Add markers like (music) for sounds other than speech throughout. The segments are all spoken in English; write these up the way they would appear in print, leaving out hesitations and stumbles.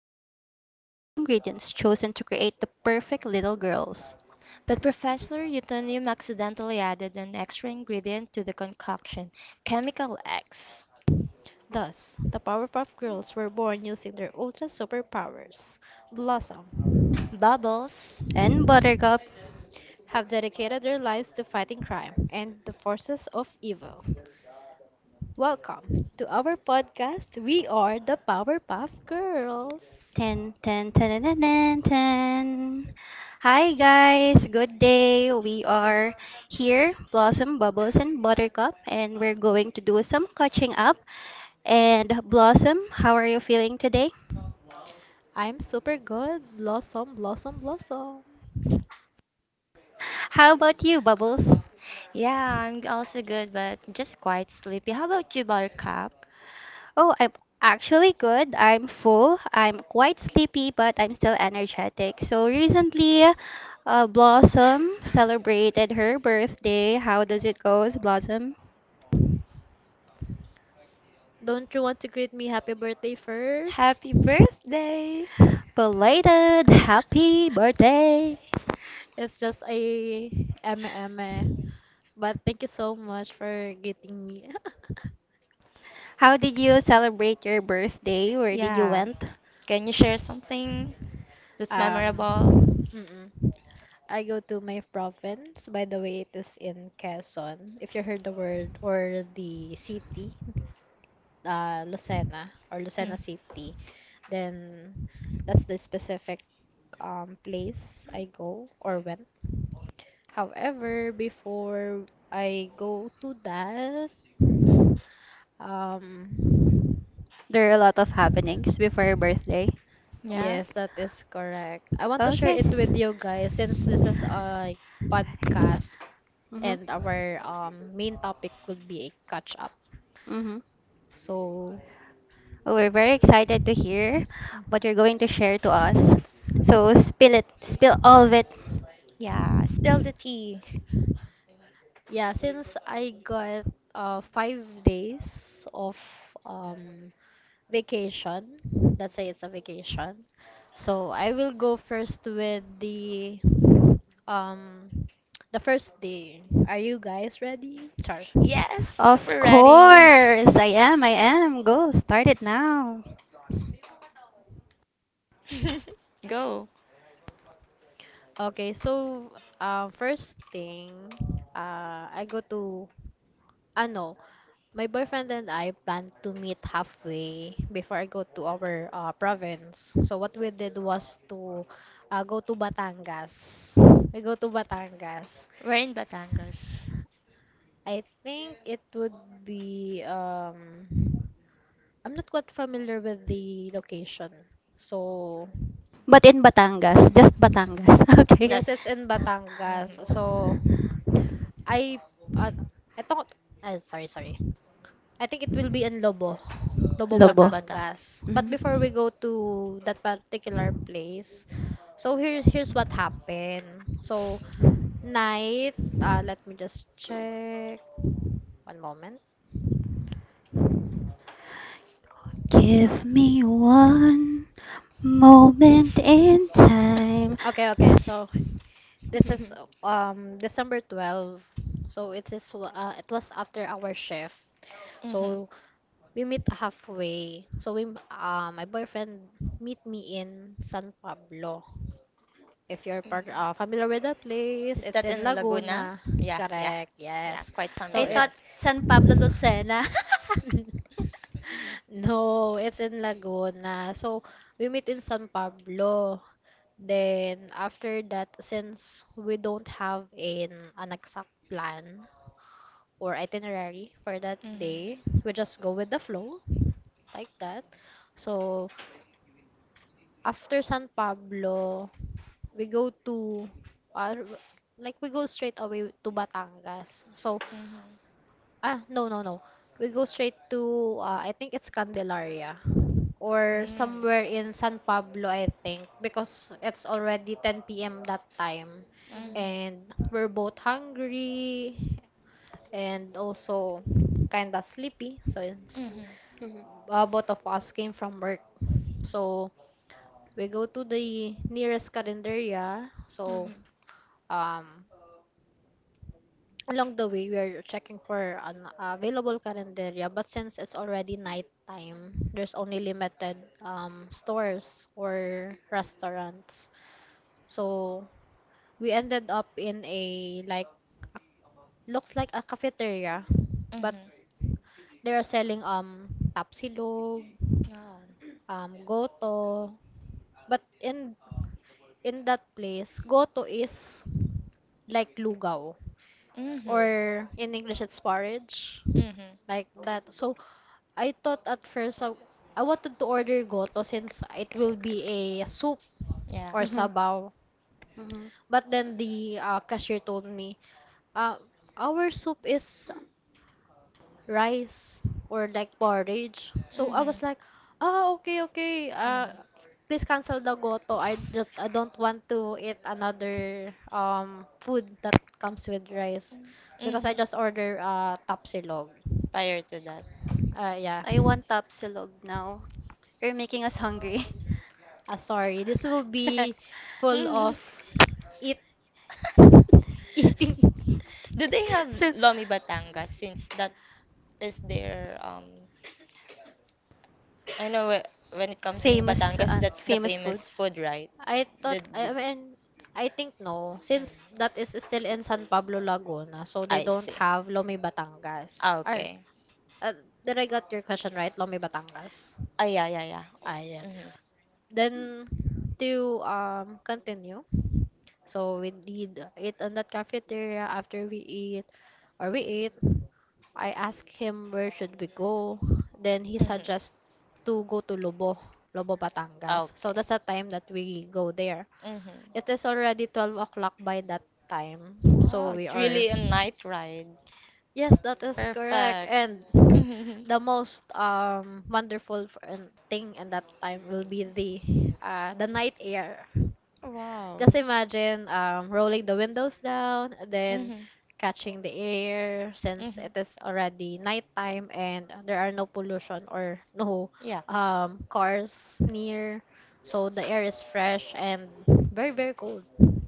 nice, these were the ingredients chosen to create the perfect little girls. But Professor Utonium accidentally added an extra ingredient to the concoction, Chemical X. Thus, the Powerpuff Girls were born using their ultra superpowers. Blossom Bubbles. And Buttercup. have dedicated their lives to fighting crime and the forces of evil. Welcome to our podcast. We are the Powerpuff Girls. Ten, ten, ten, ten, ten, ten. Hi guys, good day. We are here, Blossom, Bubbles, and Buttercup, and we're going to do some catching up. And Blossom, how are you feeling today? I'm super good. Blossom, blossom, blossom. How about you, Bubbles? Yeah, I'm also good, but just quite sleepy. How about you, Buttercup? Oh, I'm actually good. I'm full. I'm quite sleepy, but I'm still energetic. So recently, Blossom celebrated her birthday. How does it go, Blossom? Don't you want to greet me happy birthday first? Happy birthday! (laughs) Belated happy birthday. It's just a eme eme. But thank you so much for getting me. (laughs) How did you celebrate your birthday? Where did you went? Yeah. Can you share something that's Um, memorable? mm-mm. I go to my province. By the way, it is in Quezon. If you heard the word or the city, Lucena or Lucena Mm, City, then that's the specific place I go or went. However, before I go to that, um, There are a lot of happenings before your birthday. yes, yeah? that is correct. I want to share Okay. it with you guys since this is a podcast. Mhm. And our main topic would be a catch up. Mhm. So, We're very excited to hear what you're mhm. going to share to us. So spill it, spill all of it. Yeah, spill the tea. Yeah, since I got 5 days of um, vacation, let's say it's a vacation. So I will go first with um the first day. Are you guys ready? Char. Yes, Of we're ready. course, I am, I am. Go, start it now. (laughs) Go. Okay, so first thing, I go to ano, my boyfriend and I plan to meet halfway before I go to our province. So what we did was to go to Batangas. We go to Batangas. We're in Batangas. I think it would be I'm not quite familiar with the location. So But in Batangas, just Batangas. (laughs) Okay. yes, it's Not, in Batangas. hmm, So I uh, I thought, sorry, sorry. I think it will be in Lobo, Lobo, Lobo. Loba Batangas. Mhm. But before we go Batangas. to that particular place, so here's what happened. So night, let me just check. One moment. Give me one moment in time. Okay, okay. So this is (laughs) (laughs) December 12. So it was after our shift. So Mhm. we meet halfway. So we my boyfriend meet me in San Pablo. If you're part Mhm. familiar with the place, it's Is in that in Laguna. Laguna? Yeah, Correct. yeah. Yes. Yeah, quite So I it thought familiar. San Pablo Lucena. (laughs) no, it's in Laguna. So we meet in San Pablo. Then after that, since we don't have an exact plan or itinerary for that day, Mhm. we just go with the flow like that. So after San Pablo, we go to uh, like we go straight away to Batangas. So Mhm. ah, no, no, no. We go straight to, I think it's Candelaria or Mm. somewhere Somewhere in in San San Pablo, Pablo, I I think, think, because because it's it's already already 10 10 p.m. p.m. that that time, time. Mhm, Mhm. And and we're we're both both hungry, kinda hungry and also kind of sleepy. Sleepy. So, Mhm. Mhm, all Both both of of us us came came from from work, work. so So we we go go to to the the nearest nearest calendaria Candelaria. So Mhm. um, along the way, we are checking for an available carinderia, but since it's already night time, there's only limited stores or restaurants. So we ended up in a like looks like a cafeteria, but Mhm. they are selling tapsilog, Wow. Goto, but in that place, goto is like lugaw or Mhm. in English it's porridge, like Mhm. that. So I thought at I wanted to order goto since it will be a soup or or, Yeah. Mhm, Saba, sabaw. Mhm, But then the cashier told me, uh, our soup is right, rice or or like like porridge. porridge. So So I I was was like, like, Mhm. ah, oh, okay, okay, okay, okay. Mhm. Please cancel the goto. I don't want to eat another food that comes with rice because I just Mhm. order tapsilog. Prior to that. Yeah. I want Mhm. Tapsilog now. You're making us hungry. Ah, sorry. This will be (laughs) full of (laughs) eat (laughs) eating. (laughs) Do they have Since Lomi Batangas since that is there, I know whe- when it comes in famous uh, Batangas that's famous the food. famous food, right? I thought The, I the mean I think no, since that mm. is still in San Pablo Laguna, so they don't I see. have Lomi Batangas. Ah, Or okay. uh, did I got your question right? Lomi Batangas. Ah, yeah, yeah, yeah. Ayan. Mm-hmm. Then to continue. So we did eat on that cafeteria after we eat or we ate. I asked him where should we go. Then he Mm-hmm. suggests to go to Lobo, Lobo Batangas. Ah, So that's the okay. time that we go there. It is Mm-hmm. already 12 o'clock by that time. So we Wow, it's are really a night ride. yes, that is correct. Perfect. (laughs) And the Mm-hmm. most wonderful f- and thing in that time will be the night air. Just Wow. imagine rolling the windows down, then Mm-hmm. catching the air since it is Mm-hmm. already nighttime and there are no pollution or no Yeah. Cars near. So the air is fresh and very, very cold.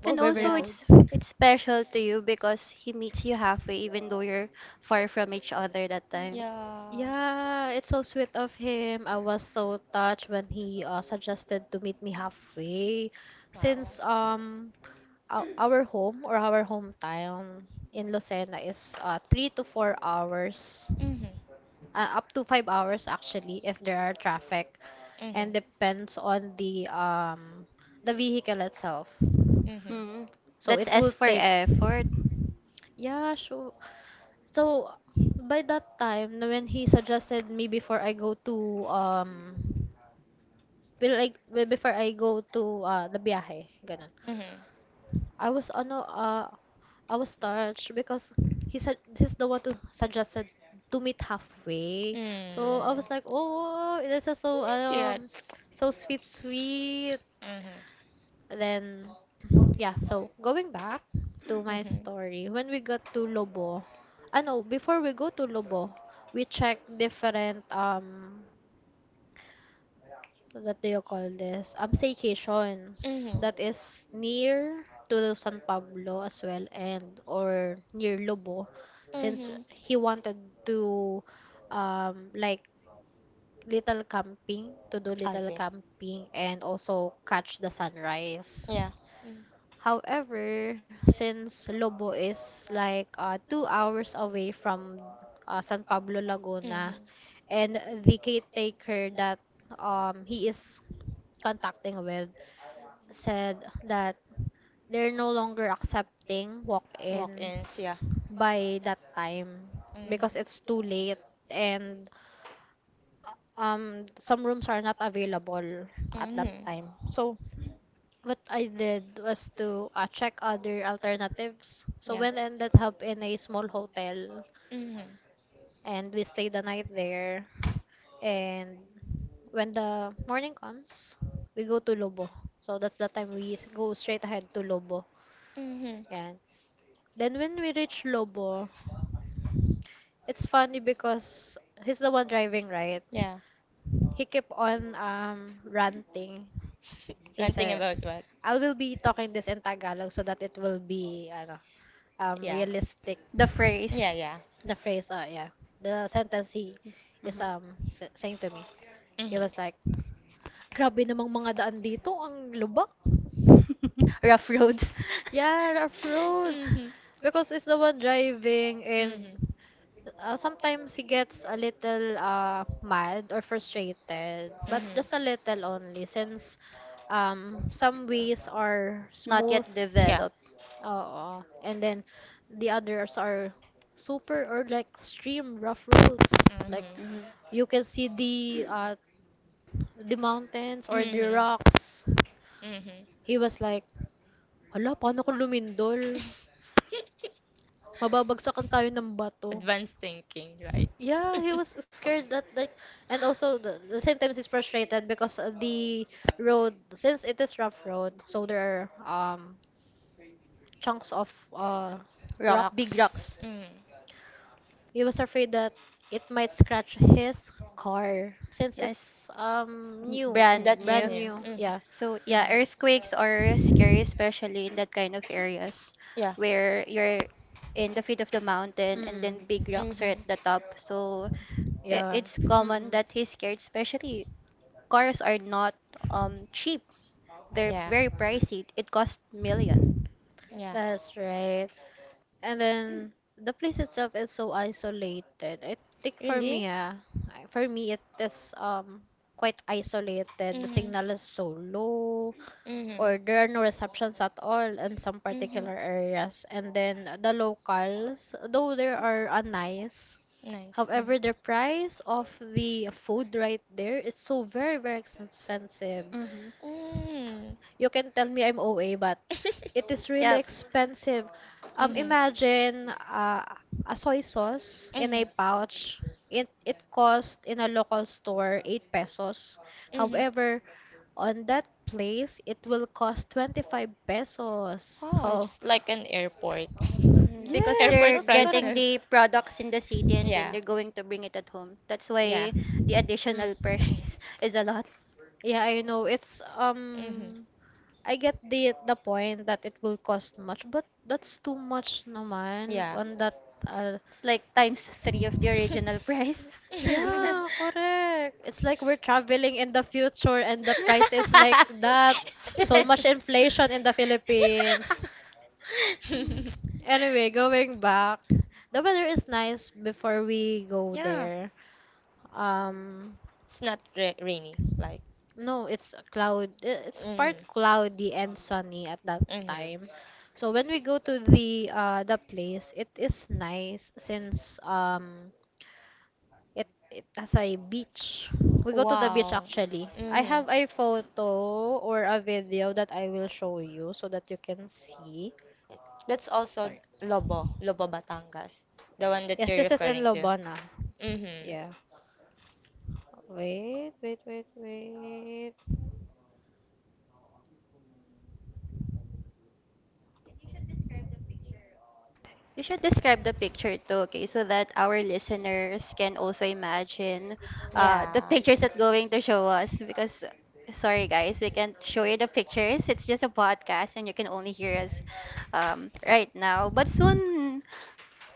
Oh, And very, very also cold. it's Yeah. it's special to you because he meets you halfway even though you're far from each other that time. Yeah. Yeah, it's so sweet of him. I was so touched when he suggested to meet me halfway since Wow. Our home or our hometown in Lucena is 3 to 4 hours, Mhm. Up to 5 Uh, hours actually if there are traffic and Mhm. depends on uh, the vehicle itself. Mhm. Mm. So That's it will S for take effort. yeah, sure. So by that time na when he suggested me before I go to um well, before I go to the biyahe, ganun. Mhm. I was ano I was touched because he said he's the one to suggested to meet halfway. So I was like, Mm. oh, this is so Cute. (tsk) so sweet, sweet Mhm. then yeah, so going back to my Mhm. story, when we got to Lobo, I know before we go to Lobo, we check different what do you call this? Staycations that Mhm. is near to San Pablo as well and or near Lobo since Mhm. he wanted to um like little camping. To do little I see. camping and also catch the sunrise. Yeah. Mm. However, since Lobo is like 2 hours away from San Pablo, Laguna, Hmm. and the caretaker that he is contacting with said that they're no longer accepting Walk-ins, walk-ins yeah. by that time because Hmm. it's too late Hmm. and some rooms are not available at that time. So, what I did was to check other alternatives. So we Yeah. ended up in a small hotel Hmm. and we stayed the night there. And when the morning comes, we go to Lobo. So that's the time go straight ahead to Lobo. Hmm. Yan. Then when we reach Lobo, it's funny because he's the one driving, right? Yeah. He kept on ranting. He said, Planting about what? I will be talking this in Tagalog so that it will be ano, Yeah. realistic The Yeah, phrase. Yeah, yeah. the phrase yeah the sentence Yeah. Mhm. Saying to me he was Hmm. like grabe namang mga daan dito ang lubak. (laughs) Rough roads. Yeah, rough (laughs) roads Hmm. because it's the one driving and Hmm. Hmm. Sometimes he gets a little mad or frustrated but just a little only since some ways are Not smooth. yet, yeah, developed. Yeah. Oo. And then the others are super or like extreme rough roads. Like Hmm. Mhm. you can see the mountains or the Hmm. rocks. Hmm. He was like, "Hala, paano kung lumindol? (laughs) Mababagsakan tayo ng bato." Advanced thinking, right? Yeah, he was (laughs) scared that like, and also the same time he's frustrated because the road, since it is rough road, so there are chunks of Rock. Big rocks. Rocks. rocks. Mm. He was afraid that it might scratch his car since Yes. it's N- new, Brand brand That's new. new. new. Yeah. Hmm. So yeah, Hmm. earthquakes are scary, especially in that kind of areas Yeah. where you're in the feet of the mountain and Mm-mm. then big rocks are at the Hmm. top. So i- Yeah. it's common Mm-mm. that he's scared, especially cars are not cheap. They're very Yeah. pricey. It costs million. Yeah. That's right. And then the place itself is so isolated. I think for me, Really? ah, for me it is quite isolated. The Hmm. signal is so low, or Hmm. there are no receptions at all in some particular Hmm. areas. And then the locals, though they are nice, Nice. however, the price of the food right there is so very, very expensive. Mm-hmm. Mm. You can tell me I'm OA, but Mm. it is really Yeah, (laughs) expensive. Mhm. Imagine a soy sauce in a Mhm. pouch. It cost in a local store 8 pesos. Mhm. However, on that place it will cost 25 pesos. Wow, Oh, it's like an airport. Because (laughs) yes, they're that's Airport correct. getting the prices. products in the city and then they're Yeah, going to bring it at home. That's why yeah. the additional (laughs) Mm. price is a lot. Yeah, I know. It's Mhm. I get the point that it will cost much, but that's too much naman Yeah. on that It's uh, it's like times three of the original price. (laughs) (laughs) yeah, correct. It's like we're traveling in the future and the price is like that. So much inflation in the (laughs) Philippines. Anyway, going back, the weather is nice before we go Yeah, there. Um, it's not rainy, like. No, it's a cloud. It's part Mm. cloudy and sunny at that Mhm. time. So when we go to the place, it is nice since it has a beach. We go to the beach Wow. actually. I have Mhm. a photo or a video that I will show you so that you can see. That's also Lobo, Lobo Batangas, the one Yes, that this you're is in referring to. Lobona. Yeah. Mhm. Wait, wait, wait, wait. You should describe the picture too, okay, so that our listeners can also imagine the Yeah. pictures that going to show us, because sorry guys, we can't show you the pictures. It's just a podcast and you can only hear us right now. But soon,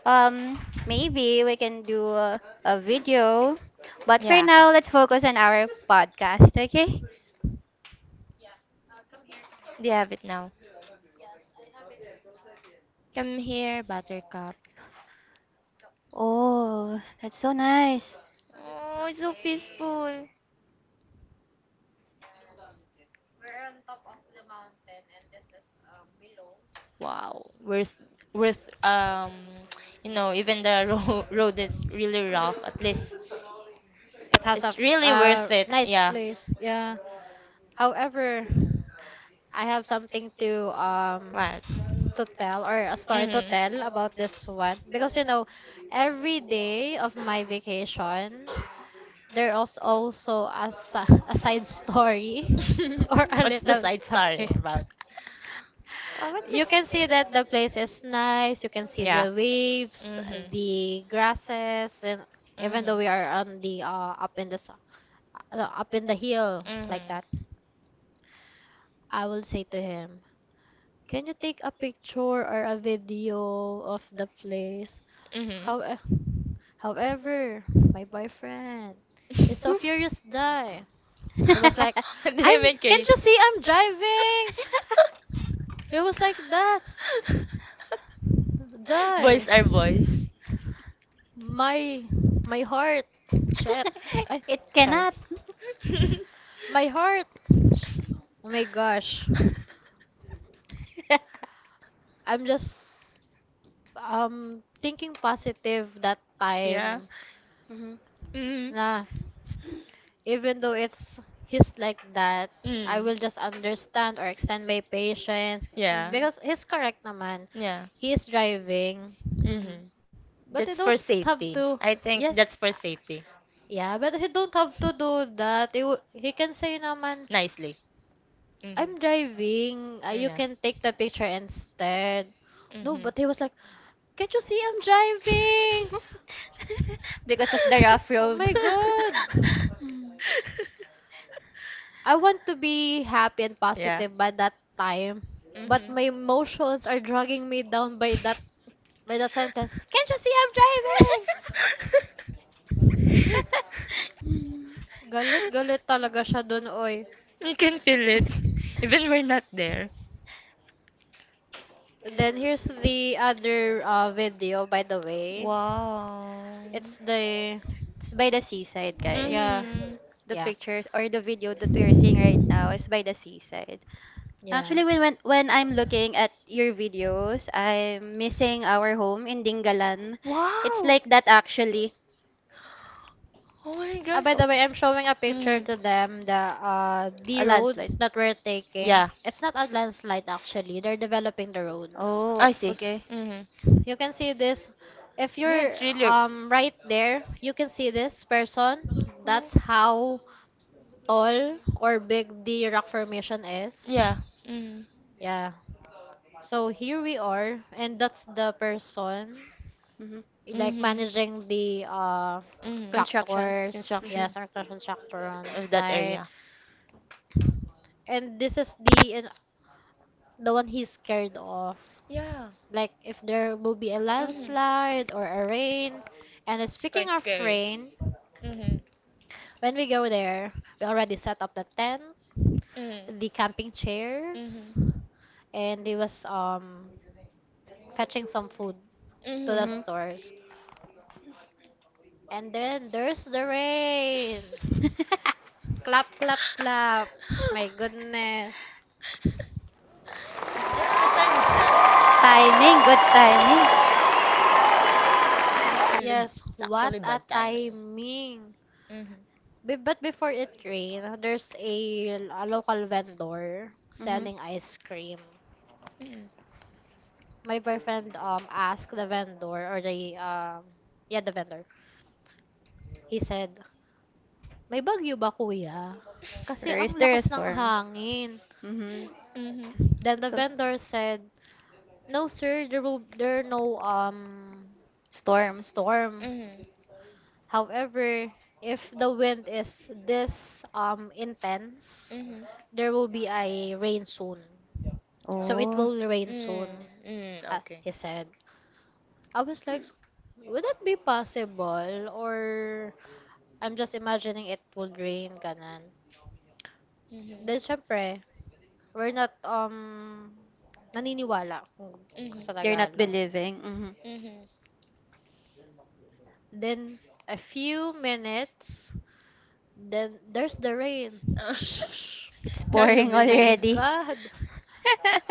Um, maybe we can do a video, but for Yeah. now, let's focus on our podcast, okay? We have it now. Come here, Buttercup. Oh, that's so nice. Oh, it's so peaceful. Wow. Worth, um, (tsk) you know, even the ro (laughs) road is really rough, at least It has a it's really worth it. nice Yeah. place. Yeah. However, I have something Right. to tell or a story to Mhm. tell about this one because you know every day of my vacation there was also a side story (laughs) or a (laughs) What's little the side story. story about? Oh, You what can the? see that the place is nice. You can see the Yeah. waves, Mhm. the grasses, and even though we Mhm. are on the up in the s- up in the hill like that, I will say to him, can you take a picture or a video of the place? Mhm. Mhm. How, however, my boyfriend is so Hmm? furious (laughs) die. It was like, (laughs) I'm. They make Can't you you. see I'm driving? It was like that. (laughs) Die. Boys are boys. My my heart. Shit. I It Sorry. cannot. (laughs) (laughs) My heart. Sh- Oh my gosh. I'm just thinking positive that time. Yeah. Mhm, Mhm. Nah. Even though it's he's like that, I will Mm. just understand or extend my patience mhm, Yeah. because he's correct naman. Yeah. He is driving, mhm. Hmm. but you That's don't for have safety. to. I think Yes. that's for safety. Yeah, but he don't have to do that. He can say naman, Nicely. Hmm. I'm driving. You Yeah. can take the picture instead. No, but Hmm. he was like, can't you see I'm driving? (laughs) Because of the rough Oh road. my (laughs) god. Mm. I want to be happy and (laughs) Yeah. positive by that time, but my Hmm. emotions are dragging me down by that sentence. Can't you see I'm driving? (laughs) Mm. Galit, galit talaga siya (laughs) dun, oy. You can feel it, even we're not there. Then here's the other video, by the way. Wow. It's the It's by the seaside, guys. Yeah, Hmm. The yeah, pictures or the video that we are seeing right now is by the seaside. yeah. Actually, when I'm looking at your videos, I'm missing our home in Dingalan. It's Wow. like that actually. Oh my By gosh. the way, I'm showing a picture Hmm. to them, the A road landslide. that we're taking. Yeah, It's not a landslide actually. They're developing the roads. Oh, I see. okay. Hmm. You can see this if Yeah, you're it's really. Oh. Right there, you can see this person. That's how tall or big the rock formation is. Yeah. Hmm. Yeah. So here we are and that's the person hmm like Hmm. Hmm. managing the Construction. tractors. hmm Yes, Construction our construction tractor on of that site. area. And this is the one he's scared of. Yeah. Like if there will be a Hmm. landslide or a rain. And It's speaking quite of scary. rain, Hmm. when we go there, we already set up the tent, Hmm. the camping chairs, Hmm. and he was fetching some food to the Hmm. hmm stores. And then there's the rain. (laughs) Clap, clap, clap. My goodness. Goodness. What time is that? Timing, good timing. Yeah, it's really. Yes, Yes, it's what actually a bad timing. timing. Mhm. But before it rained, there's a local vendor hmm selling ice cream. Mhm. My boyfriend asked the vendor or the vendor. He said, "May bagyo ba kuya? Kasi Or ang is there a lakas ng storm? hangin." hmm Mhm. Then the So, vendor said, "No sir, there are no storm. storm. Mhm. However, if the wind is this intense, Mhm. there will be a rain soon. So it Oh. will rain Mm. soon." Mm. He Okay. said. I was like, would that be possible? Or I'm just imagining it would rain, kanan? Mhm. Then, syempre, we're not, naniniwala kung sa Mhm. They're not Tagalog. believing. Mhm. Mhm. Then, a few minutes, then there's the rain. Shh! It's (laughs) Now pouring you My believe. already. God!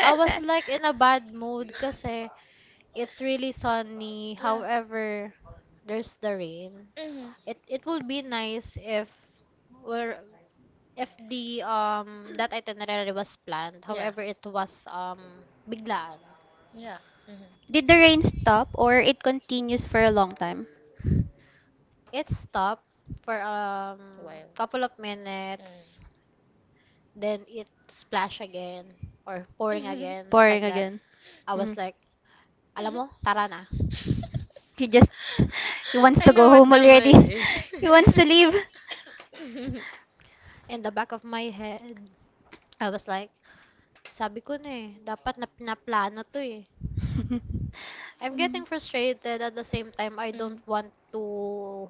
I was like in a bad mood kasi it's really sunny. Yeah. However, there's the rain. Mhm. It will be nice if we're if the that itinerary was planned, however Yeah. it was biglaan. Yeah. Mhm. Did the rain stop or it continues for a long time? It stopped for Wild. couple of minutes, then it splash again or pouring Mhm. again like Pouring that. again. I was Mhm. like, alam mo, tara (laughs) na. He just (laughs) he wants to I go know home what the already. (laughs) mood is. He wants to (laughs) leave. In the back of my head, I was like, sabi ko na eh, dapat na pinaplano to eh. (laughs) I'm getting frustrated at the same time I don't Mhm. want to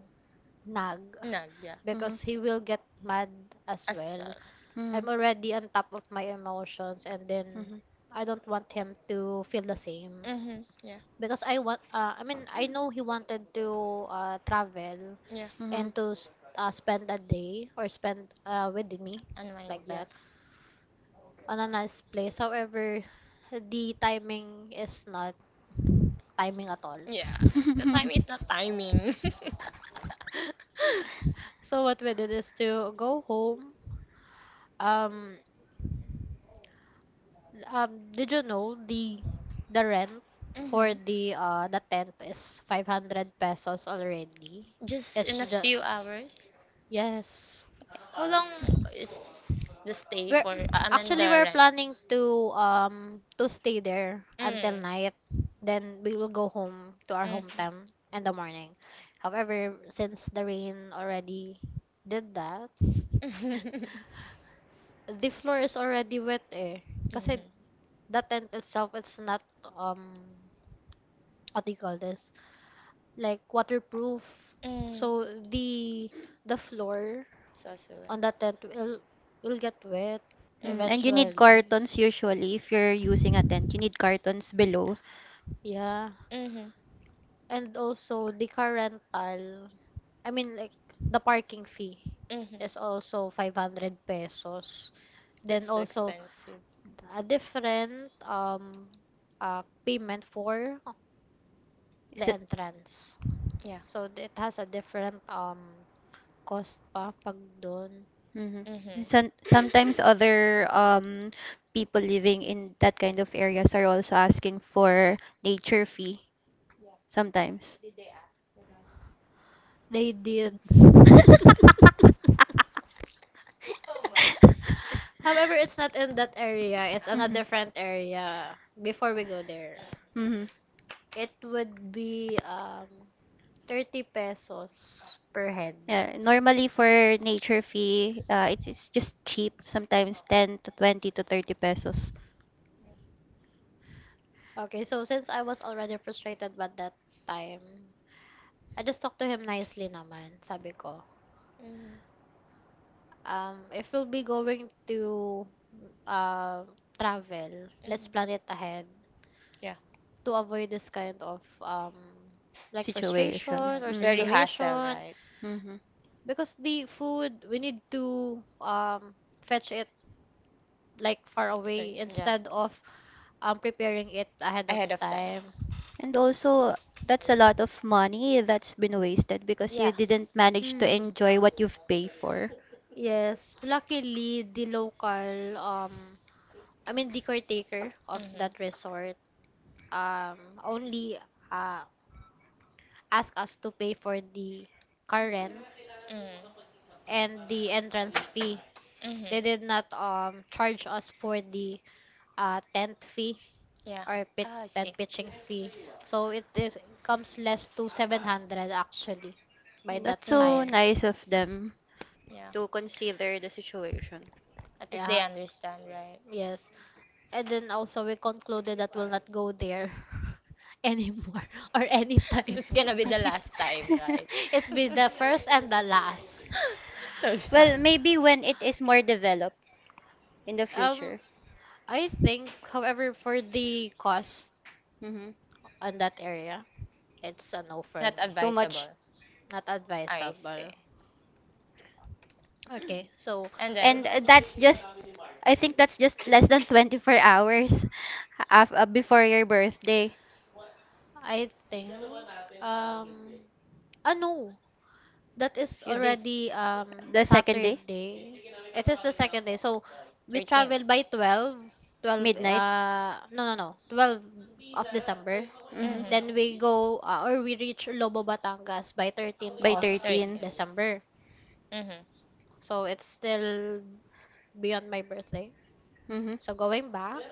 nag No, yeah. Mhm. because he will get mad as As well. well. Mhm. I'm already on top of my emotions and then Mhm. I don't want him to feel the same Mhm. Yeah. because I want I mean I know he wanted to travel Yeah. Mhm. and to spend a day or spend with me like Unwind. that Yeah. on a nice place, however the timing is not timing at all. Yeah. The Mhm. (laughs) time is not timing. (laughs) (laughs) so what we did is to go home. um did you know the rent for Mhm. the tent is 500 pesos already? Just It's in a just few hours. Yes. How long is the stay We're for? I mean actually we're the rent. planning to stay there until Mm. night. Then we will go home to our Mhm. hometown in the morning. However, since the rain already did that, (laughs) the floor is already wet eh. Kasi Mhm. the tent itself it's not um what do you call this? Like waterproof. Mm. So the floor So. on that tent will get wet Mm, Mhm. and you need eventually. cartons usually if you're using a tent. You need cartons below. Yeah. Mhm. And also the car rental, I mean like the parking fee is Mhm. also 500 pesos. Then It's too also expensive. a different payment for Is the that entrance. Yeah. So it has a different cost pa pag doon. hmm Some, Mhm. sometimes other people living in that kind of areas are also asking for nature fee sometimes. They did. (laughs) However, it's not in that area. It's on a Mhm. different area. Before we go there, Mhm. (laughs) it would be 30 pesos per head. Yeah, normally for nature fee, it's just cheap, sometimes 10 to 20 to 30 pesos. Okay, so since I was already frustrated by that time, I just talked to him nicely naman. Sabi ko, Mhm. If we'll be going to uh, travel, let's Mhm. plan it ahead, Yeah. to avoid this kind of like Situation. frustration Yeah. or It's Mhm. very hassle, situation, right? Mhm. because the food we need to fetch it like far away So, yeah. instead of preparing it ahead of Ahead of time. time. And also that's a lot of money that's been wasted because you Yeah. didn't manage to Hmm. enjoy what you've paid for. Yes, luckily the local I mean the caretaker of that Mhm. resort um only uh asked us to pay for the car rent Mhm. and the entrance fee. They Mhm. did not charge us for the tent fee Yeah. or pit Ah, I tent see. pitching fee. So it is comes less to 700 actually by that That's so time. Mm, nice of them yeah. to consider the situation. At least Yeah. they understand, right? Yes. And then also we concluded that we'll not go there (laughs) anymore (laughs) or (laughs) anytime. It's (laughs) gonna be the last time, (laughs) right? It's be (laughs) the first and the last. So Well, sad. maybe when it is more developed in the Um, future. I think, however, for the cost Mhm. on that area, it's a no for Not me. Too much. advisable. Not I advisable. see. Okay, so And then, And that's just I think that's just less than 24 hours (laughs) before your birthday, I think, um no, that is few days, already the second day, Saturday. It is the second day. So we 13. travel by twelve. 12, midnight. No, no, no, 12 of December. Mhm. Then we Mm-hmm. go or we reach Lobo Batangas by 13th By of 13. 13. December. Mm-hmm. So it's still beyond my birthday. Mhm. So going back,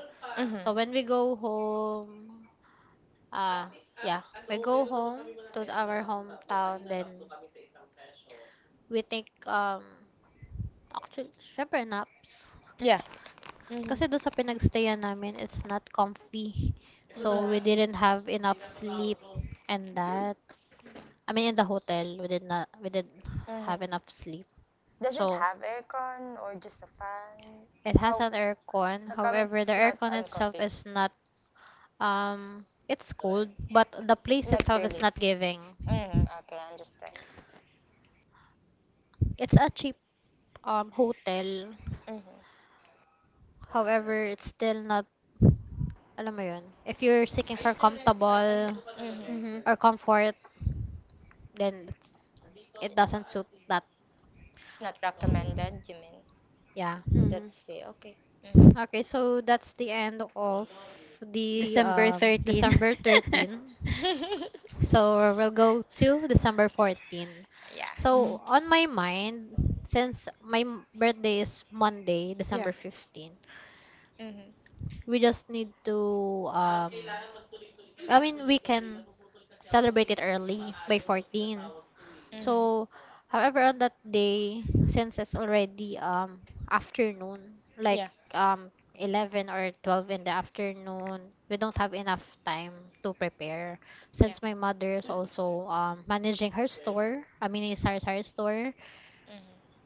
so Mm-hmm. when we go home uh yeah, We go home to our hometown, then we take, actually, syempre naps. Yeah. Kasi Mm-hmm. doon sa pinagstayan namin, it's not comfy. Mhm. So, Yeah. we didn't have enough sleep and that. I mean, in the hotel, we didn't have enough Mm-hmm. sleep. Does it So, have aircon or just a fan? it has How an aircon. how come However, the it's not aircon itself uncomfy? is not, it's cold, but the place Not itself is really. not giving. Mm-hmm. Okay, I understand. It's a cheap hotel. Mm-hmm. However, it's still not, alam mo yun, if you're seeking for comfortable Mhm. Mm-hmm. or comfort, then it doesn't suit that. It's not recommended, you mean? Yeah. Mhm. That's the okay. Okay, so that's the end of the December 13. December 13. (laughs) Mm. (laughs) So we'll go to December 14. Yeah. So Mhm. on my mind, since my birthday is Monday, December Yeah. 15, Mm-hmm. we just need to I mean, we can celebrate it early by 14. Mm-hmm. So, however, on that day, since it's already afternoon, like Yeah. 11 or 12 in the afternoon, we don't have enough time to prepare. Yeah. Since my mother is also managing her store, I mean, it's her store. Mm-hmm.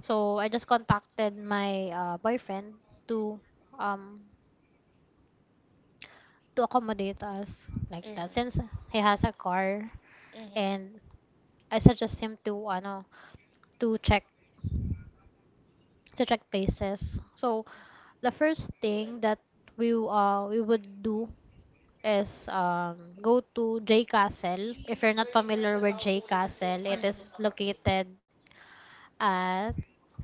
So, I just contacted my boyfriend to um to accommodate us like that, Mm-hmm. since he has a car, Mm-hmm. and I suggest him to ano, to check places. So the first thing that we would do is go to J Castle. If you're not familiar with J Castle, it Mm-hmm. is located at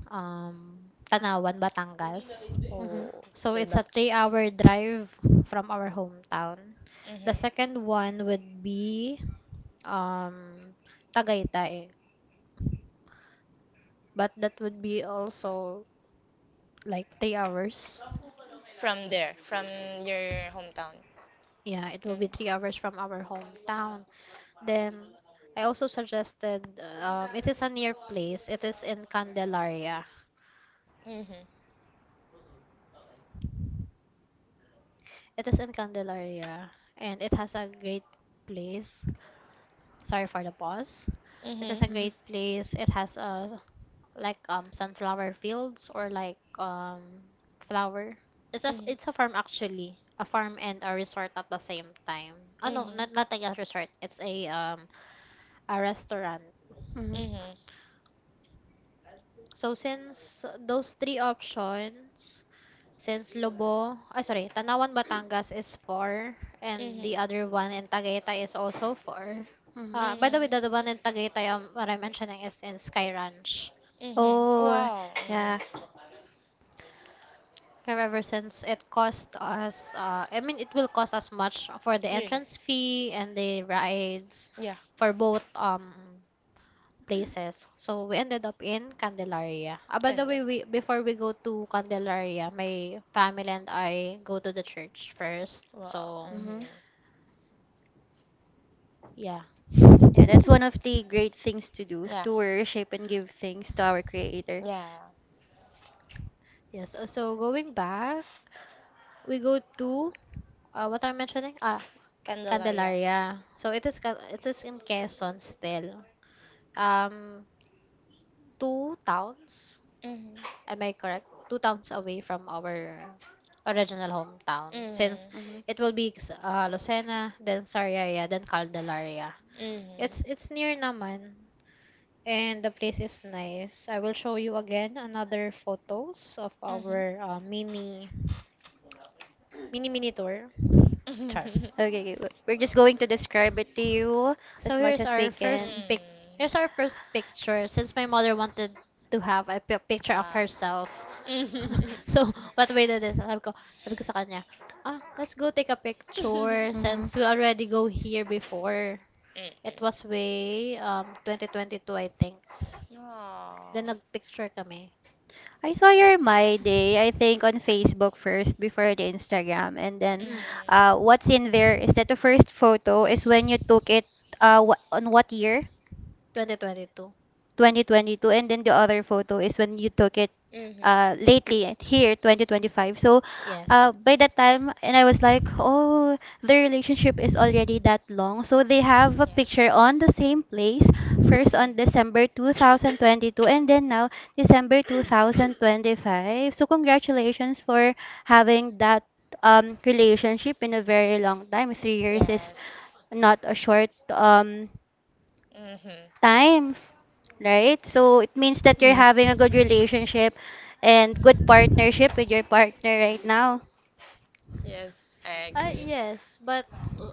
um Tanawan, Batangas. Oh, it's So still it's a Batangas. 3-hour drive from our hometown. The Mm-hmm. second one would be um Tagaytay, but that would be also like 3 hours. From there, from your hometown. Yeah, it will be three Mm-hmm. hours from our hometown. Then I also suggested, it is a near place. It is in Candelaria. Mm-hmm. It is in Candelaria and it has a great place. Sorry for the pause. It is Mm-hmm. a Mhm. Mhm. great place. It has a, like, sunflower fields or like flower. It's a Mhm. it's a farm actually. A farm and a resort at the same time. No, Mhm. not like a resort. It's a restaurant. Mhm. Mhm. So since those three options, since Lobo, sorry, Tanawan Batangas is 4 and the Mhm. other one in Tagaytay is also 4. Mhm. By the (laughs) way, Mhm. the one in Tagaytay, what I'm mentioning, is in Sky Ranch. Mhm. Oh, Wow. yeah. Mhm. However, since it cost us, I mean, it will cost us much for the Really. entrance fee and the rides Yeah. for both places. So we ended up in Candelaria. By the Candle. way, we before we go to Candelaria, my family and I go to the church first. Wow. So, Mhm. Mhm. yeah. Yeah, that's one of (laughs) the great things to do Yeah. to worship and give thanks to our Creator. Yeah. Yes. So going back, we go to, what I'm mentioning. Candela. Yeah. Candelaria. So it is, it is in Quezon still. Um, two towns. Mhm. Am I correct? Two towns away from our original hometown. Since Mhm. hmm it will be Lucena, then Sariaya, then Caldelaria. It's Mhm. it's near naman and the place is nice. I will show you again another photos of Mhm. our mini tour. (laughs) Char. Mhm. Okay, we're just going to describe it to you So as much here's as we our first can. Mm. pic. Here's our first picture. Since my mother wanted to have a picture of Wow. herself, (laughs) (laughs) so what we did is sabi ko sa kanya, let's go take a Mm-mm. picture hmm since we already go here before. It was way 2022 I think. Oh. Then nagpicture kami. I saw your My Day, I think, on Facebook first before the Instagram. And then Mm, Mhm. What's in there is that the first photo is when you took it on what year? 2022. 2022, and then the other photo is when you took it Mhm. Lately here 2025. So Yes. By that time, and I was like, oh, their relationship is already that long, so they have a picture on the same place, first on Mm. December 2022, and then now December 2025. So congratulations for having that relationship in a very long time. 3 years is Yes. not a short Mhm. time, right? So it means that you're Yes. having a good relationship and good partnership with your partner right now. Yes, I agree. Yes, but uh,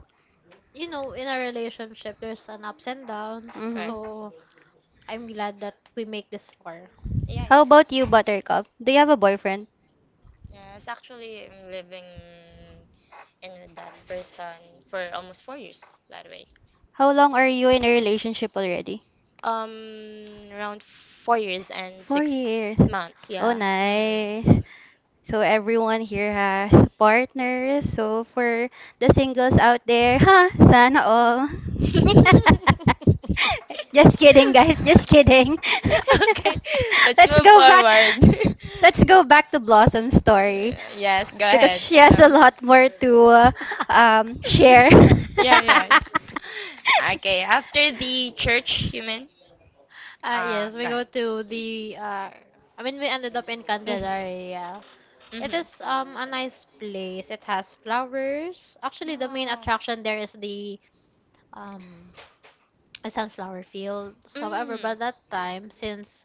in a relationship, there's an ups and downs. Mm-hmm. Correct. So I'm glad that we make this far. Yeah, How yeah. about you, Buttercup? Do you have a boyfriend? Yes, actually, I'm living in with that person for almost 4 years, by the way. How long are you in a relationship already? Around 4 years and 4 years. 6 months, Oh, yeah. nice. So everyone here has partners. So for the singles out there, (laughs) huh? Sana all. Mm. (laughs) (laughs) (laughs) Just kidding, guys. Just (laughs) kidding. (laughs) Okay, (laughs) let's Let's move go back. forward. (laughs) Let's go back to Blossom's story Yes, go because ahead. she has a So, lot more to share. (laughs) yeah, (laughs) yeah, yeah. Okay, after the church, you mean? Yes, we Go go ahead. to the. I mean, we ended up in Mhm, Candelaria. It mhm. is a nice place. It has flowers. Actually, the main attraction there is the um a sunflower fields. However, Mm, by that time, since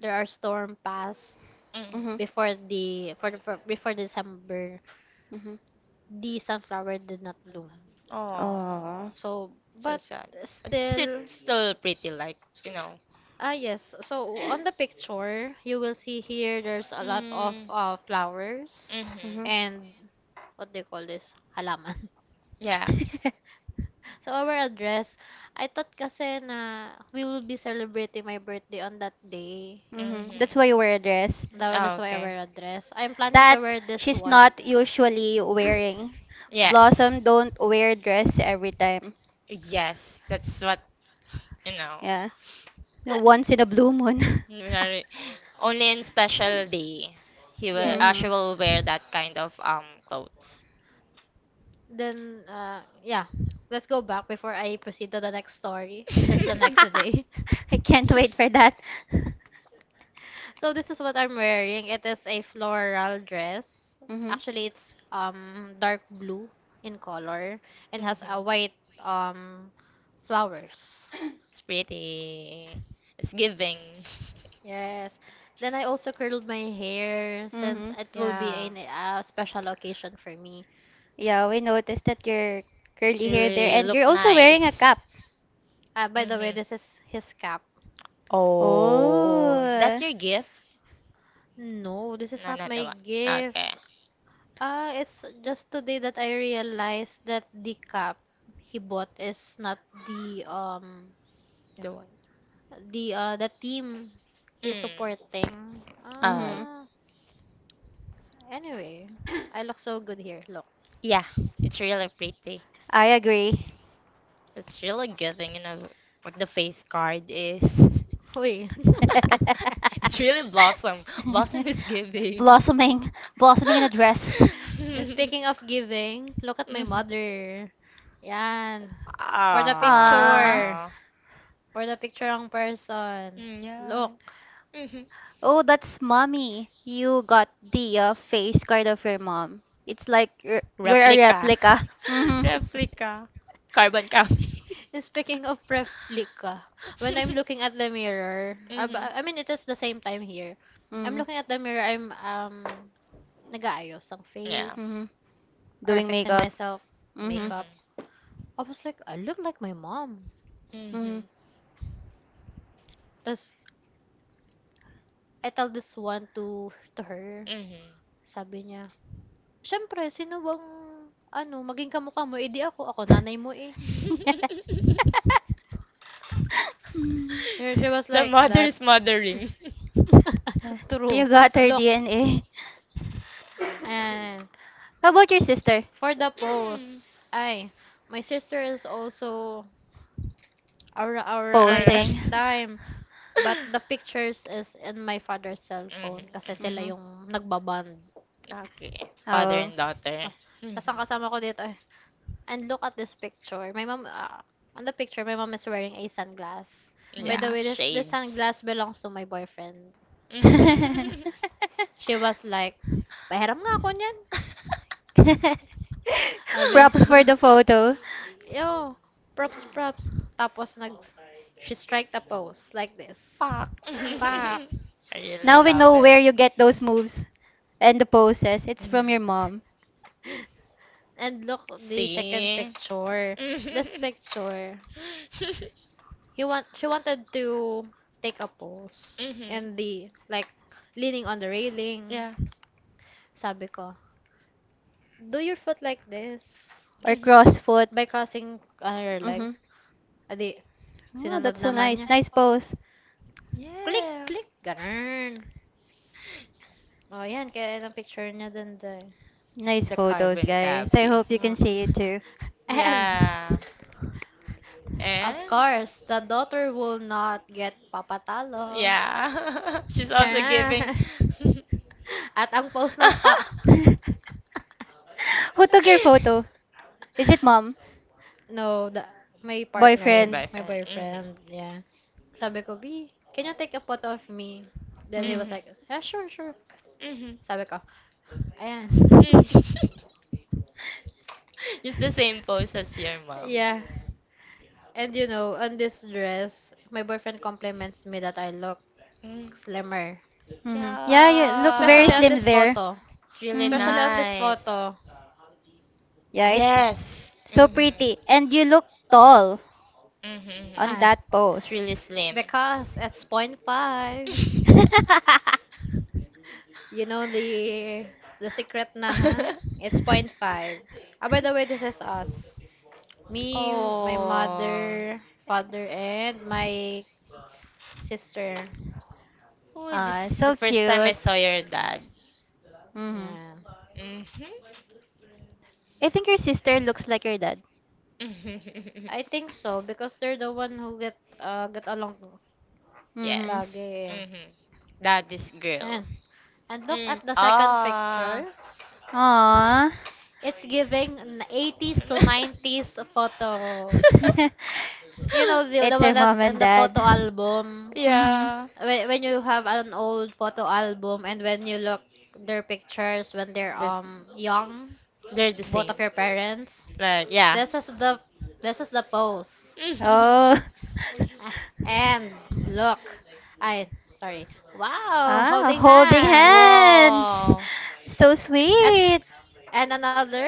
there are storm past, mhm. Mhm. before the- for before December Mhm. the sunflower did not bloom. Oh, Oh. So so but sad. But it's it still still pretty, like, you know. Yes, so on the picture you will see here there's a lot of Mm, flowers Mhm. mhm. and what they call this halaman. (laughs) Yeah. (laughs) So our address, I thought kasi na we will be celebrating my birthday on that day. Mhm. Mhm. That's why you wear a dress That's Oh, why our okay. address. I'm planning that to wear this she's one. not usually wearing. (coughs) Yes. Blossom don't wear dress every time. Yes, that's what you know. Yeah. No, once in a blue moon. (laughs) Nari- Only in special day he will, Yes. She hmm will wear that kind of clothes. Then, yeah, let's go back before I proceed to the next story, which is the next (laughs) day. (laughs) I can't wait for that. (laughs) So this is what I'm wearing. It is a floral dress. hmm Actually, it's dark blue in color and has Mhm. a white um flowers. It's pretty. It's giving. Yes. Then I also curled my hair since hmm it will be Yeah. a special occasion for me. Yeah, we noticed that your It's curly hair there, really and look you're also wearing a nice. cap. By the way, Mhm. this is his cap. Oh, is Oh. that your gift? No, this is No, not not the my one. gift. Okay. It's just today that I realized that the cap he bought is not the um The one. the uh the team he's Mm. supporting. Uh, hmm Anyway, I look so good here. Look, yeah, it's really pretty. I agree. It's really good thing, you know, what the face card is. (laughs) wait. (laughs) It's really Blossom. Blossom is (laughs) giving. (laughs) Blossoming, blossoming in a dress. And speaking of giving, look at my Mhm. mother. Yan. For the Ah. picture. Ah, For the picture ang person. mm, yeah. Look. Mhm. Oh, that's mommy. You got the face card of your mom. It's like you're a Replica. replica. (laughs) Mm-hmm. (laughs) Replica. Carbon copy. Speaking of replica, when I'm (laughs) looking at the mirror, Mhm. I mean, it is the same time here. I'm Mm-hmm. looking at the mirror, I'm, nag-aayos ng Yeah. face Mm-hmm. or Doing fixing makeup. myself, Mm-hmm. makeup. Mhm. I was like, I look like my mom. Mm-hmm. Mhm. Tapos, I tell this one to her. Sabi niya, siyempre, sino bang, ano, maging kamukha mo, edi ako, ako nanay mo eh. (laughs) Mhm. Mm. And she was (laughs) The like mother that. is mothering. (laughs) Uh, (laughs) True. You got her Look. DNA. (laughs) And. How about your sister? For the Mm. post, ay, my sister is also aura aura by that Posing. Alright. time. But the pictures is in my father's cell Mhm, phone kasi sila Mm-hmm. mhm. yung nagbaband. Okay. Father Oh. and daughter. Mhm. Tapos ang kasama ko dito, eh, and look at this picture. My mom, on the picture, my mom is wearing a sunglass. By the Yeah, way, this shades. sunglass Mm-hmm. belongs to my boyfriend. Mhm. (laughs) She was like, pahiram nga ako niyan. (laughs) Sabi, Props for the (laughs) photo. yo, props, props. Tapos nag, she strike the pose like this. Fuck. (laughs) Back, I Now really we love know it. where you get those moves and the poses. It's from your Mhm. mom and look the second See? picture. This Mhm. picture, (laughs) he want she wanted to take a pose Mhm. and the like leaning on the railing. Yeah. Sabi ko, do your foot like this or Mhm. CrossFoot. by crossing your Mm-hmm. legs. Adi, Oh, sinunod that's so naman nice. niya. Nice pose. Click, Yeah. click, ganun. O, oh, yan, kaya yung picture niya dun there. Nice The photos, carbon guys. I copy. hope you can Ah. see it too. (laughs) And, Yeah. of And course, the daughter will not get papatalo. yeah. (laughs) She's also giving. Charan. (laughs) (laughs) At ang post ng pa... (laughs) (laughs) Who took your photo? Is it mom? No, my Your partner, Boyfriend? my boyfriend. Mhm. boyfriend, yeah. Sabi ko, B, can you take a photo of me? Then he Mm-hmm. was Mhm. like, yeah, sure, sure. Mhm. Sabi ko, ayan. Mhm. (laughs) Just the same pose as your mom. (laughs) Yeah. And you know, on this dress, my boyfriend compliments me that I look Mm. slimmer. Mm-hmm. Yeah, you look very Especially Yeah. on slim this there. photo. It's really Mm-hmm. Especially on this nice. photo. Yeah, it's Yes. so Mhm. pretty. And you Mhm. look tall Mhm. on Ah. that pose. It's really slim. Because it's point five. (laughs) (laughs) You know the secret na ha? (laughs) It's point five. By the way, this is us. Me, my Oh, mother, father, and my sister. oh, this Ah, is the so first time I cute. saw your dad. Mm-hmm. Yeah. Mm-hmm. I think your sister looks like your dad. I (laughs) think so because they're the one who get along Yes. Mm-hmm. lagi, eh. Mm-hmm. That is girl. Yan. And look Mm. at the second Ah. picture. Aww. It's giving an 80s to 90s photo. (laughs) (laughs) You know, the It's one your mom that's in and the dad. photo album. Mm-hmm. Yeah. When you have an old photo album and when you look their pictures when they're There's, young, they're the both same. of your parents, Like, yeah. this is the this is the pose. (laughs) Oh. (laughs) Ah, and look, I sorry. Wow, Ah, holding holding hands. hands. Wow. So At sweet. and another.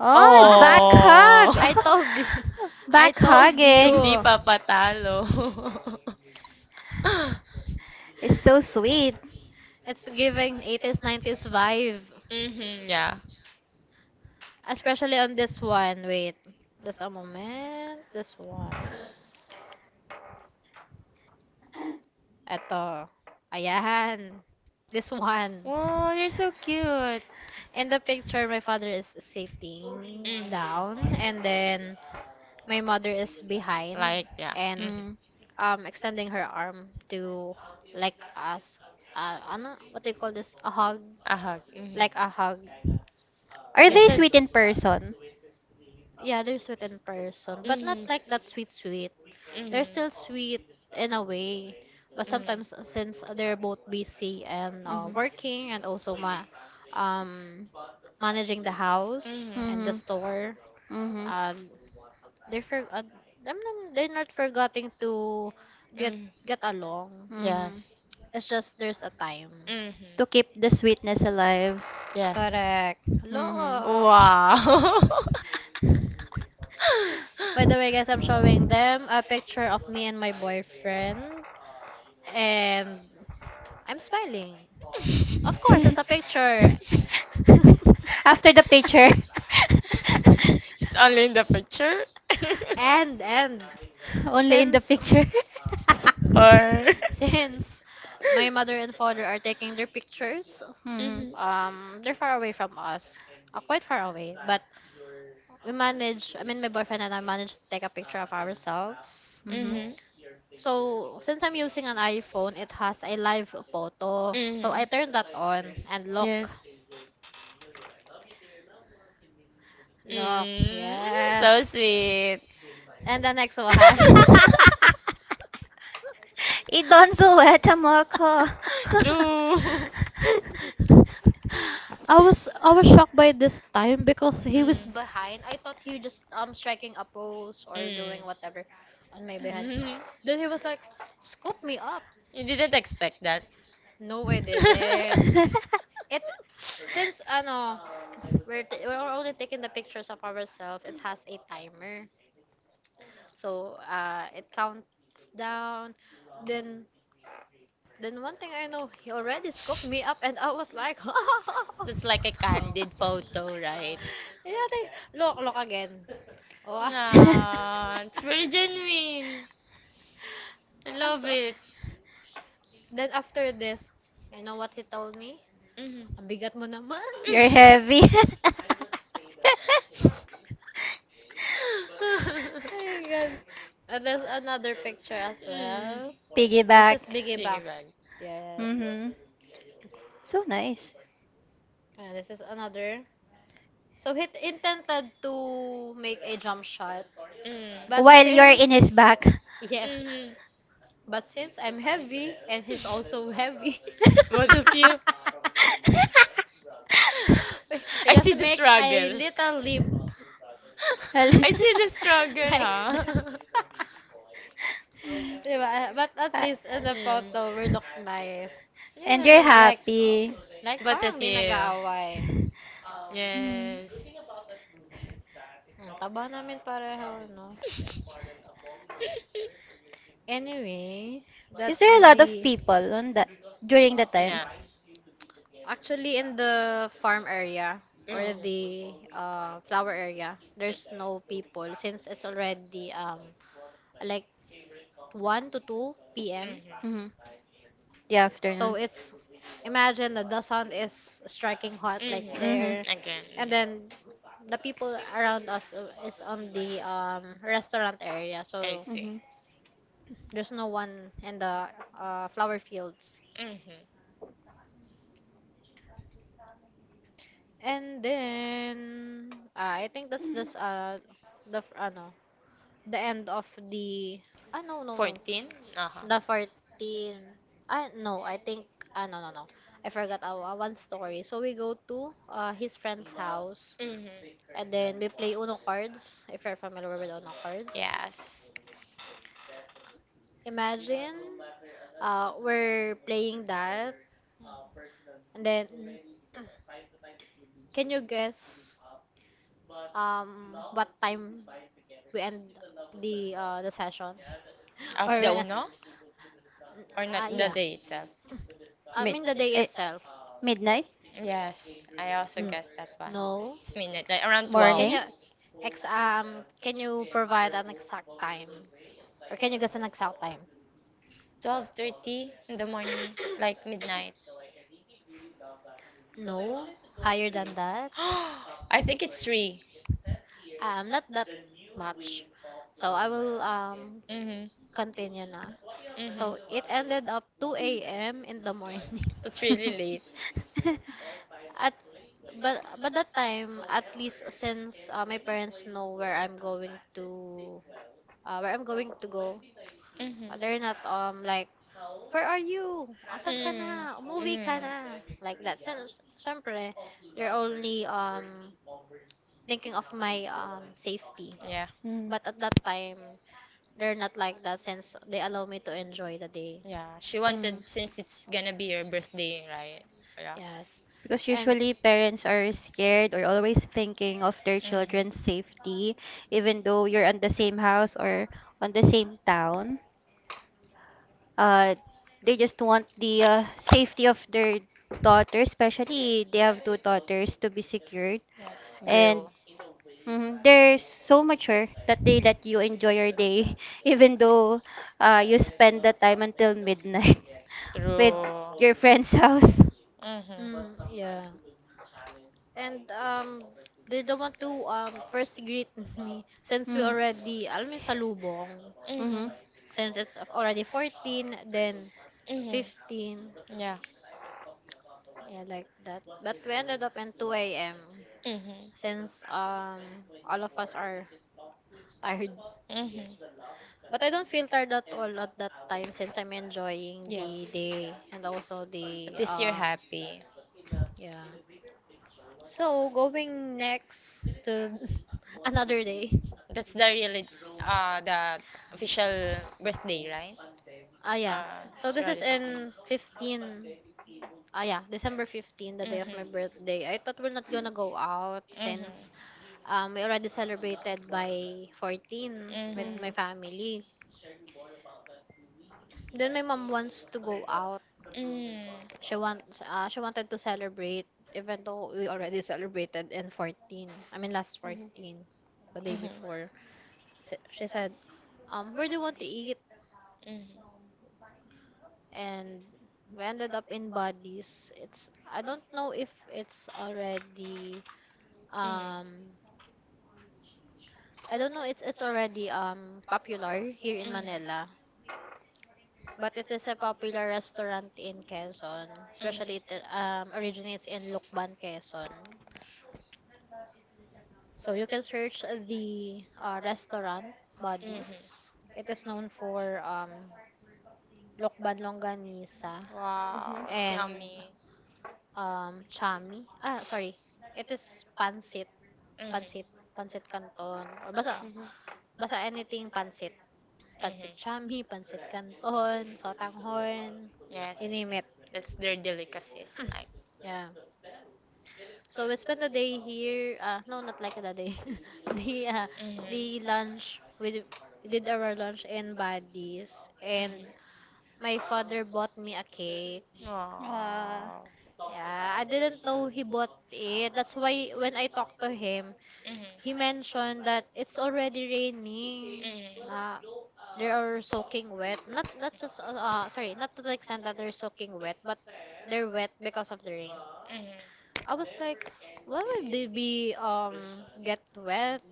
Oh, Wow. back Oh. I hug. told (laughs) you. (laughs) (laughs) I Back told hugging. Hindi you. pa patalo. (laughs) It's so sweet. It's giving 80s 90s vibe. Mhm, yeah. Especially on this one. Wait. Just a moment. This one. Eto. Ayan. This one. Wow, you're so cute. In the picture, my father is sitting Mhm. down and then my mother is behind Like, yeah. and Mhm. Mm. Extending her arm to like us. Ano, what do you call this? A hug. A hug. Mhm. Like a hug. Are You're they so Ganun. sweet sweet. in person? Yeah, they're sweet in person, but not Mhm. like that sweet sweet. They're Mhm. still sweet in a way, but Mhm. sometimes since they're both busy and Mhm. working and also ma um managing the house Mhm. and the Mhm. store, Mhm. uh, they're for uh, they're not forgetting to get Mhm. get along. Mhm. Yes. It's just there's a time. Mhm. To keep the sweetness alive. Yes. Correct. Mhm. Look. Wow. (laughs) (laughs) (laughs) By the way, guys, I'm showing them a picture of me and my boyfriend, and I'm smiling. Of course, it's a picture. (laughs) (laughs) After the picture. (laughs) It's only in the picture. (laughs) And Only in the since picture. (laughs) Or. (laughs) since my mother and father are taking their pictures, Mhm. Mhm. They're far away from us, quite far away. But we manage. I mean, my boyfriend and I managed to take a picture of ourselves. Mhm. Mhm. So since I'm using an iPhone, it has a live photo. So I Mhm. turned that on and look, Yes. look, Mm, yes. so sweet. And the next one. (laughs) (laughs) Idon suweta mo ako. True. (laughs) I was shocked by this time because he was Mm. behind. I thought he just striking a pose or doing Mm. (laughs) whatever on my behind. Mhm. Then he was like, scoop me up. You didn't expect that. No, I didn't. (laughs) It since ano we're t- we're only taking the pictures of ourselves. It has a timer, so it counts down. Then then one thing I know, he already scooped me up, and I was like, (laughs) That's like a candid photo, right? Yeah, they, look, look again. Wow. Nah, it's very genuine. (laughs) I I'm love so... it. Then after this, you know what he told me? Mhm. Ang bigat mo naman. You're (laughs) heavy. (laughs) My (laughs) God. And there's another picture as Mm. well. This is Piggyback. Biggie Piggy Back. bank. Yes. Mm-hmm. So nice. And this is another. So he intended to make a jump shot, Mm. but While you're in since his back. yes, Mhm. but since I'm heavy and he's also heavy. Both of you. (laughs) (laughs) (laughs) You I see just the make a struggle. little leap. (laughs) (laughs) I see the (laughs) struggle, Like that. huh? (laughs) (laughs) Diba? Mm. But at Uh, least in the photo, we look nice. and you're Yes. Like, happy. (clears throat) like But a parang di few. nag-aaway. Mm. Yes. Mm. Ang taba namin pareho, no? Anyway, Is that's there a lot of the... people on that during the time? Yeah. Actually, in the farm area or Mhm. the flower area, there's no people since it's already like 1 to 2 p.m. Mm-hmm. The afternoon. So it's imagine that the sun is striking hot like Mhm. Mhm. Mm-hmm. there, Again. and then the people around us is on the restaurant area. I So see. Mm-hmm. there's no one in the flower fields. Mm-hmm. And then I think that's just the f- ano the end of the, no, no, no. 14? Uh-huh. The 14. I No, I think, no, no, no. I forgot, one story. So we go to his friend's house Mm-hmm. and then we play Uno cards if you're familiar with Uno cards. Yes. Imagine we're playing that and then can you guess what time we end the session (laughs) or Of the Uno? Or not yeah. the day itself? (clears throat) I Mid, mean the day eh, itself. midnight, Yes. I also Mm. guessed that one. No. It's midnight, like around Can 12. you morning. Can you provide an exact time? Or can you guess an exact time? 12:30 in the morning, like midnight. No, higher than that. (gasps) I think it's 3. Not that much. So I will Mm-hmm. continue na. So Mm-hmm. it ended up 2 a.m. in the morning. (laughs) That's really late. (laughs) At but that time at least since my parents know where I'm going to go, Mm-hmm. they're not like where are you? Asan ka Mm. na? Umuwi ka Mm. na. Like that. So, syempre, they're only thinking of my safety. Yeah. Mm. But at that time, they're not like that since they allow me to enjoy the day. Yeah, she Mm. wanted since it's gonna be your birthday, right? Yeah. Yes. Because And usually parents are scared or always thinking of their Mhm. children's safety, even though you're on the same house or on the same town. uh, they just want the safety of their daughter, especially they have two daughters to be secured. Yeah, it's grill. And mhm, they're so mature that they let you enjoy your day, (laughs) even though you spend the time until midnight (laughs) with True. your friend's (laughs) house. Mhm. mm, yeah. And they don't want to first greet (laughs) me since we Mhm. already alam mo yung salubong Mhm. Mhm. since it's already 14 then Mhm. 15. Yeah. Yeah, like that. But we ended up in 2 a.m. Mhm. since all of us are (laughs) tired. Mhm. But I don't feel tired at all at that time since I'm enjoying the Yes. day and also But the this year happy. yeah. So going next to (laughs) another day. That's the really, the official birthday, right? Yeah. So It's this is already 15. in 15. Yeah, December 15, the day of Mhm. my birthday. I thought we're not gonna go out since Mhm. We already celebrated by 14 with Mhm. my Mhm. family. Then my mom wants to go out. Mm. She wanted to celebrate even though we already celebrated in 14. I mean last Mhm. 14, the day Mhm. before. She said, Where do you want to eat?" Mhm. And we ended up in Buddies. It's Mhm. um I don't know it's already popular here in Mhm. Manila, but it is a popular restaurant in Quezon, especially it Mhm. Originates in Lukban, Quezon. So you can search the restaurant Mhm. Buddies. It is known for Lokban Longganisa Wow, Mhm. it's and yummy. Chami. Ah, sorry. It is Pansit. Mhm. Pansit. Pansit Canton. Or basta, Mhm. Mhm. basta anything Pansit. Mhm. Pansit Chami, Pansit Canton, Sotang Horn. Yes, (tsk) You name it. that's their delicacies, like. (clears throat) Yeah. So we spent the day here. No, not like the day. (laughs) The Mhm. the lunch. We did our lunch in Buddies, Mhm. and my father bought me a cake. Uh, Wow. Yeah, I didn't know he bought it. That's why when I talked to him, Mhm. he mentioned that it's already raining. Mhm. Uh, they are soaking wet. Not just sorry, not to the extent that they're soaking wet, but they're wet because of the rain. Mhm. I was like, why would they be get wet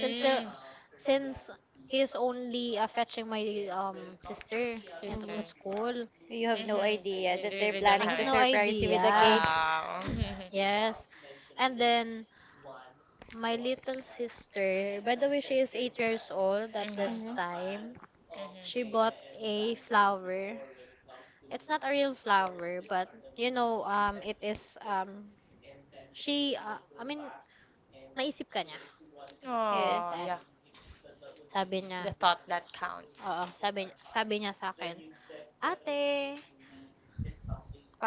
since the are since he's only fetching my sister Sister. at Mhm. the school. You have no Mhm. idea You that they're really don't planning have I to it. have no surprise you with a cake. idea. Wow. Mhm. Yes. And then my little sister, by the way, she is 8 years old at Mhm. this Mhm. time. Mhm. She bought a flower. It's not a real flower, but you know, it is she I mean, naisip ka niya, Yeah. like Oh, yeah. that. Sabi The niya, thought that counts. oo, sabi niya sa akin, ate,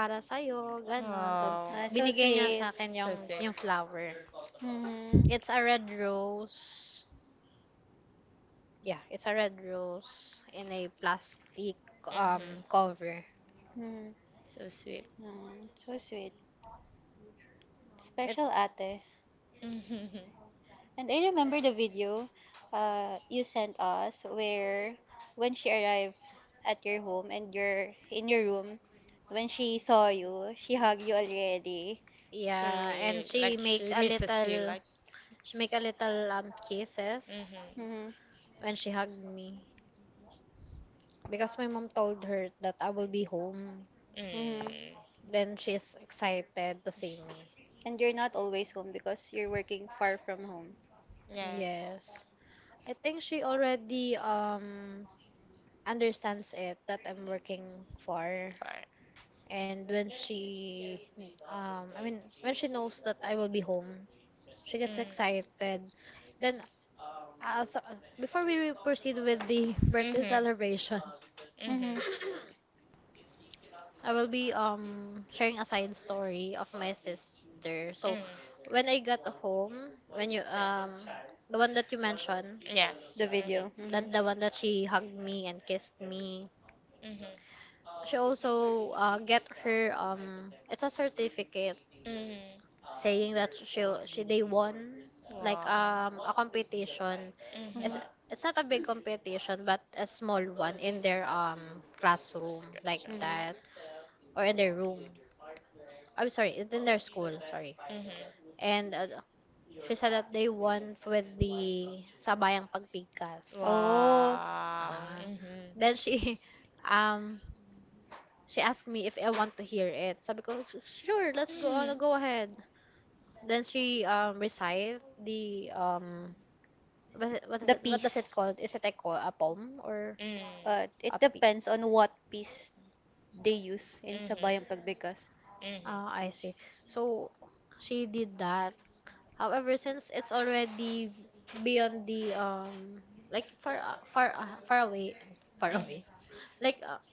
para sa'yo, ganon. Then, Oh. Ah, so binigay niya sweet. sa akin So yung, sweet. yung flower. Mm-hmm. It's a red rose. Yeah, it's a red rose in a plastic Mhm. Cover. Mm-hmm. So sweet. Mm-hmm. So sweet. It, Special ate. Mhm. And I remember the video you sent us where when she arrives at your home and you're in your room, when she saw you, she hugged you already. yeah, She and like she misses you like. She make a little Mhm. kisses Mm-hmm. when she hugged me. Because my mom told her that I will be home. Mm-hmm. Mm. Then she is excited to see me. And you're not always home because you're working far from home. Yes. Yes. I think she already understands it that I'm working for, For. and when she I mean when she knows that I will be home, she gets Mm. excited. Then so, before we proceed with the (laughs) birthday Mhm. celebration, Mhm. Mm-hmm. I will be sharing a side story of my sister. So Mm. when I got home, when you the one that you mentioned, Yes. The video. Mm-hmm. that the one that she hugged me and kissed me. Mhm. She also get her, it's a certificate Mhm. saying that she they won, like Wow. A competition. Mhm. Mm-hmm. It's it's not a big competition, but a small one in their classroom, like Discussion. Mm-hmm. that, or in their room. I'm sorry, it's in their school, sorry. Mhm. And she said that they won with the Sabayang Pagpigkas. Oh, Wow. Ah. Mhm. Then she (laughs) um She asked me if I want to hear it. Sabi ko, "Sure, Mhm. let's go Mm. on, Mhm. go ahead." Then she recite the what, the is it, what does piece. it called? Is it a, a poem or It a depends on what piece they use in Mhm. sabayang pagbigkas. Mhm. Mhm. Ah, I see. So she did that. However, since it's already beyond the like, far away. (laughs) Far away. Like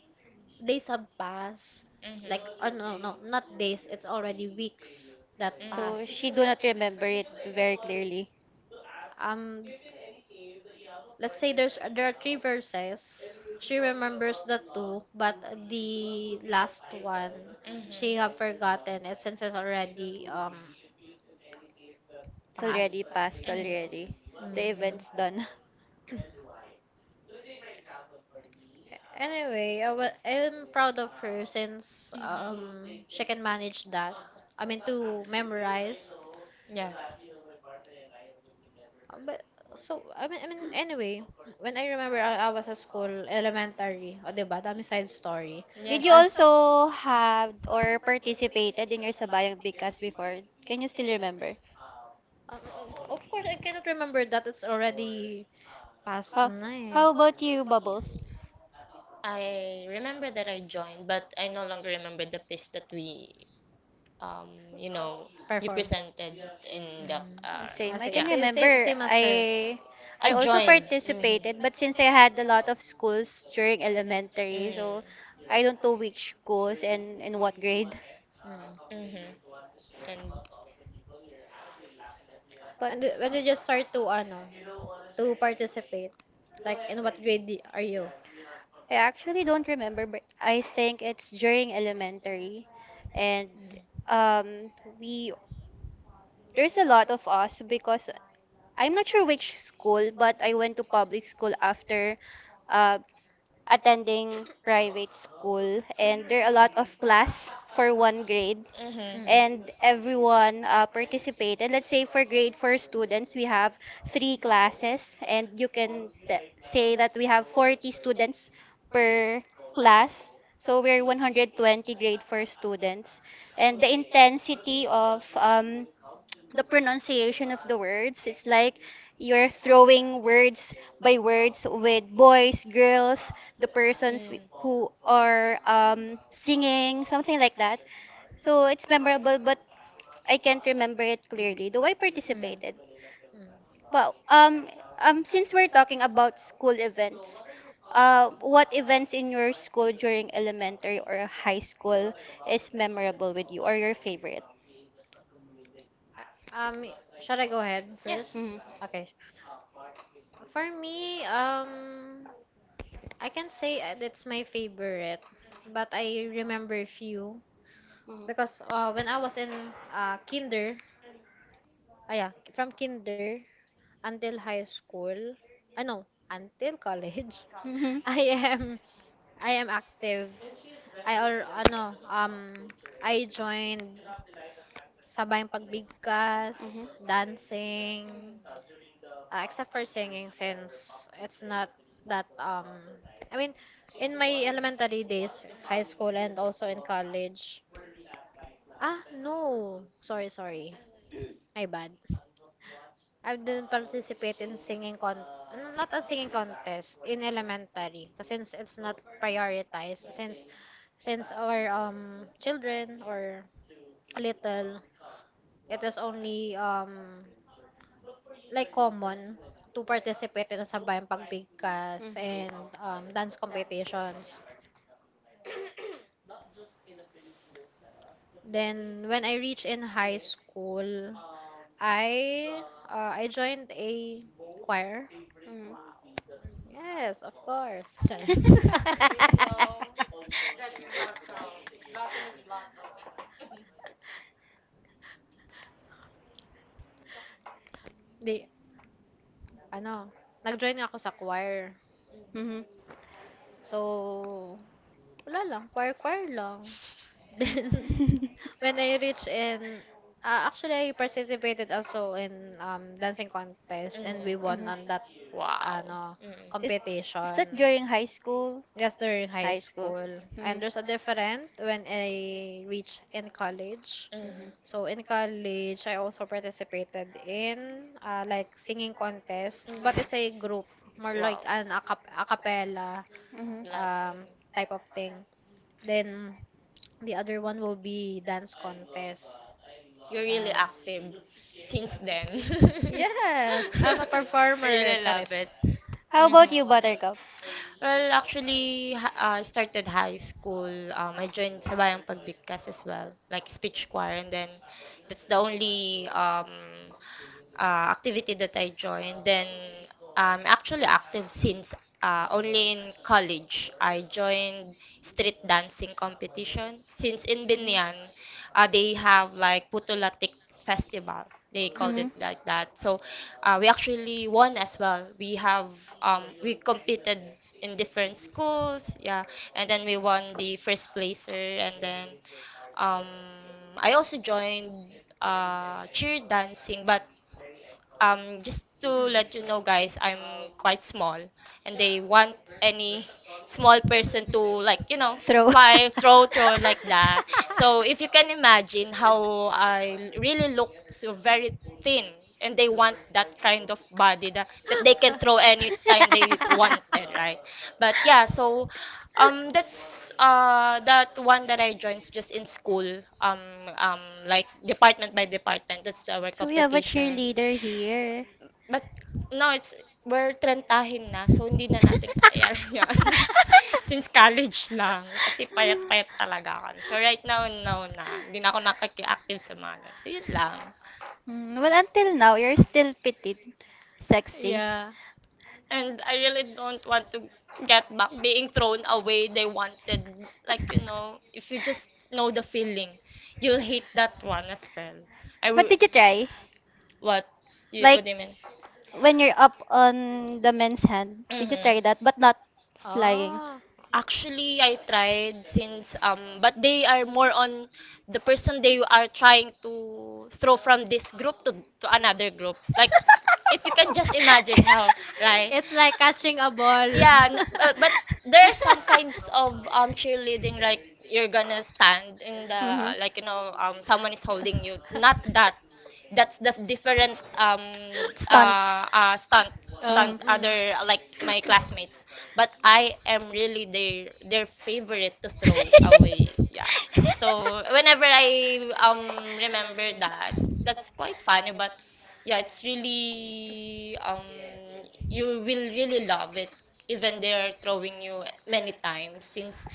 days have passed. Like, oh, no, no, not days, it's already weeks that So passed. she do not remember it very clearly. Um let's say there are three verses. She remembers the two, but the last one, Mhm. Mhm. she have forgotten it, since it's already It's passed. already past already. Hmm. The event's Mhm. done. Anyway, I'm proud of her, since Hmm. She can manage that. I mean, to memorize. Yes. But so I mean, anyway, when I remember, I was at school elementary, o 'di ba? Dami side story. (laughs) Did Did Yes. you Ah. Yes. also have or participated in your sabayang bigkas before? Can you still remember? Of course, I cannot remember that. It's already past How, na eh. how about you, Bubbles? I remember that I joined, but I no longer remember the piece that we, um, you know, you Perform. presented in the, Mm. The same. Ah, I can say, yeah. same, same, remember. same as her. I I also joined. Hmm. participated, but since I had a lot of schools during elementary, so Mm. I don't know which schools and in what grade. Mm. Mhm. And mhm. But When did you start to, ano, to participate? Like, in what grade are you? I actually don't remember, but I think it's during elementary, and Mm. um, we there's a lot of us because I'm not sure which school, but I went to public school after uh, attending private school and there are a lot of class for one grade Mm. Mm. Mm. and everyone participated. Let's say for grade 4 students, we have three classes and you can say that we have 40 students per class, so we're 120 grade 4 students. And the intensity of the pronunciation of the words, it's like you're throwing words by words with boys, girls, the persons who are singing, something like that. So it's memorable, but I can't remember it clearly, though I Mm. participated. Uh, Well, um, since we're talking about school events, what events in your school during elementary or high school is memorable with you or your favorite? Um, Shall I go ahead Yeah. first? Mm-hmm. Okay, for me, I can say that's my favorite, but I remember few, because when I was in kinder, ah, yeah, from kinder until high school, I know, until college, Mhm. (laughs) I am I am active. I or ano I joined (laughs) sabayang pagbigkas, dancing, except for singing, since it's not that I mean in my elementary days, high school, and also in college. Ah, no. Sorry, sorry. My bad. I didn't participate in singing con ano, not a singing contest in elementary, kasi since it's not prioritized, since our children or little, it is only like common to participate in sambayang pagbigkas and dance competitions. Then when I reached in high school, I I joined a choir. Yes, of course. (laughs) Charot. Di, ano, nag-join ako sa choir. Mhm. So, wala lang, choir-choir lang. Then (laughs) when I reached in, actually I participated also in dancing contest, Mm. and we won on (laughs) that Wow. ano Mm. Is is that competition. during high school? Yes, during high High school. school. And Mhm. there's a different when I reach in college. Mhm. Mhm. So in college, I also participated in like singing contest, but Mm. it's a group, more like Wow. an a cappella Mhm. Like um, mhm. type of thing. Then the other one will be dance contest. You're really And active since then. (laughs) yes, I'm a I performer, really love Charis. it. How about Mhm. you, Buttercup? Well, actually, I started high school. I joined Sabayang Pagbigkas as well, like speech choir, and then that's the only, activity that I joined. Then I'm actually active since, only in college. I joined street dancing competition since in Binyan, they have like Putulatik Festival. They called Mm-mm. it Mhm. like that. So, we actually won as well. We have, we competed in different schools, yeah, and then we won the first placer, and then, um, I also joined, cheer dancing, but just to let you know, Mm-mm. guys, I'm quite small and they want any small person to, like, you know, Throw. fly, throw, throw like that, (laughs) so if you can imagine how I really look, so very thin, and they want that kind of body that, they can throw anytime they wanted, right? But yeah, so, that's, that one that I joined just in school, um um like department by department, that's our So we have a competition. cheerleader here. But no, it's, we're trentahin na so hindi na natin kaya (laughs) yan. Since college lang kasi payat-payat talaga ako. So right now, no na. Hindi na ako nakaki-active sa mga ganun. So yun lang. Mm, well, until now, you're still petite, (laughs) sexy. Yeah. And I really don't want to get back being thrown away. They wanted, like, you know, if you just know the feeling, you'll hate that one as well. I But will, did you try? what? You, what Like, do you mean? when you're up on the men's hand, did you try that? Mm-hmm. But not flying. Oh. Actually, I tried since, but they are more on the person they are trying to throw from this group to, another group. Like, if you can just imagine how, (laughs) right? It's like catching a ball. Yeah, but there are some kinds of cheerleading, like you're gonna stand in Mm-hmm. the, like (laughs) (laughs) someone is holding you. Not that, that's the different Stunt. uh, uh stunt stunt Mm. other, like my classmates, Mm-hmm. but I am really their favorite to throw away, yeah. So whenever I remember that, that's quite funny. But yeah, it's really you will really love it, even they're throwing you many times since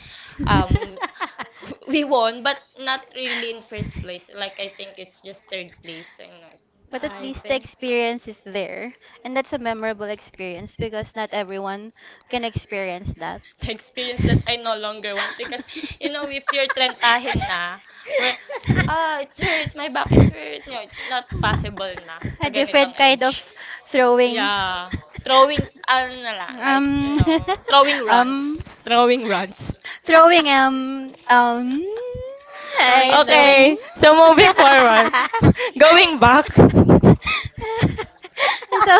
um (laughs) (laughs) (laughs) we won, but not really in first place. Like, I think it's just third place. I know. But at I least the see. experience is there. And that's a memorable experience because not everyone can experience that. (laughs) The (laughs) experience that I no longer want, because you know if you're trentahin na where, it hurts, my back is hurt, not possible na sa A (laughs) different ganitong kind age. of throwing. Yeah, throwing ano na lang, like you Um, know throwing (laughs) runs, um, throwing runs. throwing, Throwing in the throwing. bed. Okay, so moving (laughs) forward, (laughs) going (laughs) back. (laughs) so,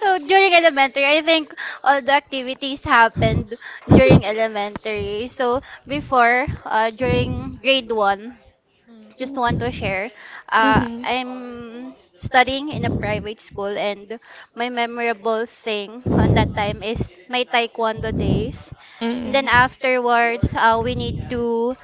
so during elementary, I think all the activities happened during elementary. So before, during grade 1, (laughs) just want to share. Mhm. I'm studying in a private school, and my memorable thing on that time is my taekwondo days. And then Then afterwards, we need to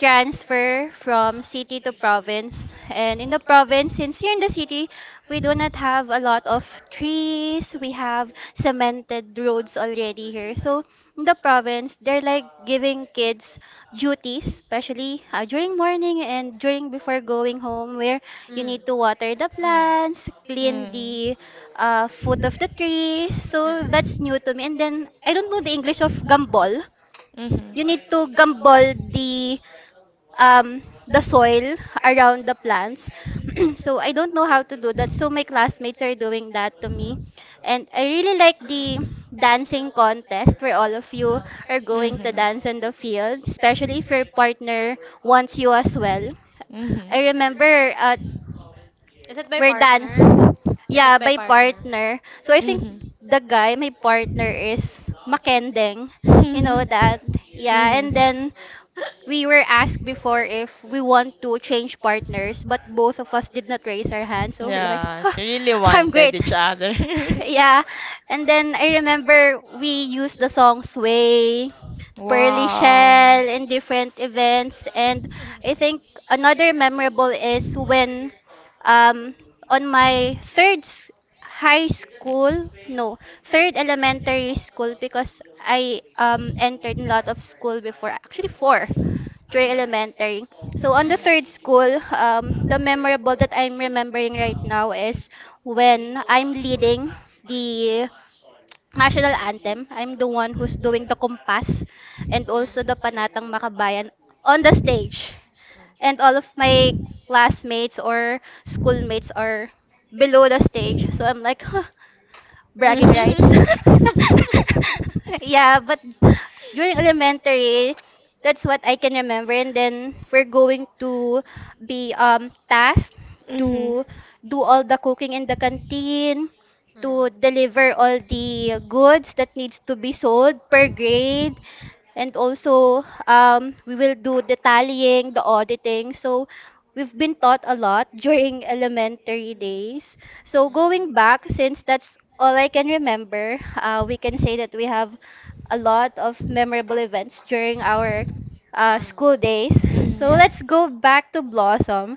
transfer from city to province. And in the province, since here in the city, we do not have a lot of trees. We have cemented roads already here. So in the province, they're like giving kids duties, especially during morning and during before going home, where you Mm, mm, need to water the mm, mm. plants, clean the foot of the trees. So that's new to me. And then I don't know the English of gambol. Mhm. You need to gambol um the soil around the plants. (clears throat) So I don't know how to do that. So my classmates are doing that to me. And I really like the dancing contest where all of you are going to Mhm. dance in the field, especially if your partner wants you as well. Mhm. Mhm. I remember Is it by we're done. partner? Is Yeah, it by by partner? partner. So I think the guy, my partner, is Makending. You know that? Yeah, Mhm. and then we were asked before if we want to change partners, but both of us did not raise our hands. So I'm like, Yeah, "Huh, she really I'm wanted great." each other. (laughs) (laughs) Yeah. And then I remember we used the song Sway, Pearly Wow. Shell in different events. And I think (laughs) another memorable is when um, on my third high school, no, third elementary school, because I entered a lot of school before, actually four during elementary. So on the third school, the memorable that I'm remembering right now is when I'm leading the national anthem. I'm the one who's doing the kumpas and also the Mm. panatang makabayan on the stage. And all of my classmates or schoolmates are below the stage. So I'm like, huh, bragging rights. Mhm. (laughs) Mm. (laughs) Mm. Mm. (laughs) Yeah, but during elementary, that's what I can remember. And then we're going to be tasked Mhm. to do all the cooking in the canteen, to deliver all the goods that needs to be sold per grade. And also, we will do the tallying, the auditing. So, we've been taught a lot (laughs) during elementary days. So Mm. going back, since that's all I can remember, we can say that we have a lot of memorable events during our Mm. school Mm. days. So Mhm. Yeah. let's go back to Blossom.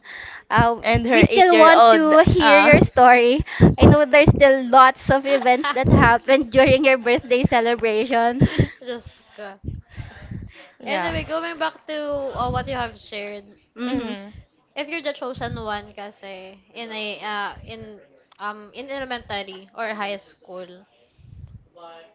Uh, And (laughs) we her still want eight-year-old. to hear Uh, your story. I know (laughs) there's (laughs) still lots of events that (laughs) happened (laughs) during your birthday celebration. Just go. yeah. Anyway, going back to what you have shared, Mm-hmm. Mhm. if you're the chosen one kasi in a in in elementary or high school,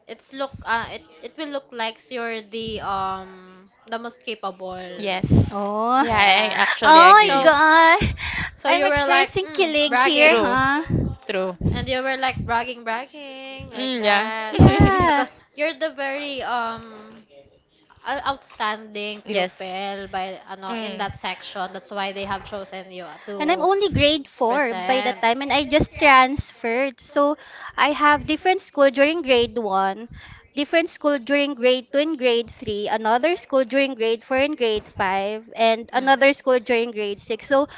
it will look like you're the most capable. Yes. Oh. Yeah, I (tsk) Yeah. Oh actually my agree. So God. so I'm you were like, experiencing kilig here, bragging. True. huh? True. And you were like, bragging bragging, like Mm, yeah. that, (laughs) Yeah. because you're the very outstanding Yes. pupil by ano in Mm. that section. That's why they have chosen you And I'm to only grade 4 by the present. time, and I just transferred. So I have different school during grade 1, different school during grade 2 and grade 3, another school during grade 4 and grade 5, and Mm. another school during grade 6. So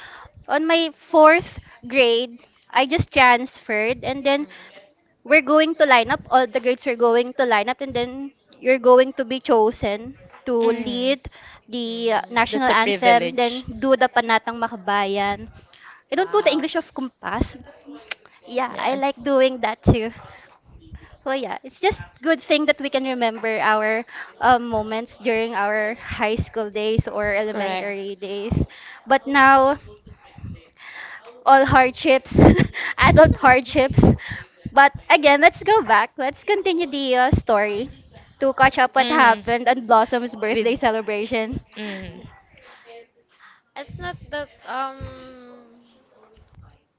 on my fourth grade, I just transferred, and then Mm. we're going to line up, all the grades we're going to line up, and then you're going to be chosen to Mm. lead the Mm. That's national a anthem, then privilege. do the panatang makabayan. I don't know the English of kumpas. Yeah, I Yes. like doing that too. So yeah, it's just good thing that we can remember our moments during our high school days or Correct. elementary days. (laughs) But now, all hardships, (laughs) adult hardships. But again, let's go back. Let's continue the story to catch up what Mm-hmm. happened on Blossom's With birthday celebration. mm, It's not that,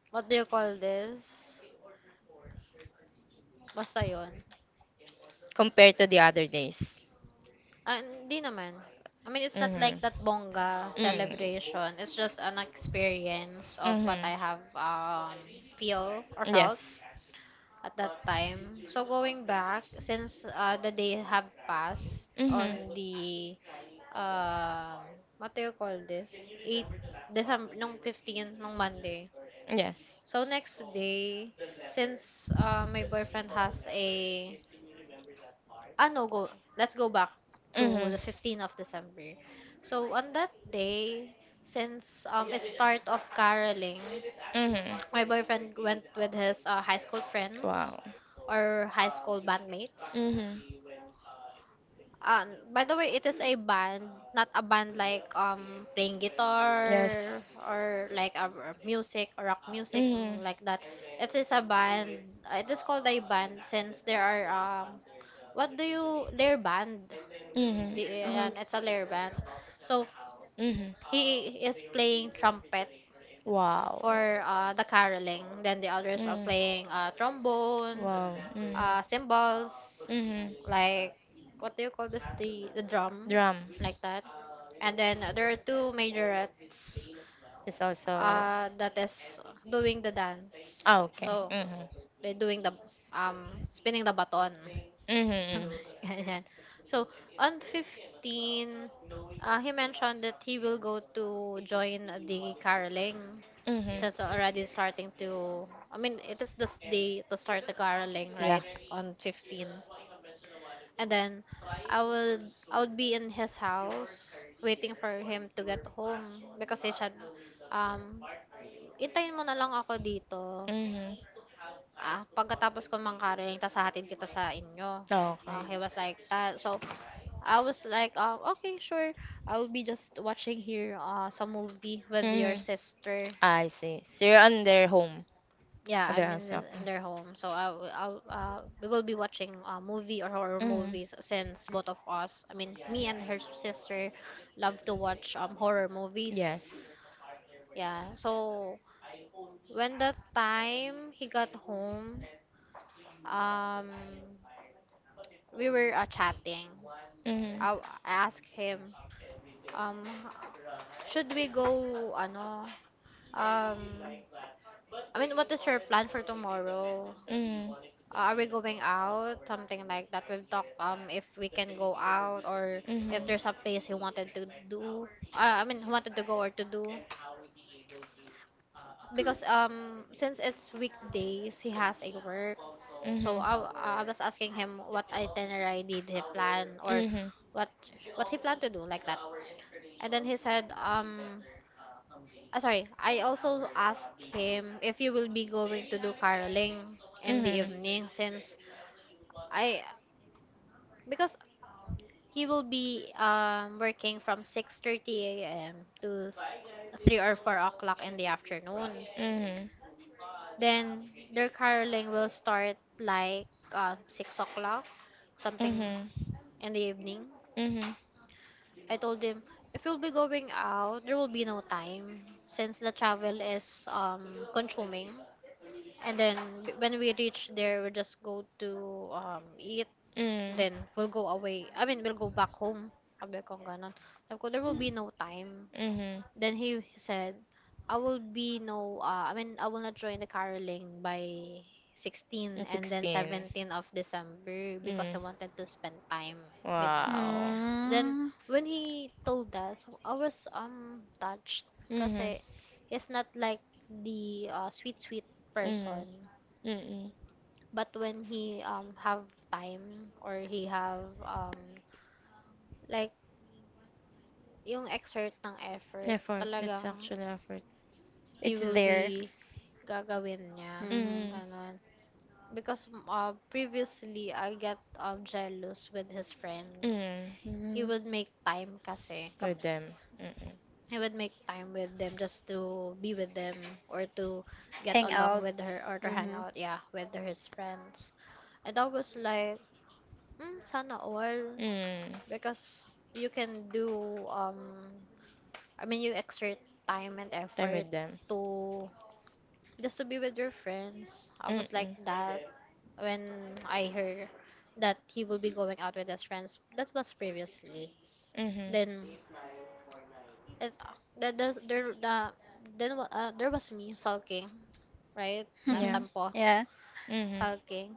what do you call this? Basta yun. compared to the other days. Ah, hindi naman. I mean, it's not like Mm-hmm. that bongga Mm. celebration. It's just an experience of what Mm-hmm. I have feel or felt Yes. at that time. So going back, since the day have passed Mm-hmm. on the, um what do you call this? December 8 nung 15 nung Monday. Yes. So next day, since my boyfriend has a, no, go, let's go back to the Mm-hmm. 15th of December. So on that day, since it start of caroling, Mhm. my boyfriend went with his high school friends Wow. or high school bandmates. Mhm. By the way, it is a band, not a band like playing Yes. guitar, or like a music or rock music, Mhm. like that. It is a band. It is called a band since there are, what do you layer band? Mhm. The, Hmm. and it's a layer band. So Mhm. he is playing trumpet Wow. for the caroling. Then the others are Mm. playing trombone, Wow. Mm. Cymbals, Mhm. like, what do you call this? The drum, Drum like that. And then there are two majorettes is also. That is doing the dance. Ah, okay. So Mhm. they're doing the spinning the baton. Mhm. (laughs) Ganyan. So on 15, he mentioned that he will go to join the caroling. Mhm. Since already starting to, I mean, it is the day to start the caroling, Yeah. right? On 15, and then I would be in his house waiting for him to get home, because he said, um intayin mo na lang ako dito Mhm. Pagkatapos ko mangkaraling tas hahatid kita sa inyo. Okay. Ah, he was like that, so I was like, okay, sure, I will be just watching here some movie with your Mhm. sister. I see. So you're on their home, Yeah, on their I'm in, house. the, Okay. in their home, so I, will- I'll we will be watching movie or horror Mhm. movies, since both of us, I mean me and her sister, love to watch horror movies. Yes. Yeah, so when the time he got home, um, we were chatting. Mhm. I asked him, um, should we go? Ano? Um, I mean, what is your plan for tomorrow? Mhm. Are we going out? Something like that. We've talked if we can go out, or Mhm. if there's a place he wanted to do. I mean, he wanted to go or to do. Because since it's weekdays, he has a work. So Mhm. I was asking him what itinerary did he plan, or Mhm. what what he planned to do, like that. And then he said, sorry, I also asked him if you will be going to do caroling in the Mhm. evening, since I because he will be working from 6:30 a.m. to 3 or 4 o'clock in the afternoon. Mhm. Then their caroling will start like, 6 o'clock, Mhm. something Mhm. in the evening. I told him, if you'll be going out, there will be no time, since the travel is consuming. And then when we reach there, we'll just go to eat. Then we'll go away. I mean, we'll go back home. Sabi ko ganun. Sabi ko, there will be no time. Mhm. Mhm. Then he said, I mean, I will not join the caroling by 16 And and then 16. 17 of December, because Mm. I wanted to spend time with me. Wow. Then Mm, when he told that, so I was touched, Mhm. kasi he's not like the sweet sweet Mhm. person. Mhm. But when he have time, or he have like yung exert ng effort, Effort. That's talagang actually effort. he it's will there. be gagawin niya. Hmm. Mhm. Ganon. Because previously, I get jealous with his friends. Mhm. He Hmm. would make time kasi. Kap With them. Mhm. He would make time with them just to be with them, or to get Hang along out. with her, or to hang Hmm. out, yeah, with his friends. And I was like, sana all. Mhm. Because you can do, I mean, you exert time and Time effort with them. to just to be with your friends. I was like Mhm. that. When I heard that he will be going out with his friends. That was previously. Mhm. Then it, there there's- there the then wa- there was me sulking, right? Yeah. Nagtampo, (laughs) Yeah. Mhm. sulking.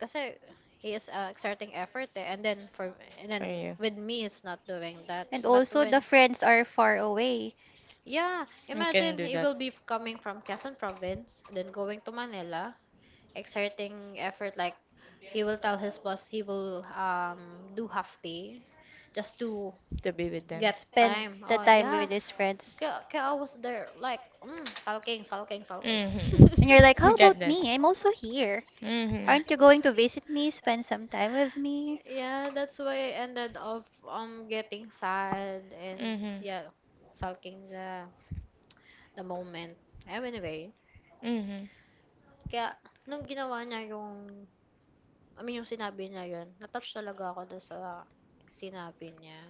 Kasi he is exerting effort eh. and then for and For then you. with me he's not doing that. And But also, the when friends are far away. yeah, You can imagine do he that will be coming from Quezon province, then going to Manila, exerting effort like he will tell his boss he will do half day just to to be with them. Yeah, get spend time the oh time with yeah his friends. kaya, kaya I was there like sulking sulking sulking. (laughs) And you're like, Mm-hmm. (laughs) how Get about that. me? I'm also here. Aren't you going to Mm-hmm. visit me, spend some time with me? Yeah, that's why I ended up getting sad and Mm-hmm. yeah sulking the moment. Anyway Mm-hmm. kaya nung ginawa niya yung yung sinabi niya yun natouch talaga ako doon sa sinabi niya.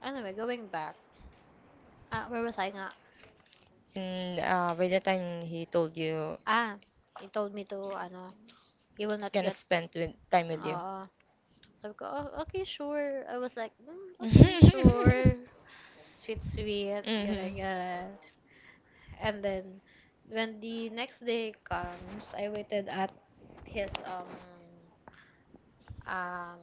Anyway, going back. Ah, where was I nga? And by the time he told you Ah, he told me to, ano, you will he's not gonna get, spend with, time with you. oo. Sabi ko, oh, okay, sure. I was like, okay, (laughs) sure. Sweet, sweet, yara, Mm-hmm. yara. And then, when the next day comes, I waited at his, um, um,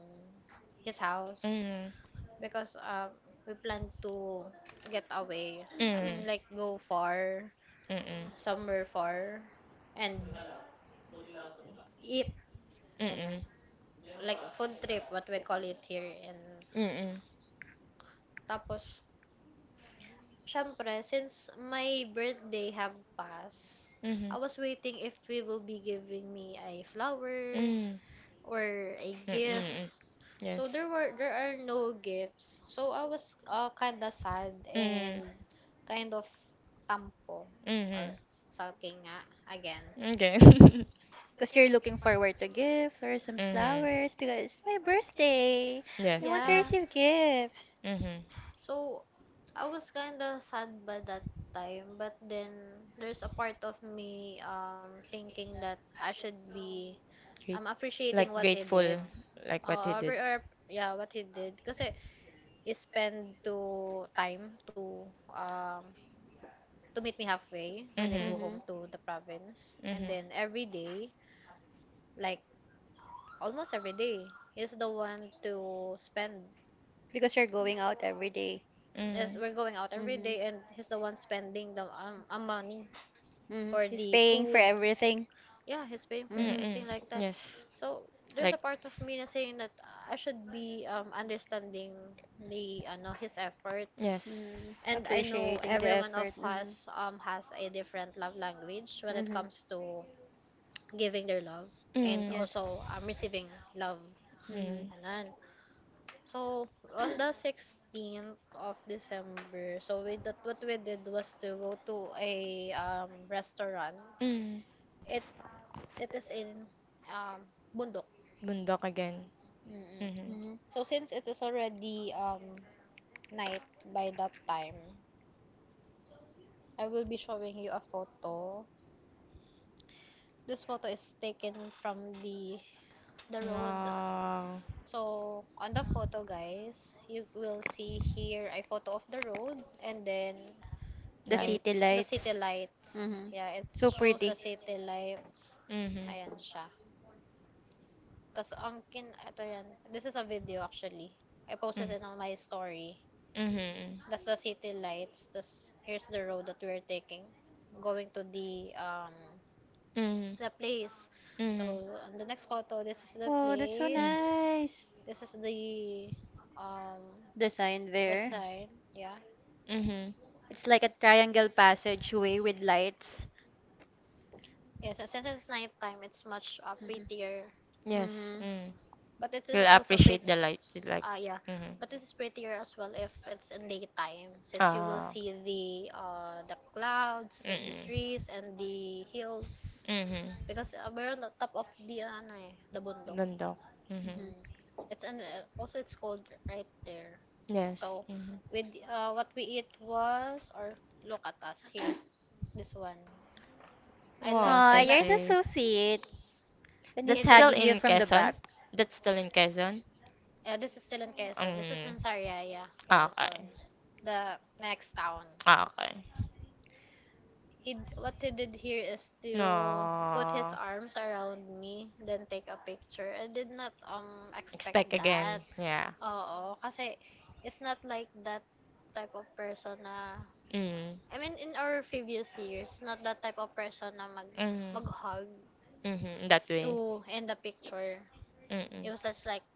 his house. Mm-hmm. Because, we planned to get away. Mm-hmm. Go far, Mm-hmm. somewhere far, and eat. Ganyan. Mm-hmm. Like food trip, what we call it here. And Mm-hmm. tapos, syempre, since my birthday have passed, I was waiting if we will Mm-hmm. be giving me a flower Mm. or a Mm gift. mm. So Yes. There are no gifts. So I was kinda sad Mm. and kind of tampo or Mhm. sulking nga again. Okay. (laughs) Because you're looking forward to gifts or some Mhm. flowers because it's my birthday. Yes. I want to Mm. Yeah. receive gifts. Mhm. So I was kinda sad by that time, but then there's a part of me thinking that I should be Great. I'm Like appreciating what he grateful, did. like what he Uh, did. or, or yeah, what he did kasi he spent to time um to meet me halfway when I Mhm. go Hmm. home to the province. Mhm. And then every day, like almost every day, he's the one to spend. Because you're going out every day. Mm. Yes, we're going out every Mhm. day and he's the one spending the money Mhm. for She's the paying for foods. everything. Yeah, he's paying for Mm Hmm. mm. everything like that. Yes. So Like. there's a part of me na saying that I should be understanding the ano his efforts. Yes. Mm, And I know appreciating the every one of effort. Hmm. us has a different love language when it Hmm. comes to giving their love and Mm. Yes. also receiving love. Hmm. Mm. Anan. So on the 16th of December, so we that what we did was to go to a restaurant. Mm. It It is in um, Bundok. Bundok again. Mm-mm. Mm-hmm. Mhm. So since it is already night by that time, I will be showing you a photo. This photo is taken from the road. Oh, So on the photo, guys, you will see here a photo of the road and then The it city lights. the city lights. lights. Hmm. Yeah, it So shows the pretty. city lights. Mm-hmm. Ayan siya. Tapos, ang kin, ito yan. This is a video actually. I posted Mm. it on my story. Mm-hmm. That's the city lights. That's here's the road that we're taking, going to Mm. the place. Mm. Mm. So on the next photo, this is the Oh, that's so place. Mm. nice. This is um The sign the there. sign. Yeah. Mm-hmm. It's like a triangle passageway with lights. Yes. And since it's nighttime, it's much prettier. Mm-hmm. Yes. Mm-hmm. Mm. But it is You'll also pretty. appreciate the light. The like, Ah, yeah. mm-hmm. But it is prettier as well if it's in daytime, since you will Ah. see the clouds, the Mm-mm. trees, and the hills. Mm-hmm. Because we're on the top of the ano eh, the bundok. Dundok. Mm-hmm. Mm. It's an also it's cold right there. Yes. So Mm-hmm. with what we eat was or look at us here. This one. Wow, I Aw, so love. yours is sick. so He sweet. And he's That's did. still hugging you in from the Quezon? back, That's still in Quezon? This is still in Quezon. This is Mm. in Sariaya, Ah, Quezon. okay. The next town. Ah, okay. What he did here is to put his Aww. arms around me, then take a picture. I did not expect Expect that. again. Yeah. Oo, kasi it's not like that type of person na. Mm. I mean in our previous years, not that type of person na Mm. mag-hug Mm-hmm. In that way. to end the picture. It Mm-mm. was just like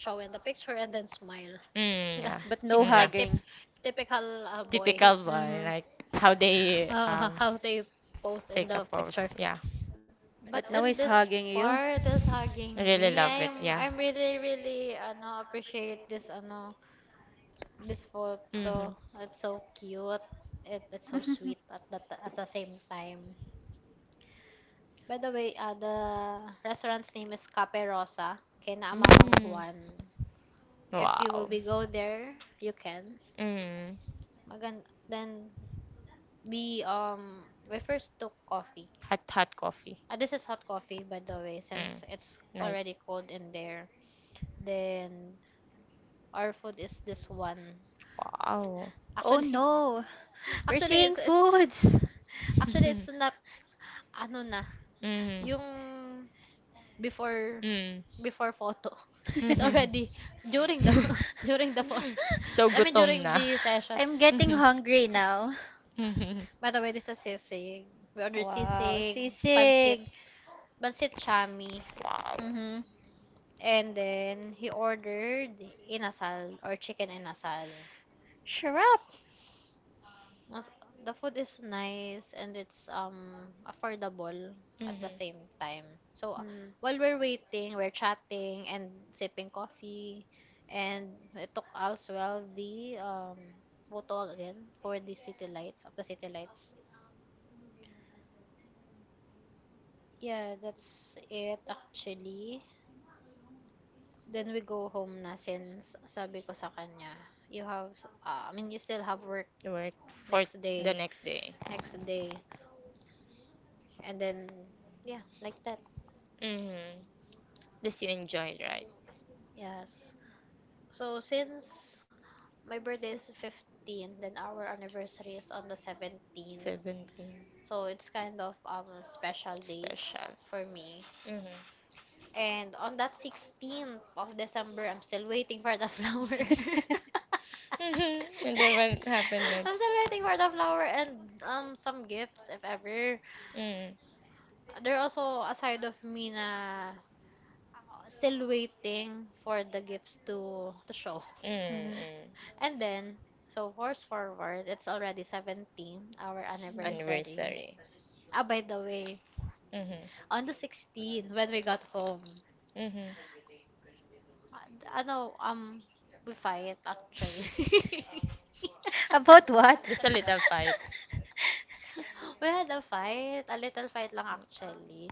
show in the picture and then smile. (laughs) Mm, The- yeah. but Mm, no yeah. like tip hugging. Typical boys. Typical boy, Mm-hmm. like how they How they post in take the a picture. pose. Yeah. But But no, he's in this hugging you. part is I hugging really me. love it. I'm Yeah. I'm really really ano appreciate this ano. This photo, Hmm. it's so cute. It's so (laughs) sweet at at the same time. By the way, the restaurant's name is Cape Rosa, kay Mamang Mm. Juan. If you will Wow. be go there, you can. Mm. Magan, then we um we first took coffee. Hot hot coffee. This is hot coffee by the way, since Mm. it's Night. already cold in there. Then our food is this one. Wow. Oh Actually, no, (laughs) we're actually seeing it's foods. actually it's not (laughs) ano na. Mm. Yung before Mm. before photo. (laughs) It's Mhm. (laughs) already during the (laughs) during the photo. (laughs) So I mean gutom during na. (laughs) the session. I'm getting Mhm. hungry now. Mhm. By the way, this is sisig. We ordered Wow, sisig, sisig. pansit chami. Mm-hmm. And then he ordered inasal or chicken inasal. Sure up. Wow. Mas The food is nice and it's affordable at the Mhm. same time. So while we're waiting, we're chatting and sipping coffee, and we took as well the photo again for the city lights of the city lights. Yeah, that's it actually. Then we go home na since sabi ko sa kanya, you have, s- I mean, you still have work Work for next the day, next day. next day. And then, yeah, like that. Mhm. This you enjoyed, right? Yes. So since my birthday is 15, then our anniversary is on the 17th. 17. So it's kind of special days Special. for me. Mhm. (laughs) And on that 16th of December, I'm still waiting for the flower. (laughs) (laughs) And then what happened next? I'm still waiting for the flower and some gifts if ever. Mm. There also a side of me na still waiting for the gifts to show. Mm, Mhm. mm. And then, so force forward, it's already 17th, our It's anniversary. Anniversary. Ah, by the way, Mhm. on the 16th, when we got home, Mhm. uh, ano, um, we fight actually. (laughs) About what? Just a little fight. (laughs) We had a fight, a little fight lang actually.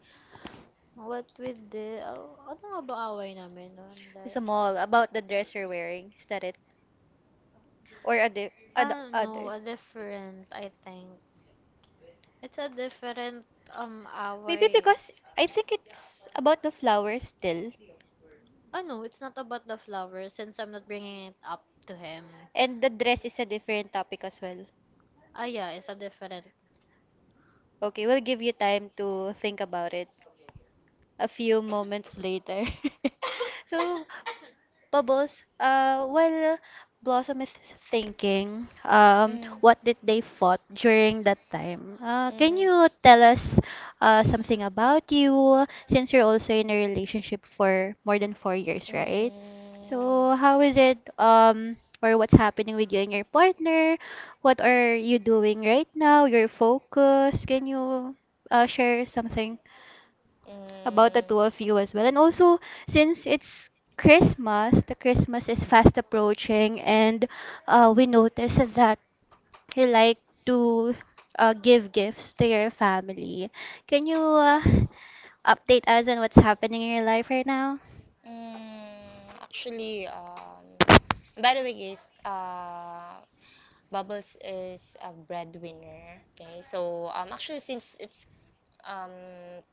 What we did, oh, ano nga ba away namin noon? It's a Dahil- mall. About the dress you're wearing. Is that it? Or other, other, Ah, other? no, a different, I think. It's a different, Maybe away. because I think it's about the flowers still. Oh no, it's not about the flower since I'm not bringing it up to him. And the dress is a different topic as well. Ah yeah, it's a different. Okay, we'll give you time to think about it a few moments later. (laughs) So, Bubbles, well, Blossom is thinking, Mm. what did they fought during that time? Can Mm. you tell us something about you, since you're also in a relationship for more than 4 years, right? So how Mm. is it, or what's happening with you and your partner? What are you doing right now? Your focus? Can you share something about the Mm. two of you as well. And also, since it's Christmas, the Christmas is fast approaching, and we notice that you like to give gifts to your family. Can you update us on what's happening in your life right now? Mm. Actually, by the way, guys, Bubbles is a breadwinner. Okay, so actually, since it's um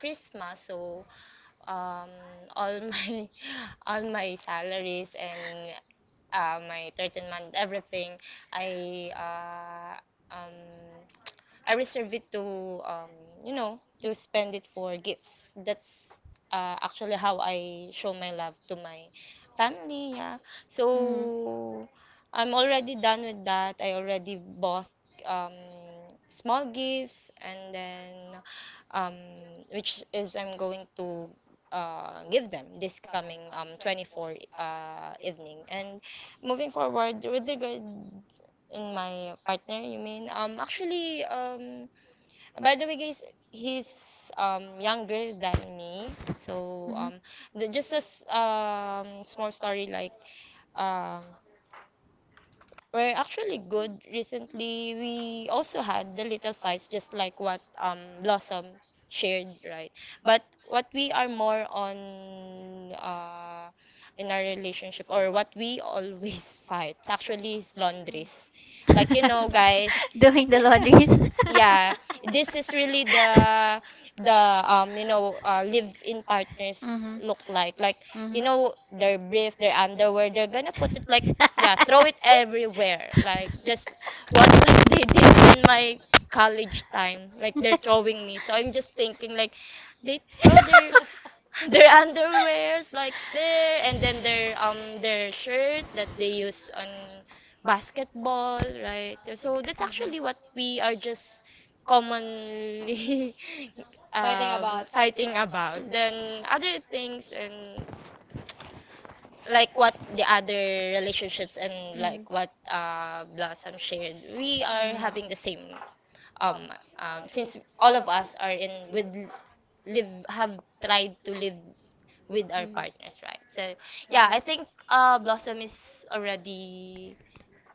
Christmas, so um, all (laughs) my all my salaries and my 13th month everything, I uh, um I reserve it to um, to spend it for gifts. That's actually how I show my love to my family. Yeah. Mm. So I'm already done with that. I already bought um, small gifts and then, um, which is I'm going to give them this coming, 24th evening. And moving forward with regard in my partner, you mean? Actually, by the way, guys, he's younger than me. So Mhm. Just as small story, like, um, we're actually good. Recently, we also had the little fights, just like what Blossom shared, right? But what we are more on in our relationship, or what we always (laughs) fight, actually, is laundries. Like, you know, guys, (laughs) Doing the laundries. (laughs) yeah, (laughs) this is really the Mhm. the live in partners look like, like their brief, their underwear, they're gonna put it like, yeah, throw it everywhere, like, just what (laughs) like they did in my college time, like they're throwing me, so I'm just thinking, like, they throw their (laughs) their underwears, like, there. And then their shirt that they use on basketball, right? So that's actually what we are just (laughs) commonly (laughs) fighting about, then other things, and like what the other relationships, and like what Blossom shared, we are Mm. having the same um since all of us are in with live, have tried to live with our partners, right? So yeah, I think Blossom is already,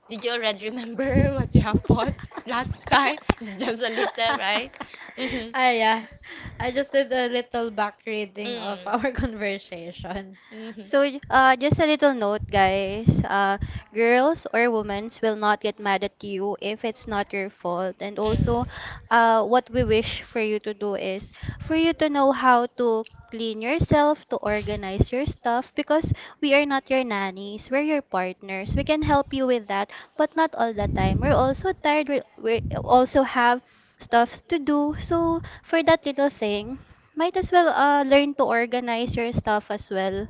did you already remember (laughs) what you have bought last time? It's just a little, (laughs) right? Mm-hmm. Ah, yeah. I just did a little back reading of Mm. our (laughs) conversation. Mm-hmm. So, just a little note, guys. Girls or women will not get mad at you if it's not your fault. And also, Mm. What we wish for you to do is for you to know how to clean yourself, to organize your stuff, because we are not your nannies. We're your partners. We can help you with that, but not all the time. We're also tired. We also have stuffs to do. So, for that little thing, might as well learn to organize your stuff as well,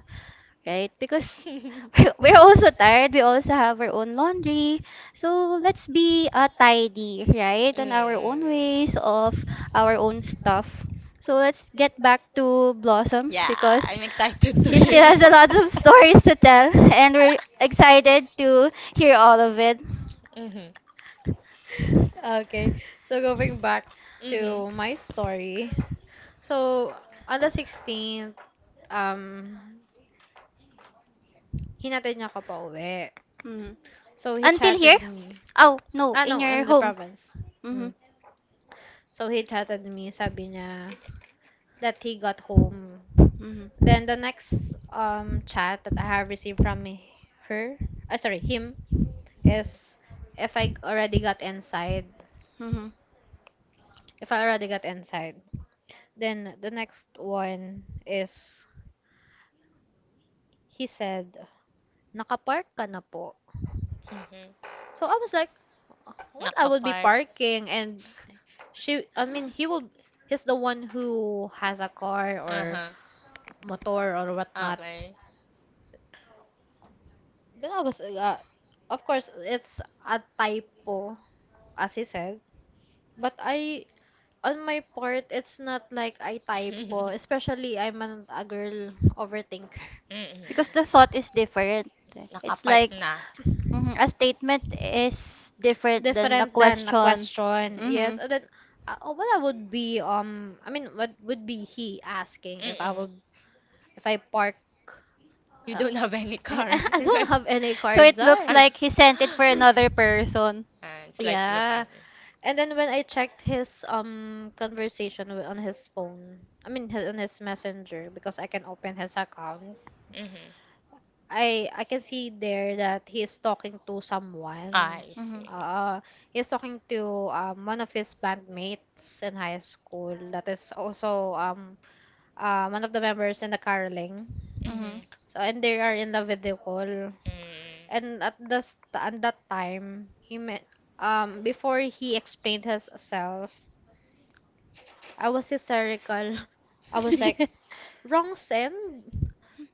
right? Because (laughs) (laughs) we're also tired. We also have our own laundry. So let's be tidy, right? On our own Mm. ways of our own stuff. So let's get back to Blossom, Yeah, because I'm excited to she still hear. has (laughs) a lot of (laughs) stories to tell, and we're excited to hear all of it. Mm-hmm. Okay, so going back Mm-hmm. to my story. So, on the 16th, um, hinatid niya ako pa uwi. Mhm. So, he Until here? chatted me. Oh, no, Ah, in no, your in the home. province. Mm-hmm. Mm. So, he chatted me. Sabi niya, that he got home. Mm-hmm. Then the next chat that I have received from her, him, is if I already got inside. Mm-hmm. If I already got inside. Then the next one is he said, "Nakapark ka na po." Mm-hmm. So I was like, "What? I would be Nakapark. parking?" And he will. He's the one who has a car or Uh-huh. motor or whatnot. Okay. Then I was, of course, it's a typo as he said. But I, on my part, it's not like I typo. (laughs) Especially, a girl overthinker. Because Mm-hmm. the thought is different. It's Nakapark like, na. a statement is different than a Different than a question. question. Hmm. Yes, and then what I would be I mean what would be he asking if I Mm-mm. would if I park You uh, don't have any car, (laughs) (laughs) I don't right? have any So cards it looks there. And, like he sent it for (clears throat) another (coughs) person. and it's like look Yeah. and And then when I checked his conversation on his phone, I mean his, on his messenger because I can open his account. mm-hmm. I can see there that he is talking to someone. I Hmm. see. Uh, he's talking to one of his bandmates in high school that is also one of the members in the caroling. Hmm. Mm-hmm. So and they are in the video call. Mm. And at that time, he met before he explained himself I was hysterical. (laughs) I was like, (laughs) wrong send?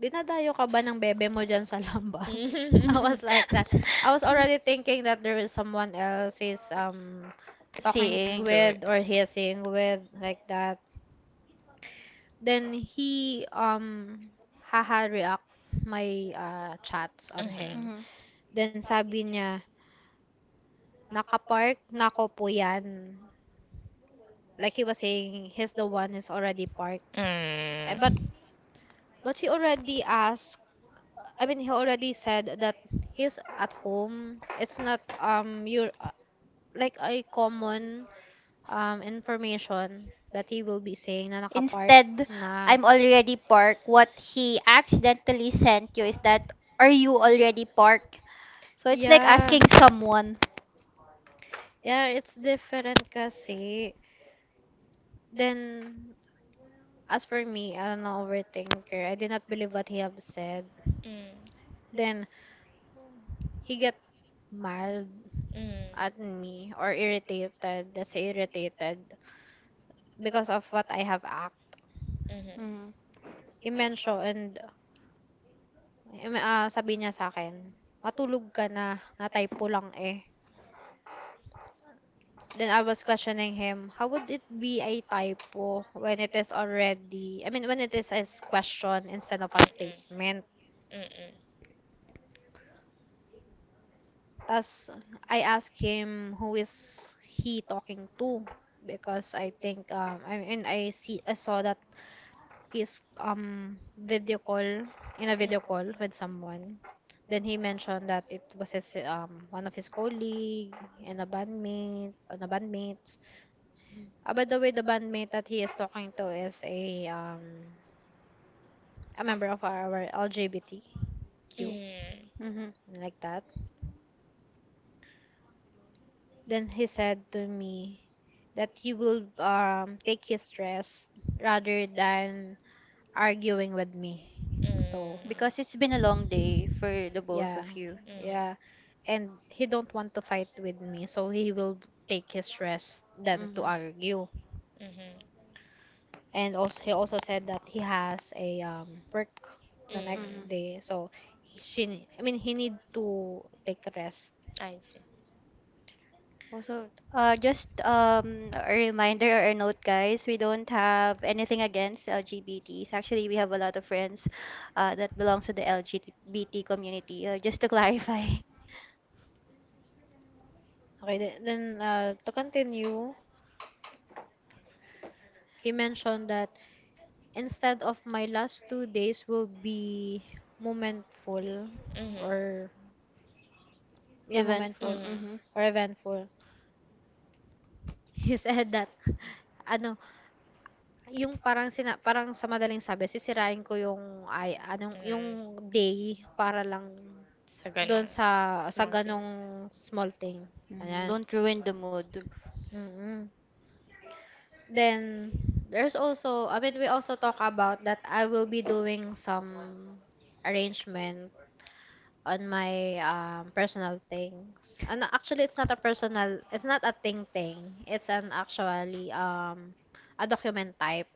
Dinadayo ka ba ng bebe mo dyan sa lambas? (laughs) I Mm-hmm. was like that. I was already thinking that there is someone else is talking (laughs) Seeing. Do it. with or hissing with like that. Then he haha react my chats on Mm-hmm. him. Hmm. Then sabi niya, nakapark nako po yan. Like he was saying, he's the one who's already parked. Eh, but Mm. but he already asked he already said that he's at home. It's not your like a common information that he will be saying na nakapark Instead, na. I'm already parked. What he accidentally sent you is that, are you already parked? So it's like Yeah. asking someone. Yeah, it's different kasi. Then, as for me, I'm an overthinker. I did not believe what he have said. Hmm. Mm. Then, he get mad at me or irritated. That's irritated because of what I have Mm-hmm. Mm-hmm. I-mentioned, and sabi niya sa'kin, "Matulog ka na, na typo lang eh." Then I was questioning him, "How would it be a typo when it is already when it is a question instead of a Mm-mm. statement?" Mm-mm. Tapos I asked him, "Who is he talking to?" Because I think, I saw that he's video call in a Mm. video call with someone. Then he mentioned that it was his one of his colleague and a bandmate. By the way, the bandmate that he is talking to is a a member of our LGBTQ Mm-hmm. like that. Then he said to me that he will take his stress rather than arguing with me. So Because it's been a long day for the both yeah. of you. Mm. Mm-hmm. Yeah. And he don't want to fight with me, so he will take his rest than Hmm. to argue. Mm-hmm. And also he also said that he has a work the Hmm. Mm, next day, so he, she ne- I mean he need to take a rest. I see. Also, just a reminder or a note, guys. We don't have anything against LGBTs. Actually, we have a lot of friends that belongs to the LGBT community. Just to clarify, Okay, then to continue, he mentioned that instead of my last 2 days will be momentful Mhm. or (laughs) yeah event from. momentful Mhm. Hmm. or eventful. (laughs) He said that ano yung parang sina parang sa madaling sabi sisirain ko yung ay anong yung Mhm. day para lang Sa dun ganong sa sa small thing. ganong small thing, Hmm. ganyan. Don't ruin the mood. Mm. Then there's also I mean we also talk about that I will be doing some arrangement on my personal things. And actually it's not a thing. It's an actually a document type.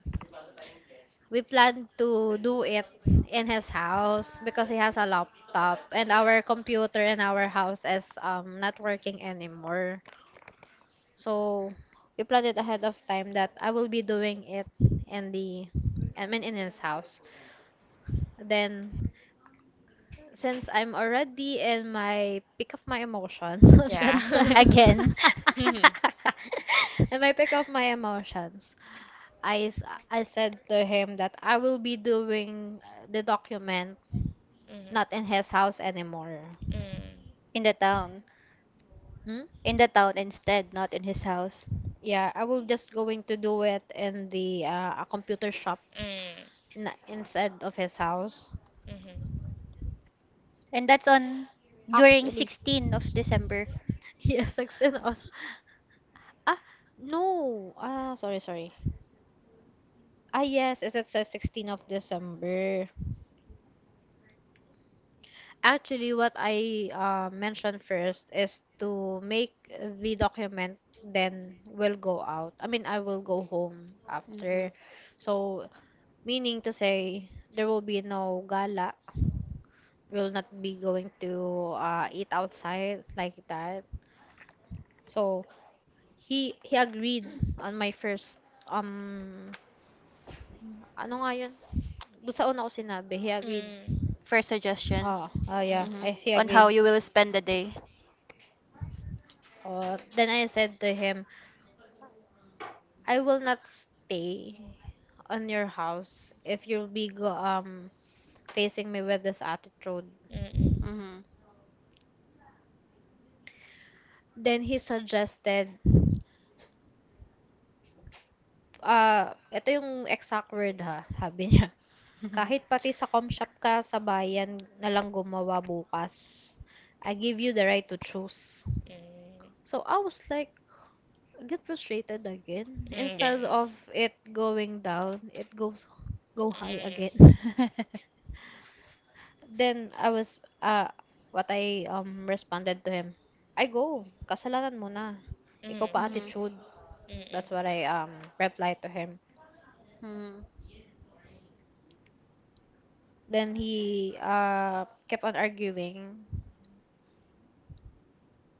We plan to do it in his house because he has a laptop and our computer in our house is not working anymore. So we planned it ahead of time that I will be doing it in the in his house. Then since I'm already in my pick of my emotions (laughs) at that (laughs) time Yeah. Again, (laughs) Mhm. (laughs) and my pick of my emotions. I, s- I said to him that I will be doing the document not Mhm. in his house anymore. Mm. (laughs) in the town. Hmm? In the town instead, not in his house. Yeah, I will just going to do it in the a computer shop Mm. Inside of his house. Mhm. And that's on during Actually, 16th of December, (laughs) yes, 16 of ah no ah sorry sorry ah yes, it says 16 of December. Actually, what I mentioned first is to make the document, then will go out. I mean, I will go home after. So meaning to say, there will be no gala. Will not be going to eat outside like that. So he agreed on my first um ano nga yun? Doon sa una ko sinabi, he agreed. Mm. first suggestion Oh, oh yeah, Mm-mm. he on how agreed. you will spend the day. Oh, then I said to him, I will not stay on your house if you'll be facing me with this attitude. Mm-mm. Hmm. (laughs) Then he suggested ah, eto yung exact word ha, sabi niya, (laughs) Hmm. kahit pati sa comshop ka sa bayan na lang gumawa bukas, I give you the right to choose. Mm. So I was like, I get frustrated again. Mm, Instead ganun. of it going down, it goes go high Mm. again. (laughs) Then I was what I responded to him. I go. Kasalanan mo na. Mm. Ikaw pa Hmm. attitude. That's Mm. what I replied to him. Hmm. Then he kept on arguing.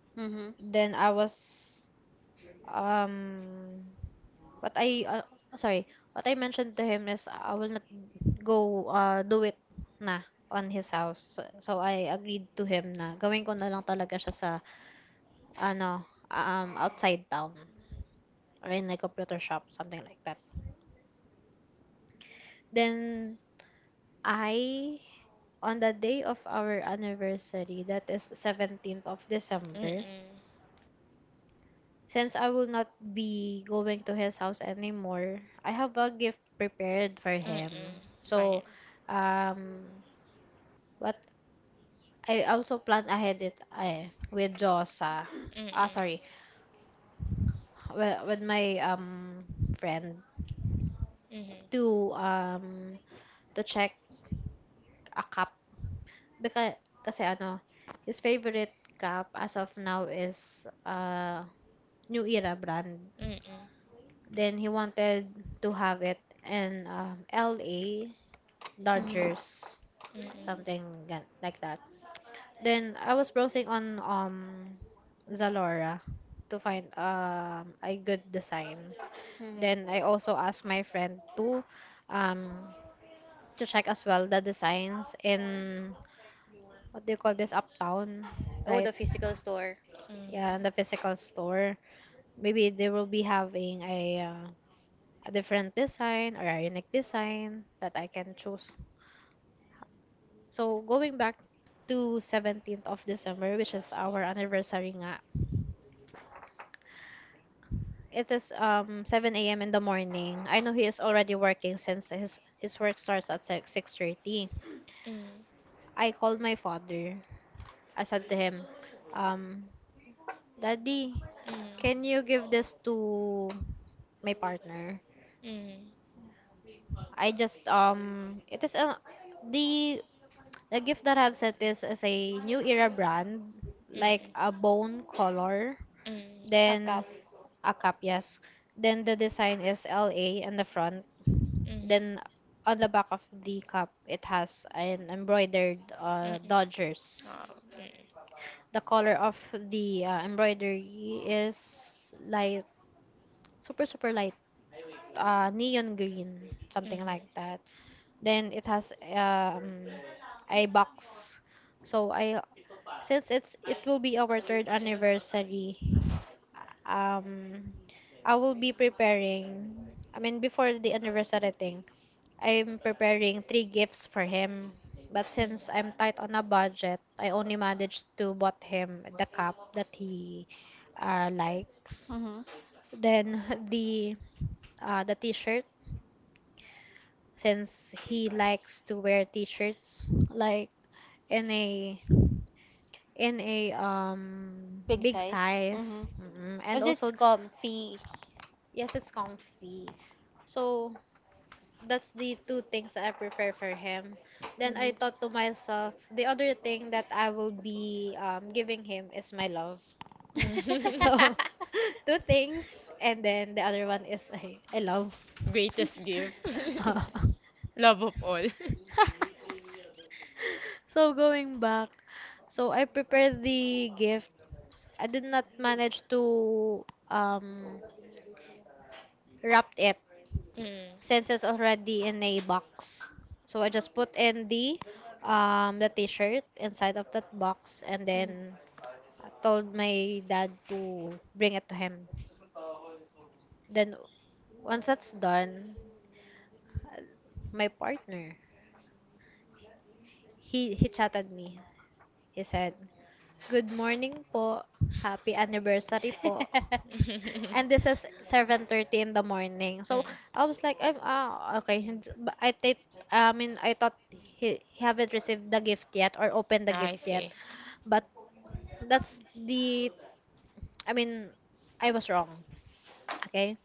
Hmm. Then I was um what I uh, sorry, what I mentioned to him is I will not go do it na on his house. So, so I agreed to him na gawin ko na lang talaga siya sa ano outside town or in a computer shop something like that. Then I, on the day of our anniversary that is 17th of Mm-mm. Mhm. Mm-mm. Mm-hmm. December Mm-mm. Since I will not be going to his house anymore, I have a gift prepared for Mm-mm. him. Fine. So, um, what I also plan ahead it eh, with Josa. Ah, Mm-mm. sorry, with my friend Mhm. to um to check a cup, because kasi ano, his favorite cup as of now is New Era brand. Mm-mm. Then he wanted to have it in LA Dodgers, Mm-mm. something gan- like that. Then I was browsing on Zalora to find a good design. Hmm. Then (laughs) I also asked my friend um to check as well the designs in what do you call this uptown, Oh, the right? physical store. Yeah, in the Mm. physical store. Maybe they will be having a different design or a unique design that I can choose. So going back to 17th of December, which is our anniversary nga. It is 7 a.m. in the morning. I know he is already working since his work starts at 6:30. Mm. I called my father. I said to him, um, Daddy, can Mm. you give this to my partner? Mm. I just it is a the the gift that I've sent is a new era brand Mm. like a bone color. Mm. Then a cup, yes. Then the design is LA in the front. Mm. Mm. Then on the back of the cup, it has an embroidered Oh, Dodgers. mm. The color of the embroidery is light, super light, neon green, something like Mhm. that. Then it has a box. So I, since it will be our 3rd anniversary, um, I will be preparing, I mean before the anniversary thing, I'm preparing 3 gifts for him, but since I'm tight on a budget I only managed to bought him the cup that he likes, Hmm. then (laughs) the the t-shirt, since he likes to wear t-shirts like in a in a Big big size. Mm-hmm. size, mm, mm, and Because it's also comfy. yes it's comfy, so that's the two things I prepare for him. Then I Hmm. thought to (laughs) myself, the other thing that I will be giving him is my love. (laughs) Mm. So, (laughs) two things, and then the other one is I love. (laughs) Greatest gift. (laughs) (laughs) Uh, Love of all. (laughs) (laughs) so going back, so I prepared the gift. I did not manage to um, wrap it Mm. since it's already in a box. So I just put in the t-shirt inside of that box and then I told my dad to bring it to him. Then once that's done, uh, my partner, he chatted me. He said, "Good morning po. Happy anniversary po." (laughs) And this is (laughs) 7:30 in the morning. So Mm. I was like, I'm ah okay. Hin- but I think I mean I thought he haven't received the gift yet or opened the I gift yet. see. But that's the I mean I was wrong. Okay,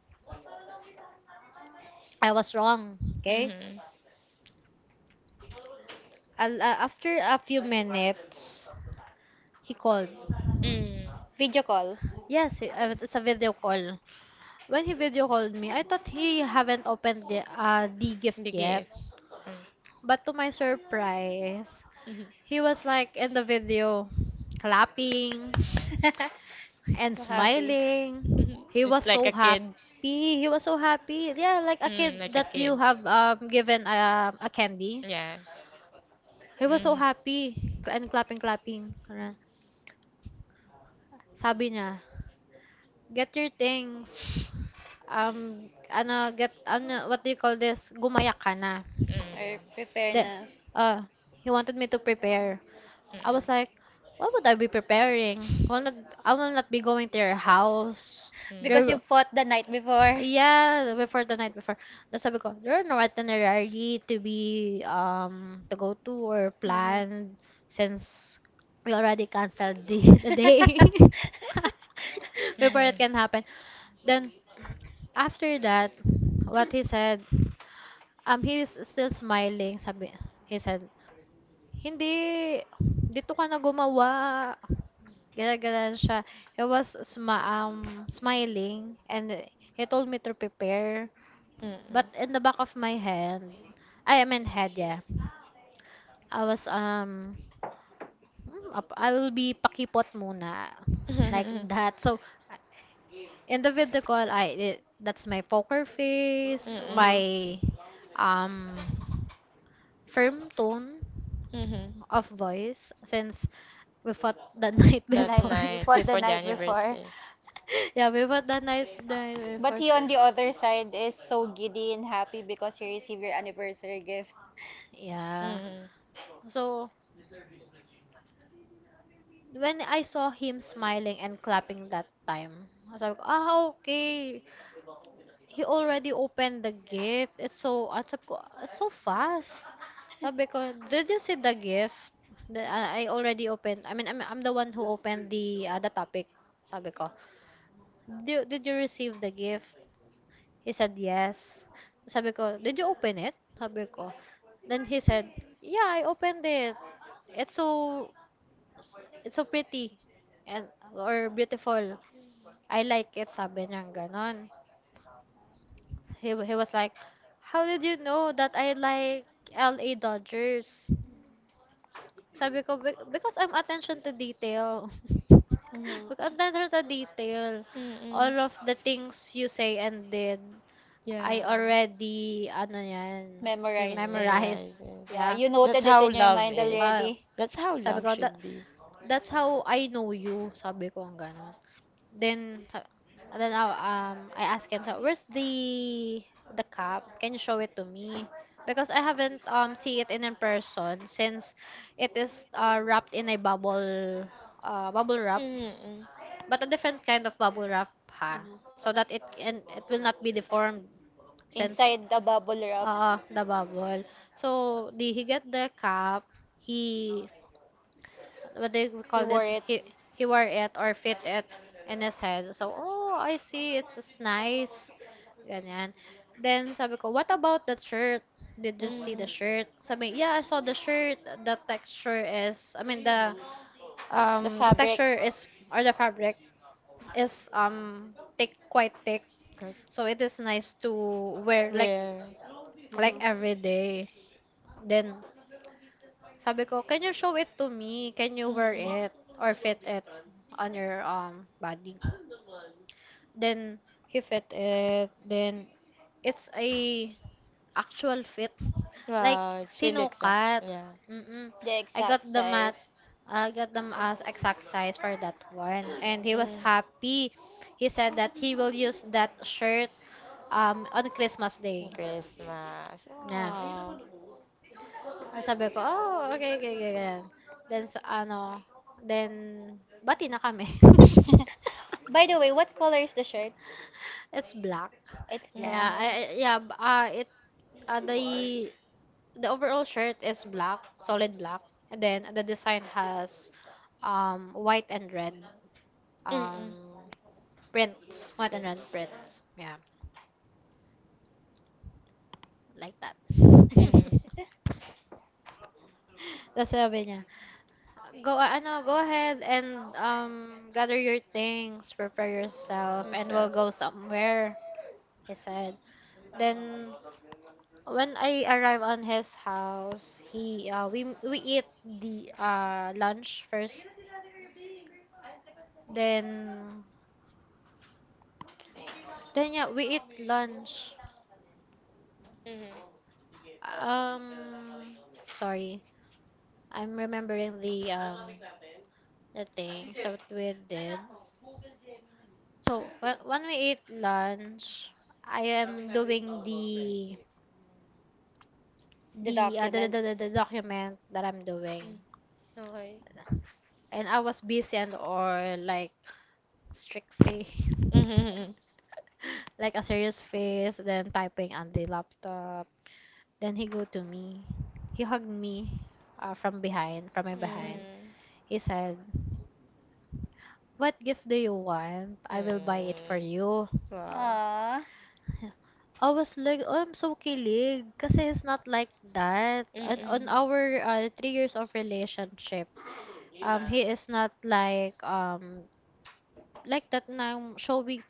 I was wrong. Okay, Mm-hmm. After a few minutes, he called. Mm. Video call. Yes, it's a video call. When he video called me, I thought he haven't opened the gift The yet. gift. Mm. (laughs) But to my surprise, Mhm. he was like in the video clapping and (laughs) So happy. smiling. Mhm. He was It's like so a kid. happy. He was so happy. Yeah, like a Mm, kid like a that you kid. have given a candy. Yes. He was Mhm. so Mm. happy and clapping. Ganun. Sabi niya, "Get your things." What do you call this? Gumaya ka na. Mm. Or prepare That na. He wanted me to prepare. Mhm. Mhm. I was like, what would I be preparing? Will not I will not be going to your house. Mm-mm. There Because you will- fought the night before. Yeah, (laughs) before the night before. That's sabi ko, there are no itinerary to be to go to or Mhm. planned since we already canceled the, (laughs) (laughs) the day Mhm. (laughs) before it can happen. Then after that, what he said, he was still smiling. Sabi, he said, hindi, dito ka na gumawa. Ganyan-ganyan siya. He was sma smiling and he told me to prepare. But in the back of my hand, I mean head, yeah. I was, "Hmm, ap- I will be pakipot muna. Like Mhm. that. So, in the video call, that's my poker face, Mm-mm. Um, firm tone Mhm. of voice since we fought the (laughs) night (laughs) The That night before. (laughs) (laughs) you night fought the before the night before. anniversary. yeah, we fought the night But before. he on the other side is so giddy and happy because he received your anniversary gift. Yeah. Mhm. So when I saw him smiling and clapping that time, I was like, ah, okay. He already opened the gift. It's so, at sab ko, "It's so fast. Sabi ko, did you see the gift? The, I already opened, I mean, I'm the one who opened the topic. Sabi ko, did you receive the gift? He said, yes. Sabi ko, did you open it? Sabi ko. Then he said, yeah, I opened it. It's so, it's so pretty. And, or beautiful. I like it, sabi niya, ganon. He was like, "How did you know that I like L A Dodgers?" Sabi ko, "Be- "Because I'm attention to detail." (laughs) Mhm. Look, I'm attention to detail. All Mm-mm. of the things you say and did, Yeah. I already ano 'yan, You Memorized it. memorize. memorized. Yeah, Yeah. you That's noted it how in your love mind is. Ah, already. That's how sabi love ko, should be. that's how I know you. Sabi ko, ang ganun. Then I asked him, so where's the cup? Can you show it to me? Because I haven't see it in person since it is wrapped in a bubble wrap, Mm-mm. but a different kind of bubble wrap ha, so that Mhm. It will not be deformed since Inside the bubble wrap, the bubble. So the he get the cup. He what do you he call wore this? it. He wore it or fit it in his head. So, oh, I see. It's nice. Ganyan. Then sabi ko, what about that shirt? Did you see Mm. the shirt? Sabi, yeah, I saw the shirt. The texture is, I mean, the The um the fabric. texture is or the fabric is thick, quite thick. Correct. So it is nice to wear Where? like Mhm. every day. Then sabi ko, can you show it to me? Can you wear Mm-mm. it or fit it on your body? Then he fit it. Then it's a actual fit. Like Wow, it's really exciting. sinukat. Yeah. Mm-mm. The I exact got the mat. size. I got them as exact size for that one. And he was Mm. happy. He said that he will use that shirt on Christmas Day. Christmas. Yeah. Wow. Ah, sabi ko, "Oh, okay, okay, okay," ganyan. Then, sa ano, then, bati na kami. (laughs) (laughs) (laughs) By the way, what color is the shirt? It's black. It's Yeah, Mm. Black. I- yeah, b- it, uh, the, the overall shirt is black, solid black. And then, the design has, white and red, Mm-mm. um, prints. White and red Prince. prints. Yeah, like that. Mm-hmm. (laughs) (laughs) Tapos sabi niya, go, go ahead and gather your things, prepare yourself, and we'll Yourself. go somewhere, he said. Then when I arrive on his house, he we eat the lunch first. Then then yeah, we eat lunch. Mm-hmm. Um Sorry. I'm remembering the thing so what we did. So when we eat lunch, I am doing the The the, uh, the, the, document. the the document that I'm doing, Mm, okay. and I was busy and or like strict face, Mm-hmm. (laughs) like a serious face, then typing on the laptop. Then he go to me, he hugged me, from behind, from my Hmm. behind. Mm. He said, "What gift do you want? I will buy it for Mm. you." Wow. Aww. I was like, oh, I'm so kilig. Kasi he's not like that. On Mm-mm. our 3 years of relationship, he is not like, like that na showing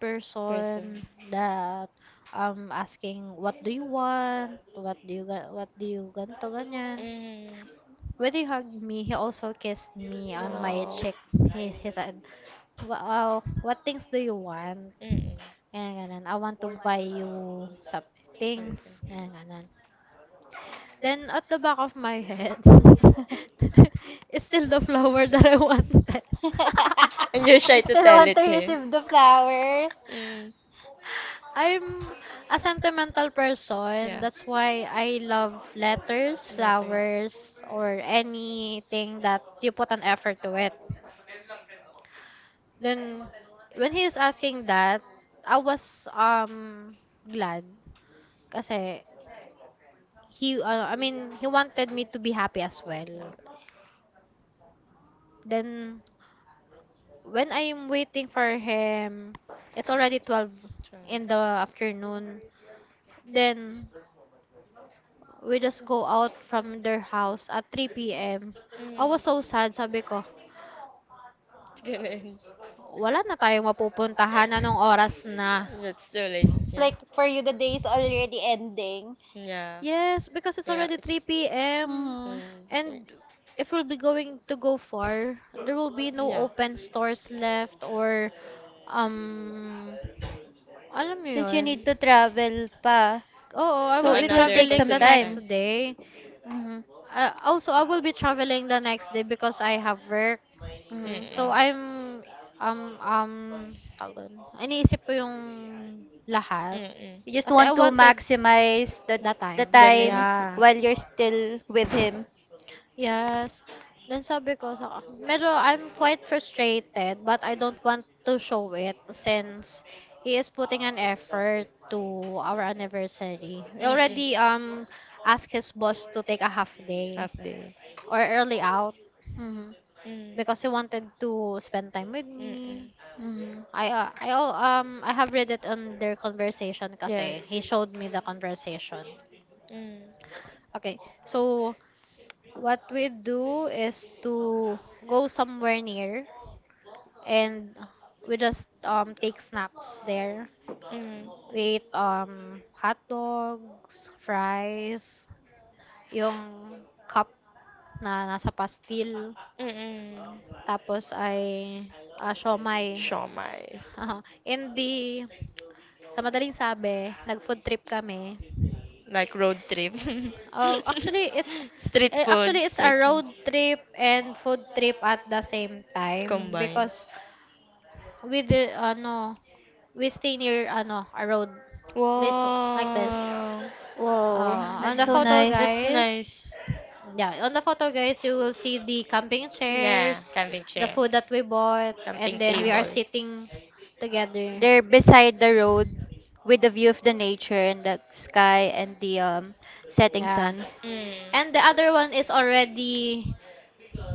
Person. person that asking what do you want what do you what do you ganto ganyan Mm. when he hugged me he also kissed me on my Wow. cheek he said wow what things do you want Mm-mm. ganyan, ganyan. I want to buy you some Something. things ganyan, ganyan. Then at the back of my head (laughs) (laughs) is still the flower that I wanted. (laughs) And you're shy You to still tell want to it eh? receive the flowers? Him. Mm. I'm a sentimental person. Yeah. That's why I love letters, Letters. flowers, or anything that you put an effort to it. Then when he is asking that, I was glad kasi he I mean he wanted me to be happy as well. Numbers. Then when I'm waiting for him, it's already 12 in 12. the afternoon. Then, we just go out from their house at 3 p.m. I Mm. was so sad, sabi ko, (laughs) Ganun. wala na tayong mapupuntahan, anong oras na? That's too late. It's Yeah. like for you the day is already ending. Yeah. Yes, because it's Yeah. already It's, 3 p.m. Hmm. mm, mm, And if we'll be going to go far, there will be no yeah. open stores left or, um, alam mo Since you need yun, to travel pa. oh, I To So will it be will another take traveling some the consuming time. time. next day. hmm Also, I will be traveling the next day because I have work. hmm Mm-mm. So I'm um um tawag doon. Iniisip ko yung lahat You Mm-mm. just kasi I want to wanted maximize the that the time. The time limit. Yeah. while you're still with him. Yes. Then sabi ko sa medyo I'm quite frustrated but I don't want to show it since he is putting an effort to our anniversary. We Mm-mm. already asked his boss to take a half day Half day. or early out Hmm Mm. because he wanted to spend time with Mm-mm. me. hmm. I have read it on their conversation kasi Yes. he showed me the conversation. Mm, Okay. So what we do is to go somewhere near and we just take snacks there. mm, We ate hot dogs, fries, yung cup na nasa pastil. mm, mm. Tapos ay siomay. Shawmai. (laughs) In the, sa madaling sabi, nag-food trip kami. Like road trip. (laughs) Uh, actually, it's Street food, actually it's a second. road trip and food trip at the same time Combined. because we the ano we stay near ano a road. Let's like this. Wow. Wow, On that's the so Mm, photo nice. that's guys. nice. Yeah, on the photo guys you will see the camping Yeah, chairs, camping the chair. food that we bought Camping and then we are table. sitting together. They're beside the road with the view of the nature and the sky and the setting Yeah. sun. Mm. And the other one is already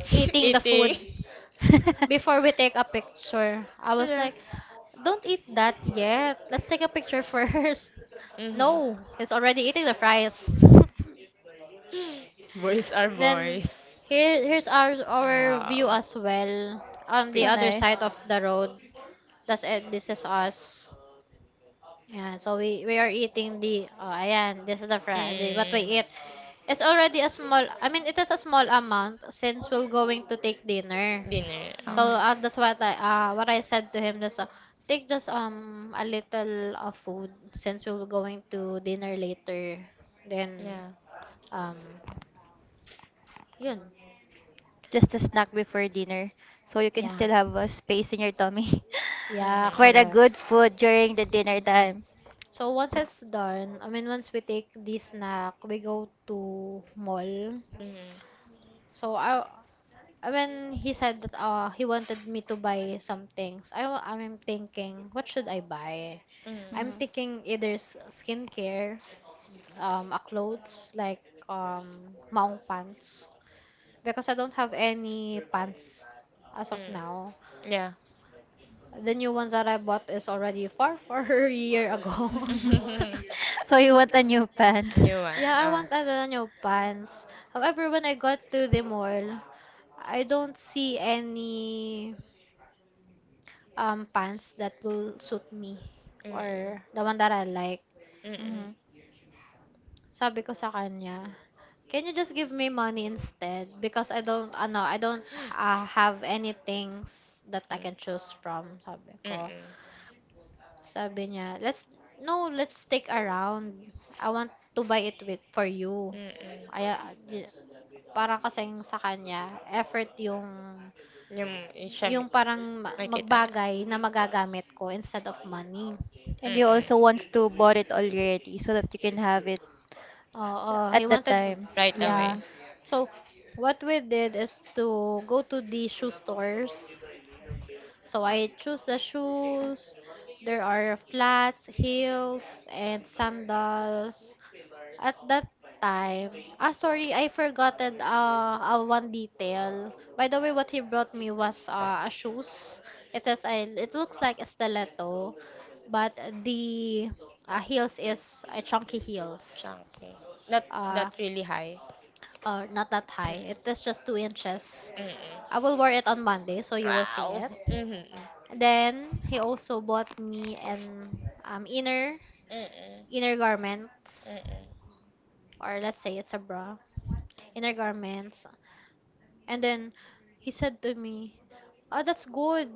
(laughs) eating the Eating. food (laughs) before we take a picture. I was Yeah. like, don't eat that yet. Let's take a picture first. (laughs) Mm-hmm. No, he's already eating the fries. (laughs) Boys are (laughs) Then boys. here's our view Wow. as well It's on the So other pretty. nice. side of the road. That's it. This is us. Yeah, so we are eating the oh ayan, this is the Friday what Mm. we eat. It's already a small I mean it is a small amount since we're going to take dinner. Dinner. So Okay. That's what I said to him. That's take just a little of food since we were going to dinner later. Yeah. Then Mhm. um yun. Just a snack before dinner so you can Yeah. still have a space in your tummy Yeah, Mhm. (laughs) for the correct. good food during the dinner Mm-mm. time. So once it's done, I mean once we take this snack, we go to mall. Mhm. So I mean he said that he wanted me to buy some things. I'm thinking what should I buy? I'm Mhm. Mhm. thinking either skincare a clothes like maong pants because I don't have any pants as of Mhm. now. Yeah. The new ones that I bought is already far, far (laughs) a year ago. (laughs) (laughs) (laughs) So you want a new pants. New one. Yeah, I Ah. want a new pants. However, when I got to the mall, I don't see any pants that will suit me or Mm-mm. the one that I like. Mm-mm. Mhm. Sabi ko sa kanya, can you just give me money instead? Because I don't, ano, I don't have any things that I Mm. can choose from, sabi ko. Sabi niya, let's, no, let's stick around. I want to buy it with, for you. Mm-mm. Mm-mm. Ay, ah, di- parang kasing sa kanya, effort yung, Yung eh, siya mi yung parang nakita niya. magbagay na magagamit ko instead of money. And you Mm. also wants to bought it already so that you can have it Oo, he at the wanted, time. Right yeah. away. Mhm. So, what we did is to go to the shoe stores. So I choose the shoes. There are flats, heels, and sandals. At that time, ah sorry, I forgotten one detail. By the way, what he brought me was a shoes. It has a, it looks like a stiletto, but the heels is a chunky heels. Chunky. Not that Uh, really high. Not that high. It Mm, is just 2 inches. mm. I will wear it on Monday, so you will see Wow. it. Mhm. Then he also bought me an um, inner Mm. Mm. inner garments Mm. or let's say it's a bra, inner garments. And then he said to me, "Oh, that's good.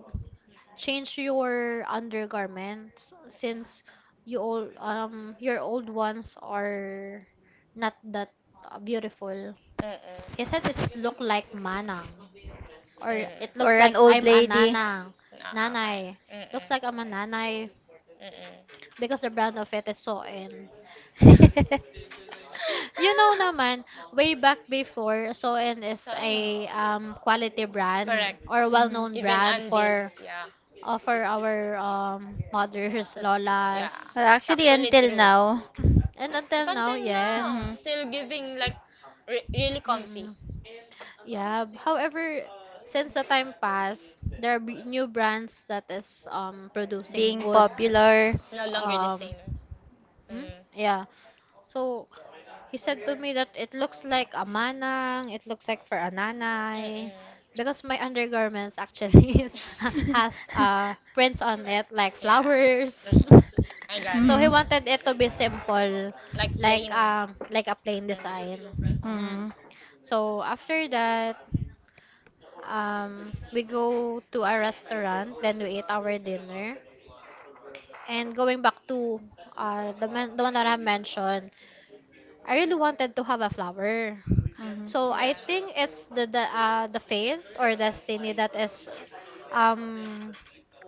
Change your undergarments since you all your old ones are not that beautiful." He Mm. said it's look like manang or it Mm. looks Or an like old I'm a lady. nanang, Ah, okay. nanay. Mm. Looks like I'm a nanay Mm. because the brand of it is Soen. (laughs) (laughs) (laughs) You know naman, way back before, Soen So, is ayun. a quality brand Correct. or well-known Mhm. Even brand Andes, yeah. For our mothers, Tot- yeah. lolas. Well, It's actually, actually until true. now. And Up until now, until yes. now, it's Mhm. still giving like really comfy. Mm-mm. Yeah. However, since the time passed, there are new brands that is producing Being good popular. It's no longer the um same. hmm? Mm. yeah. So he said to me that it looks like a manang, it looks like for a nanay. Mm-mm. Because my undergarments actually (laughs) is, has (laughs) prints on it, like Yeah. flowers. Mm-mm. I got (laughs) it. So Mhm. he wanted it to Mm. be simple, Like plain. Mm. Like a plain design. Mm. Mhm. So after that, we go to a restaurant, then we eat our dinner. And going back to the one that I mentioned, I really wanted to have a flower. Mhm. So Yeah. I think Yeah, it's I the fate or destiny that is um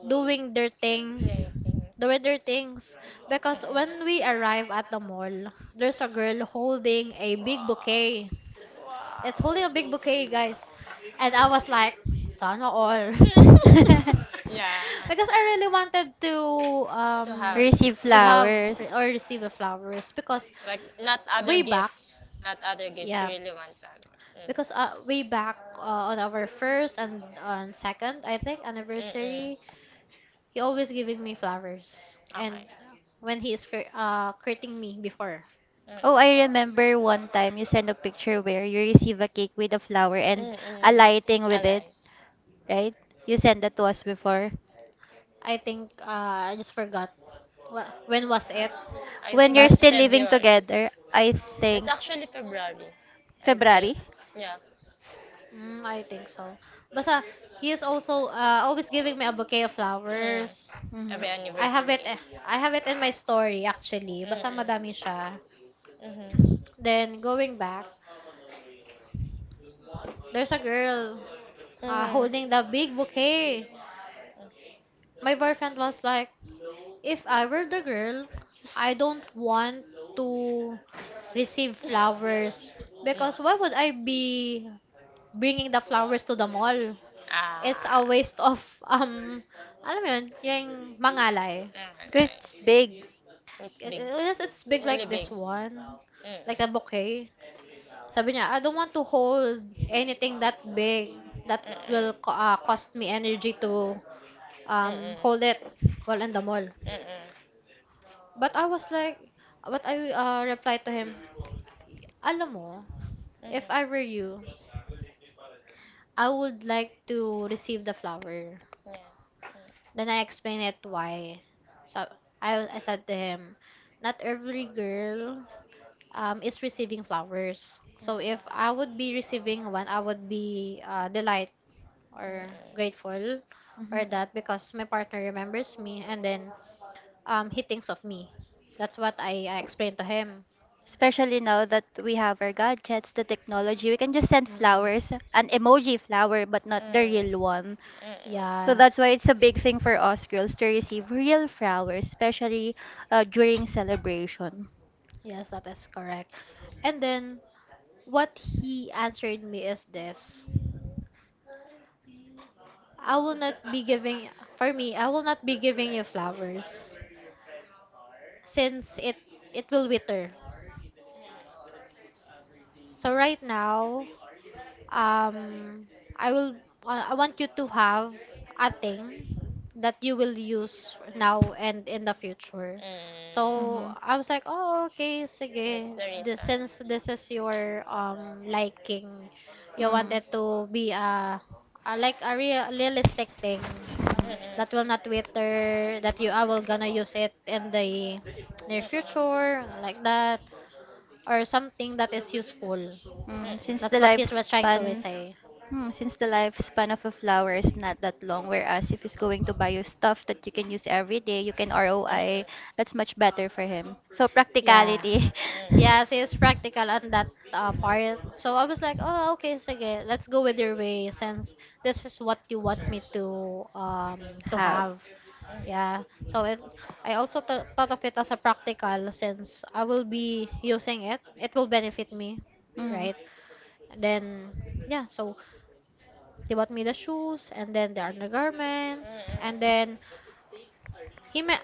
doing their thing think. doing their things because when we arrive at the mall there's a girl holding Mm-mm. a big bouquet it's holding a big bouquet guys and I was Wow. Wow. like sana all (laughs) (laughs) Yeah. (laughs) because I really wanted to To um have that. Receive That's have re- flowers. or receive a flowers because like not other way back gifts. Not other gifts. You, yeah, yeah, really want flowers. Mm. because way back on our first and on second, I think Mm-mm. anniversary, he always giving me flowers. And when he is courting me before, Okay. Oh, I Mm-mm. remember one time you sent a picture where you receive a cake with a flower and Mm-mm. a lighting with it, right? You sent that to us before. I think I just forgot when was it, I When think you're but that's still living February. together, I That's think actually February. I think. February. Yeah. mm, I think so. Basta he is also always giving me a bouquet of Mm. flowers. Mm-hmm. Every I have it anniversary. eh, I have it in my I story actually. Basta Mm-mm. madami siya. Mhm. Then going back. There's a girl Mhm. holding the big bouquet. My boyfriend was like, if I were the girl, I don't want to receive flowers because why would Mm. I be bringing the flowers to the mall? It's Ah. a waste of (laughs) um alam mo yun, yung mangalay. Because Alright. it's big. It's big. Yes, it's big Really like big. this one, like Mm-mm. a bouquet. Sabi niya, I don't want to hold anything that big that Mm-mm. will cost me energy to Mm-mm. hold it while in the mall. Mm-mm. But I was like, but I replied to him, alam mo, if Mhm. I were you, I would like to receive the flower. Yes. Then I explained it why. So I said to him, not every girl is receiving flowers. Mm. So if I would be receiving one, I would be delight or Mm-mm. grateful Mhm. for that because my partner remembers me, and then he thinks of me. That's what I explained to him. Especially now that we have our gadgets, the technology, we can just send Mm-mm. flowers, an emoji flower, but Mm, not the mm, real one. So Yeah. that's why it's a big thing for us girls to receive real flowers, especially during celebration. Yes, that is correct. And then what he answered me is this. I will not be giving For me, I will not be giving you flowers since it will wither. So right now, um, I will I want you to have a thing that you will use now and in the future. mm. So Mhm. I was like, oh, okay, That's sige. the reason. Since this is Mm, your liking, you Mhm. wanted to be a like a real realistic thing that will not mm. wither. That you I will gonna use it in the Mhm. near future like that, or something that is useful. Mm, since the That's what he was trying to lifespan. say. Hmm, since the lifespan of a flower is not that long, whereas if he's going to buy you stuff that you can use every day, you can Mm, mm. Mm, ROI, mm. that's much better for him. So Yeah. practicality. Mm. Yes, he's practical on that part. So I was like, oh, okay, (laughs) sige, let's go with your way since this is what you want me to Have. have. Hmm. Yeah. So it, I also thought of it as a practical since I will be using it. It will benefit me, Mm-hmm. right? Then, yeah, so he bought me the shoes and then the undergarments. And Mm-mm. then he me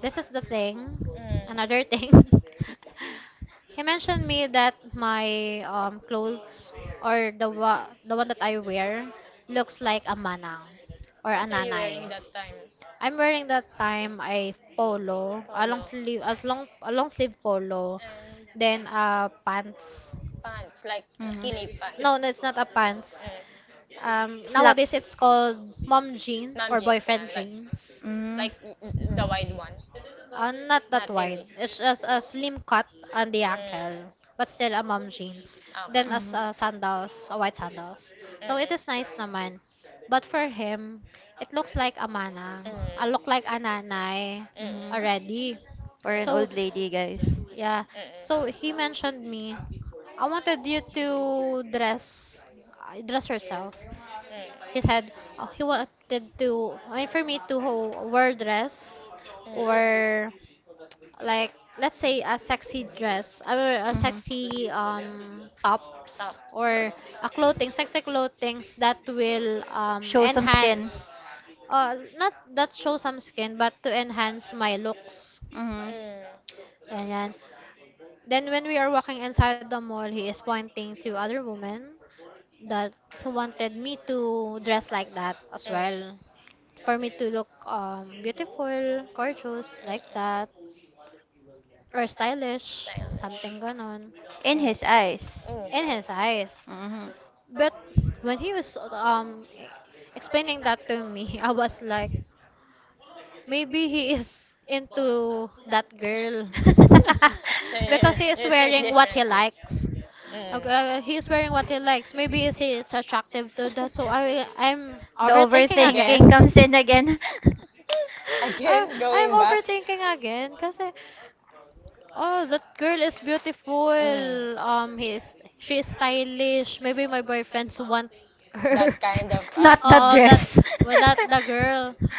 this is the thing, Mm-mm. Mm. another thing. (laughs) (laughs) He mentioned me that my clothes or the the one that I wear looks like a manang or a What are you nanay. wearing that time? I'm wearing that time a polo, Polo. A long sleeve polo, And then pants. pants, like Mm-hmm. skinny pants. No, no, it's not a pants. Mm. Nowadays Slacks. it's called mom jeans Mom or jeans, yeah, boyfriend like, jeans. Mm-hmm. like the wide one. Not that Not wide. really. It's just a slim cut on the Mm. ankle, but still a mom jeans. Ah, okay. Then as sandals, white sandals. So it Mm-mm. is nice naman. But for him, it looks like a Mm. manang. I Mm-mm. look like a Mm-mm. nanay Mhm. already. Or an So old lady, guys. yeah. So he mentioned me. I wanted you to dress, dress yourself. Mm-mm. He said he wanted to for me to wear dress, Mm. Mm-mm. or like let's say a sexy dress or a Mhm. sexy tops, Top. or a clothing sexy clothings that will Show some skin. enhance not that show some skin, but to enhance my looks. Mhm. Mm. Ganyan. Then when we are walking inside the mall, he is pointing to other women that he wanted me to dress like that as Mm. well, for me to look beautiful, gorgeous like Mm-mm. that, or stylish, something Stylish. ganon In Mm. his eyes. Mm. So, in his eyes. Mhm. But when he was explaining that to me, (laughs) I was like maybe he is into that girl (laughs) (laughs) so (laughs) because you, he is you think wearing what he differently. likes. Mm. Okay, he's wearing what he likes. Maybe is he is attractive to that. So I'm The overthinking again. overthinking Again. comes (laughs) in again. (laughs) Again, I'm going back. overthinking again kasi. Oh, that girl is beautiful. Mm. He's She's stylish. Maybe my boyfriends want her. That kind of okay. (laughs) Not that Oh, that Okay. dress. well, that the girl. (laughs)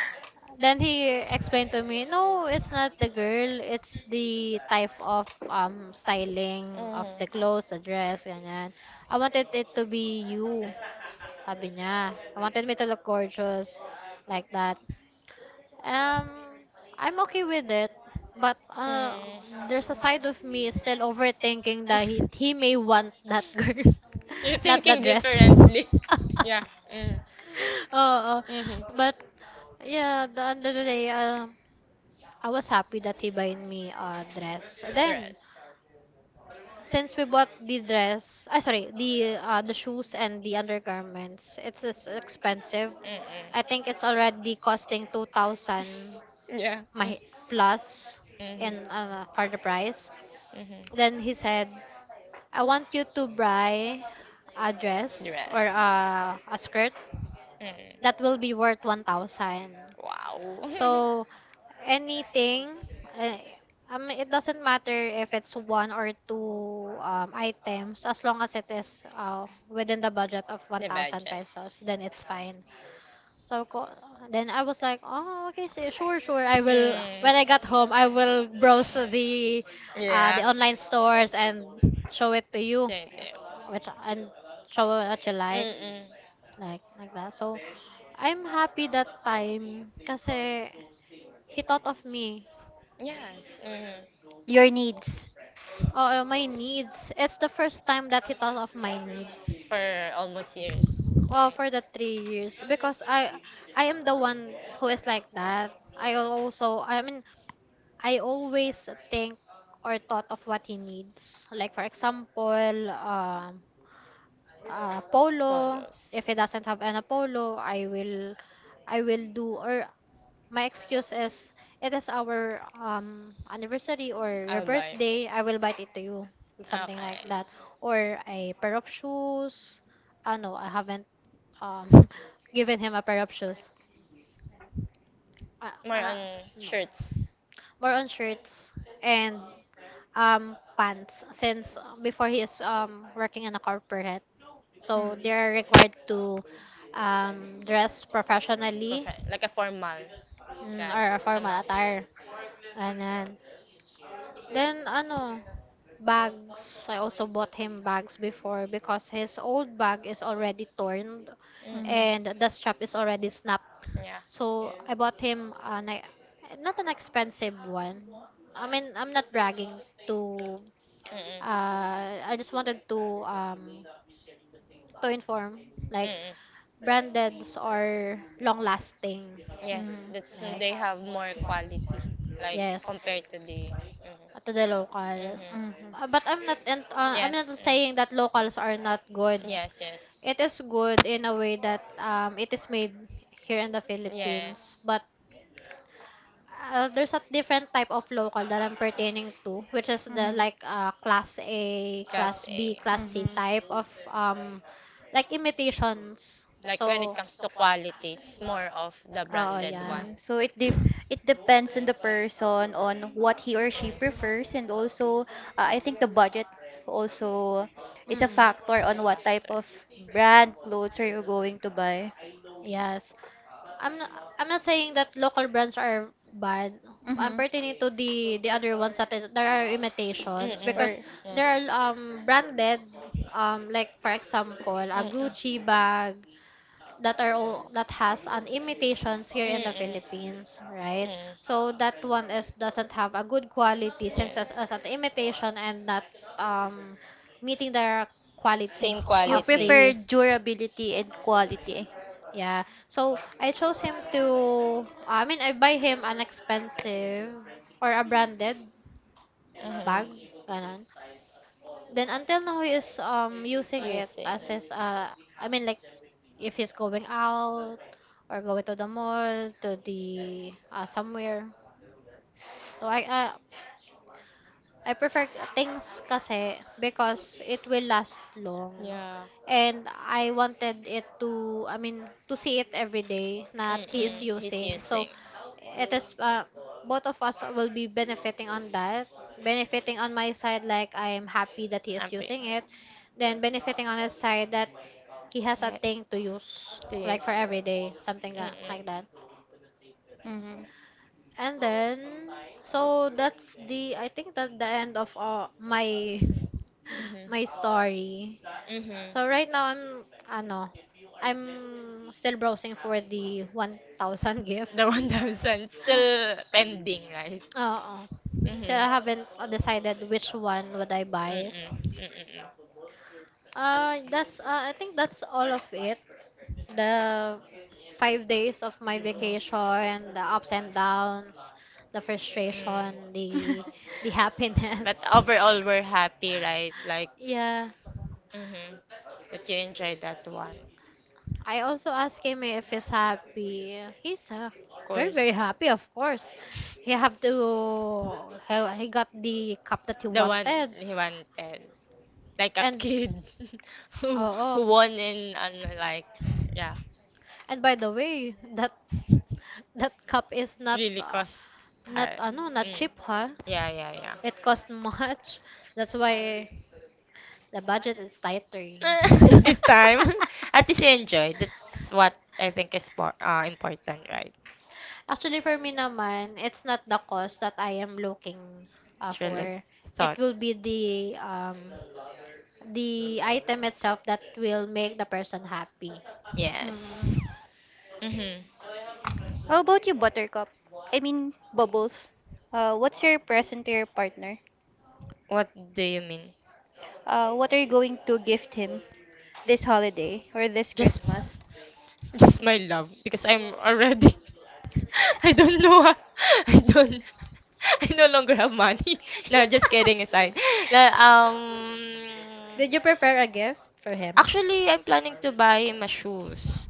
Then he explained to me, no, it's not the girl. It's the type of styling of Mm. the clothes, the dress, ganyan. I wanted it to be you, sabi niya. I wanted me to look gorgeous, like that. Um, I'm okay with it, but Mm. there's a side of me still overthinking that he may want that girl, You're (laughs) not the thinking dress. differently. (laughs) (laughs) Yeah. Mm. Oh, Mm-hmm. but yeah, the end of the day, I was happy that he buying me a dress. Then, Right. since we bought the dress, I sorry, the shoes and the undergarments, it's expensive. Mm-mm. I think it's (laughs) already costing 2,000 Yeah. my Mm. plus Mhm. and for the price. Mhm. Then he said, "I want you to buy a dress or Yes. A skirt Mm. that will be worth 1,000." Wow. (laughs) So anything, uh, it doesn't matter if it's one or two um items, as long as it is within the budget of The 1,000 budget. pesos, then it's fine. So ko, then I was like, oh, okay, sure, sure. I will. Mm. When I got home, I will browse the Yeah. online stores and show it to you, Thank eh, you. which and show what you Mm-mm. like that. So I'm happy that time kasi he thought of me. Yes. Mm-hmm. Your needs. Oh, my needs. It's the first time that he thought of my needs. For almost years. Well, Right. for the 3 years, because I am the one who is like that. I also I mean I always think or thought of what he needs. Like for example, polo. Polos. If he doesn't have an polo, I will do, or my excuse is, it is our anniversary or your I'll buy it. birthday. I will buy it to you, something like Okay. that, or a pair of shoes. Ah no, I haven't um (laughs) given him a pair of shoes. Uh, More uh, on no, shirts. more on shirts and pants since before he is working in a corporate, so they are Mm. required to dress professionally Perfect. Like a formal mm, guy. or a formal Somehow. attire, and then. Then ano, bags. I also bought him bags before because his old bag is already torn Mm. and the Mm-mm. strap is already snapped. Yeah. So I bought him an not an expensive one. I mean, I'm not bragging to Mm-mm. I just wanted um to inform like Mm-mm. brandeds are long lasting. Mm. Yes. Mhm. That's they Like have more quality. Like yes, compared to the. to Mm-hmm. the locals. Mm-hmm. Mhm. Mhm. But I'm not and I'm not Yes. Mm. saying that locals are not good. Yes. Yes. It is good in a way that it is made here in the Philippines, Yes. but there's a different type of local that I'm pertaining to, which is the like class A, Class class B, A. class C type of like imitations. Like when it So, comes to quality, it's more of the oh branded yeah. one. Mm, so it def, it depends on the person on what he or she prefers, and Mm. also I think the budget also is a Mm. factor It's on a what type factor. of brand clothes are you going to buy. Yes. I'm not, I'm not saying that local brands are bad. I'm Mhm. pertaining to the other ones that is, there are Mm-mm. Yes. imitations because Or Mm-mm. Mm-mm. there are branded like for example a Mm. Gucci bag that are all, that has an imitations here in the Philippines, right? So that one is doesn't have a good quality since Yes. As an imitation and not um meeting the quality Same you of quality. prefer the durability and quality. yeah. So I chose him to I mean I buy him an expensive or a branded Uh-huh. bag ganon. Then until now he is using it Using. as his I mean like if he's going out or going to the mall to the somewhere. So I prefer things kasi because it will last long. Yeah. And I wanted it to, I mean, to see it every day that he is Mm-mm. Mhm. He's using. So, using. it is, both of us will be benefiting on that. Benefiting on my side, like I am happy that he is Happy. using it. Then, benefiting on his side that he has a Yeah. thing to use, like This. for every day, something like Mm-mm. that. Mhm. And then, so that's the, I think that the end of my (laughs) Mm-hmm. my story. Mm-hmm. So right now I'm ano, I'm still browsing for the 1,000 (laughs) gift. The 1,000 still pending, right? Oo. So Mhm. I haven't decided which one would I buy. Mm-mm. Mm-mm. That's I think that's all of it. The 5 days of my vacation, the ups and downs, the Mm. frustration, the (laughs) But happiness. (laughs) overall, we're happy, right? Like, Yeah. mm-hmm, that you enjoyed that one. I also asked him if he's happy. He's Of very course, very happy, of course. He have to he got the cup that he the one wanted. he wanted, like a And kid (laughs) oh, who won in and, like, yeah, and by the way, that (laughs) that cup is not really cost not high. ano, not Mm. cheap, huh? Yeah, yeah, yeah. It cost (laughs) much. That's why the budget is tighter. (laughs) This (laughs) time, (laughs) (laughs) at least you enjoy. That's what I think is important, right? Actually, for me naman, it's not the cost that I am looking Thriller for. It thought. will be the item itself that will make the person happy. Mhm. Yes. Mm-hmm. How about you, Buttercup? I mean, Bubbles. What's your present to your partner? What do you mean? What are you going to gift him this holiday or this Just, Christmas? just my love, because I'm already. (laughs) I don't know. Ah. (laughs) I don't. (laughs) I no longer have money. (laughs) No, just kidding aside. (laughs) Na- Um, Did you prepare a gift for him? actually, I'm planning to buy my shoes.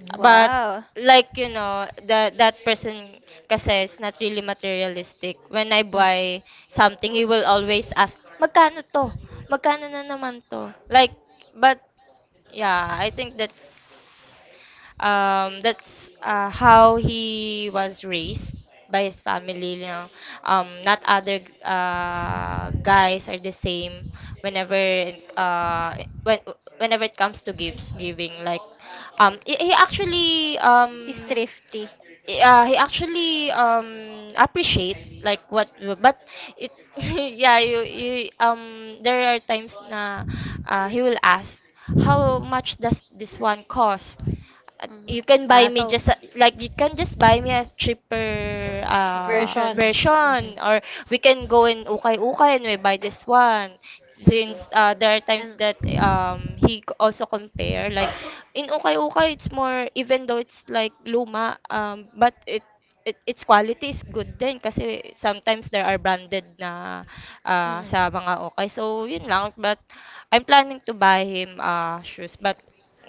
Mm. But, Wow, like, that person kasi is not really materialistic. When I Mm. buy something, he will always ask, "Magkano to? Magkano na naman to?" Like, but yeah, I think that's how he was raised by his family. Not other guys are the same whenever it- uh when whenever it comes to gifts giving. Like he actually he's thrifty. yeah, he actually appreciate like what. But it (laughs) yeah, you there are times na he will ask how much does this one cost. Mm, You can buy Ah, me so just you can just buy me a cheaper version. version. Mhm. version, or we can go in ukay-ukay and we buy this one, Mm-mm. since there are times And that mm-mm. He also compare like in ukay-ukay it's more, even though it's like luma but it, its quality is good din kasi sometimes there are branded na, ah, sa mga okay. So, yun lang. But I'm planning to buy him ah shoes. But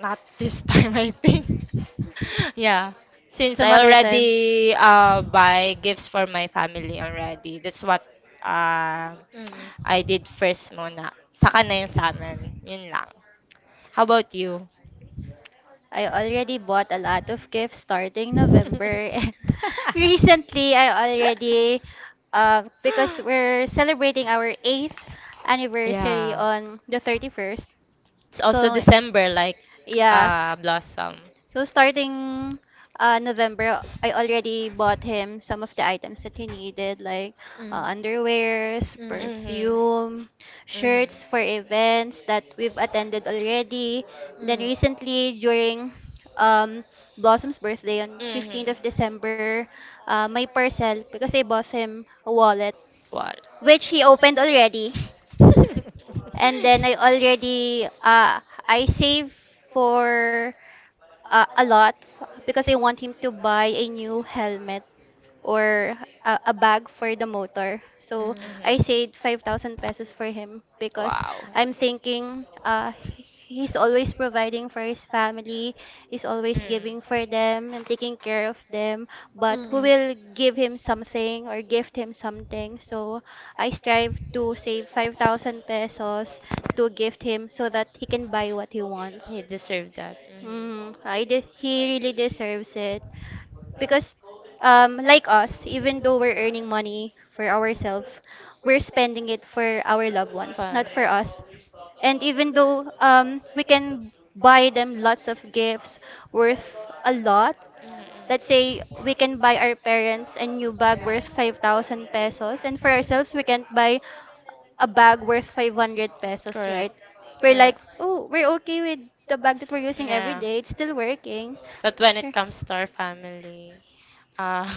not this (laughs) time, I think. (laughs) Yeah, since Some I other time. already buy gifts for my family already. That's what uh, Mm-mm. I did first muna. Saka na yun sa amin. Yun lang. How about you? I already bought a lot of gifts starting November (laughs) and recently I already because we're celebrating our 8th anniversary Yeah. on the 31st. It's also So December like yeah. Blossom. So starting November, I already bought him some of the items that he needed, like (laughs) Mm. Underwears, Mhm. perfume, Mhm. shirts for events that we've attended already. Then recently, during um, Blossom's birthday on Mhm. 15th of December, my parcel, because I bought him a wallet, What? which he opened already. And then I already, I saved for a lot because I want him to buy a new helmet or a bag for the motor. So Mhm. I (laughs) saved 5,000 pesos for him because Wow. I'm thinking he's always providing for his family, he's always Mm. giving for them and taking care of them. But who Mm. will give him something or gift him something? So I strive to save 5,000 pesos to gift him so that he can buy what he wants. He deserved that. Mm-hmm. Mm, I he really deserves it because, like us, even though we're earning money for ourselves, we're spending it for our loved ones, Fun. not for us. And even though we can buy them lots of gifts worth a lot, let's say Mm-mm. we can buy our parents a new bag worth 5,000 pesos, and for ourselves, we can buy a bag worth 500 pesos, Correct. right? We're like, Correct. oh, we're okay with the bag that we're using every Yeah. day. It's still working. But when it comes to our family,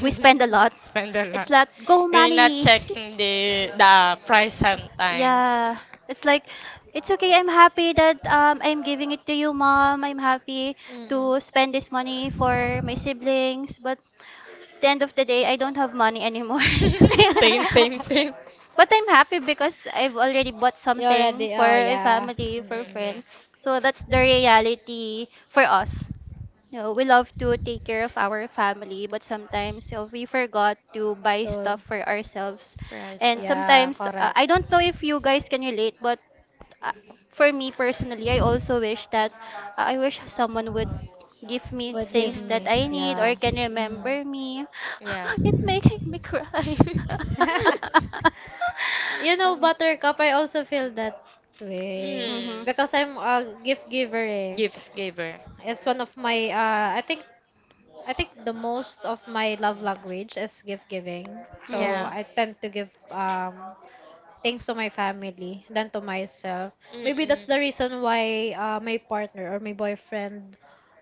We spend a lot. (laughs) spend a It's lot. like, go We're not money. checking the price sometimes. Yeah. It's like, it's okay. I'm happy that I'm giving it to you, mom. I'm happy Mm. to (laughs) spend this money for my siblings. but But at the end of the day, I don't have money anymore. (laughs) (laughs) (laughs) Same, but same, same. anyways, But I'm happy because I've already bought something for oh a yeah. family, for Mm. friends. Mm-mm. So that's the reality for us. No, we love to take care of our family, but sometimes we forgot to buy stuff for ourselves. For And ourselves. Yeah, sometimes, correct. I don't know if you guys can relate, but uh, for me personally, I also wish that I wish someone would give me things Mm. that I need The or Yeah. can gig. Mm. remember me. Yeah. (laughs) It making me cry. (laughs) (laughs) (laughs) You know, Buttercup, I also feel that way. Mm-hmm. Mm-hmm. Mm. Because I'm a gift giver. Eh. Gift giver. It's one of my, I think the most of my love language is gift giving. So Mm-hmm. Yeah. I tend to give things to my family than to myself. Maybe that's Mm-mm. the reason why my partner or my boyfriend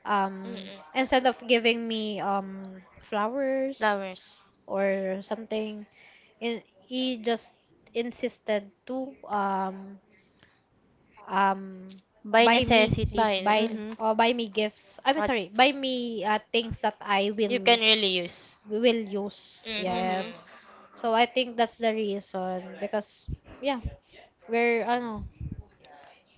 Mm-mm. instead of giving me flowers Flowers. or something, in, he just insisted to um By buy me Buy necessities. the buy same. Mm-hmm. or buy me gifts. I'm What sorry, buy me things that I you can will really use. we will use. Mm-hmm. Mm-hmm. Yes. So I think that's the reason because yeah, we're ano,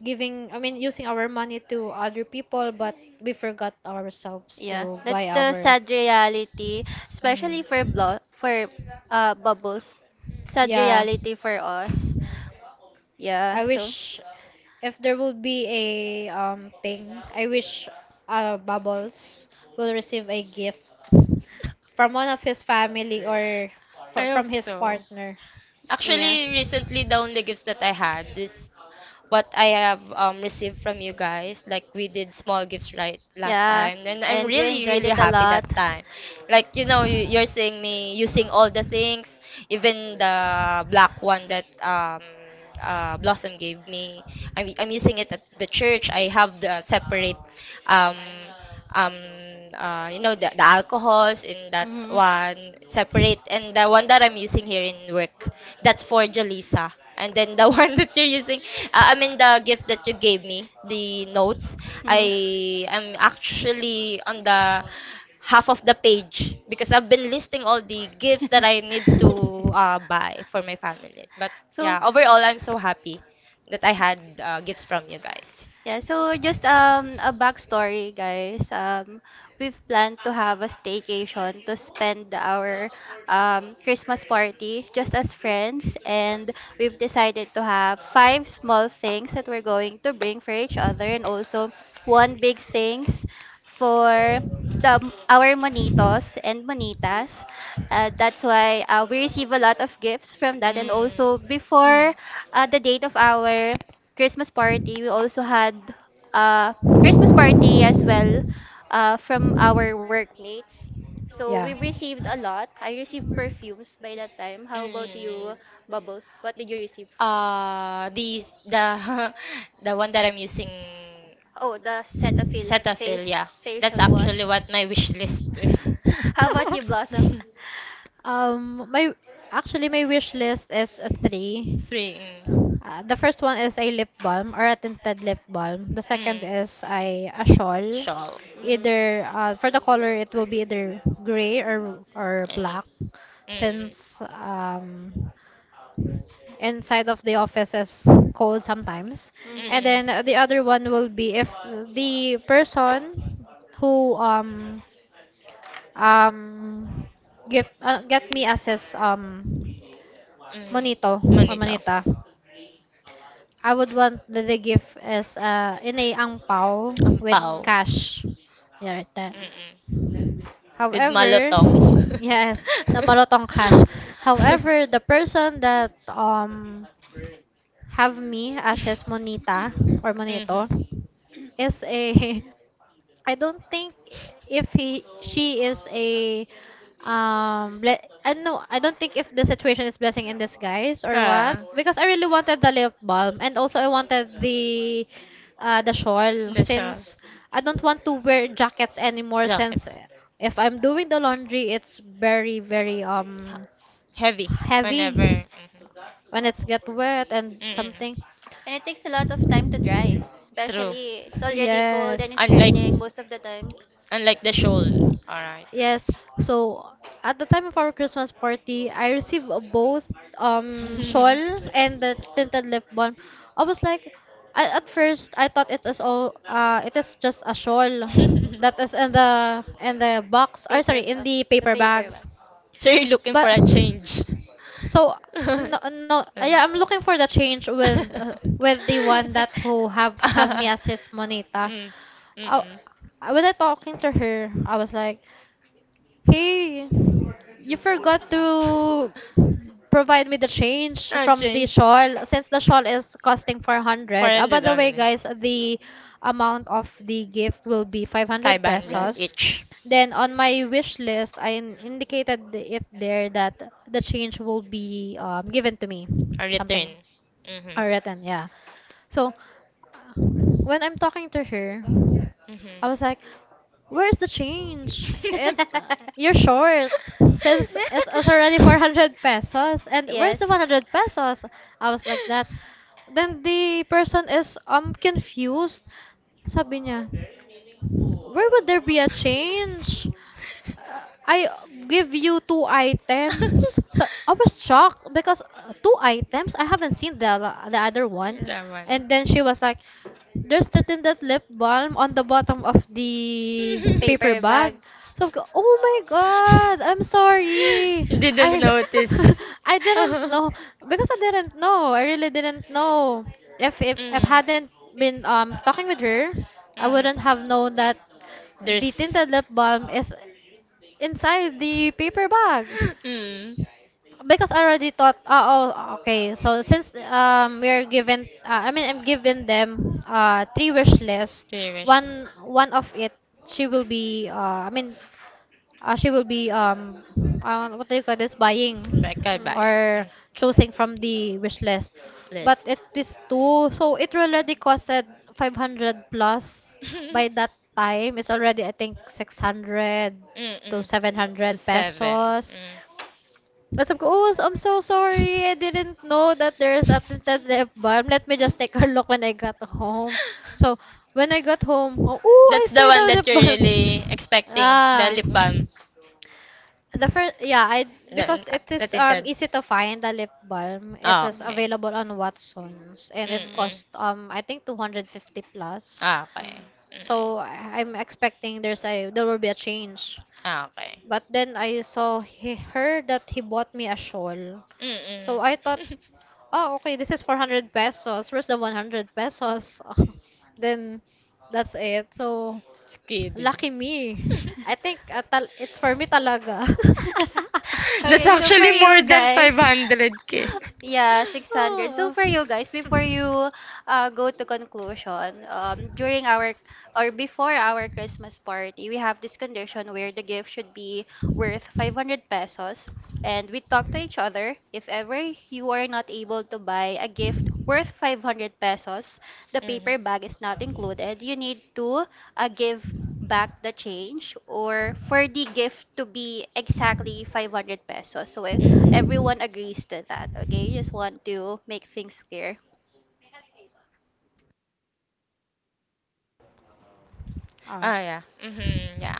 giving I mean using our money to other people, but we forgot ourselves Yeah, to that's buy the our sad reality, especially Mm. for blo for bubbles. Sad Yeah. reality for us. Yeah, I so wish if there would be a thing, I wish bubbles will receive a gift from one of his family or I hope from his so. partner. yeah. Actually, recently the only gifts that I had is what I have received from you guys. Like we did small gifts right last Yeah, time, and I'm and we really enjoyed really it a happy lot. that time. Like you know, you're seeing me using all the things, even the black one that Blossom gave me. I'm using it at the church. I have the separate um um you know the alcohols in that Mm-hmm. one separate, and the one that I'm using here in work, that's for Jolisa. And then the (laughs) one that you're using, I mean the gift that you gave me, the notes, Mm-hmm. I am actually on the half of the page because I've been listing all the gifts that I need to (laughs) buy for my families. But So, yeah, overall I'm so happy that I had gifts from you guys. yeah, so just a backstory, guys. We've planned to have a staycation to spend our Christmas party just as friends, and we've decided to have five small things that we're going to bring for each other, and also one big things for the our monitos and monitas. That's why we receive a lot of gifts from that, and also Mm, before Mm. The date of our Christmas party. We also had a Christmas party as well from our workmates. So we Yeah. received a (laughs) lot. I received perfumes by that time. How about mm. you, Bubbles? What did you receive? The (laughs) the one that I'm using, Oh, the Cetaphil. Yeah, that's facial actually wash. what my wish list is. (laughs) How about you, Blossom? (laughs) My actually my wish list is a three. Three. The first one is a lip balm or a tinted lip balm. The Mm. second Mm. is a shawl. Shawl. Mhm. Either for the color, it will be either gray or black, Any. Mm-mm. since inside of the office is cold sometimes. Mhm. And Mm-mm. then the other one will be if the person who um give get me as his Mm-mm. monito or Monito. monita. I would want that the gift as in a ang pao with Ampaw. Mhm. cash. Yeah, right there. Mm-mm. With However, malotong. (laughs) yes, the malotong cash. However, the (laughs) person that have me as his monita or monito Mm-hmm. is a (laughs) I don't think if he she is a I know, I don't think if the situation is blessing in disguise or what, Ah, because I really wanted the lip balm and also I wanted the shawl, the shawl. since I don't want to wear jackets anymore, Jacket. since if I'm doing the laundry it's very very Heavy heavy whenever. Mhm. when it's get wet and Mm-mm. something. And it takes a lot of time to dry, True. especially it's already cold and Yes. it's Unlike raining most of the time. Unlike the shoal. All right. Yes. So at the time of our Christmas party, I received both shawl (laughs) and the tinted lip balm. I was like, at first I thought it is all it is just a shawl that is in the box, or sorry, in Paperback. the The paper bag. paperback. (laughs) So you're looking But for a change. so (laughs) No, no, Uh. yeah, I'm looking for the change with the one that who have me as his (laughs) monita. Mm. Uh, Mm-mm. when I talking to her, I was like, "Hey, you forgot to provide me the change Ah, from the change. shawl, since the shawl is costing 400. Ah, by 400 the way, only. guys, the amount of the gift will be 500 500 Mhm. pesos. each. Then on my wish list, indicated it there that the change will be given to me. A Something. return. Mhm. Or written, yeah. So, when I'm talking to her, Mhm. I was like, "Where's the change? It You're short, since it's (laughs) already 400 pesos. And where's the Yes. 100 pesos?" I was like that. Then the person is confused. Sabi niya, "Where would there be a change? uh, I give you two items." So I was shocked because, two items. I haven't seen the other one, Laman. and then she was like, "There's written that lip balm on the bottom of the paper Paper (laughs) bag. bag." So I go, "Oh my god, (laughs) I'm sorry." You didn't I notice. (laughs) I (laughs) didn't Mm. know, because I didn't know. I really didn't know. If hadn't been talking with her, I wouldn't Mhm. have known that the There's. (laughs) tinted lip balm is inside the paper bag, Mm. because I already thought, oh, okay, so since we are given, I mean I'm giving them three wish list, Three wishes. one of it she will be I mean, she will be what do you call this, buying Record by. Mhm. or Mm. choosing from the wish list, but it List. is two so it already costed 500 plus. By that (laughs) time it's already I think 600 to Mm-mm. To 700 seven. pesos. Tapos sabi ko, oh, I'm so Mm. sorry. I didn't know that there's a tinted lip balm. Let me just take a look when I got home. So, (laughs) when I got home, oh, "Ooh, I That's see the the one lip that you're balm." really (laughs) expecting, the Ah. lip balm. The first, yeah, I, The, because it is natinted. easy to find the lip balm. It Ah, is Okay. Mhm. available on Watsons and it Mhm. Mm-mm. cost, I think, 250 plus. Ah, Mhm. Okay. Mm-mm. So I'm expecting there will be a change. Ah, Okay. But then I saw her that he bought me a shawl. So Mm-mm. I thought, (laughs) oh, okay, this is 400 pesos. Where's the 100 pesos? (laughs) Then that's it. So Just kidding. lucky me. (laughs) I think, it's for me talaga. (laughs) (laughs) That's Okay, so for actually more you than guys, 500k. yeah, 600. So for you guys, before you go to conclusion, during our or before our Christmas party, we have this condition Oh. where the gift should be worth 500 pesos. And we talk to each other. If ever you are not able to buy a gift worth 500 pesos, the Mhm. paper bag is not included. You need to give back the change or for the gift to be exactly 500 pesos. So eh, Mhm. (laughs) everyone agrees to that. Okay, just want to make things clear. Ah, yeah. Mm-hmm. Yeah.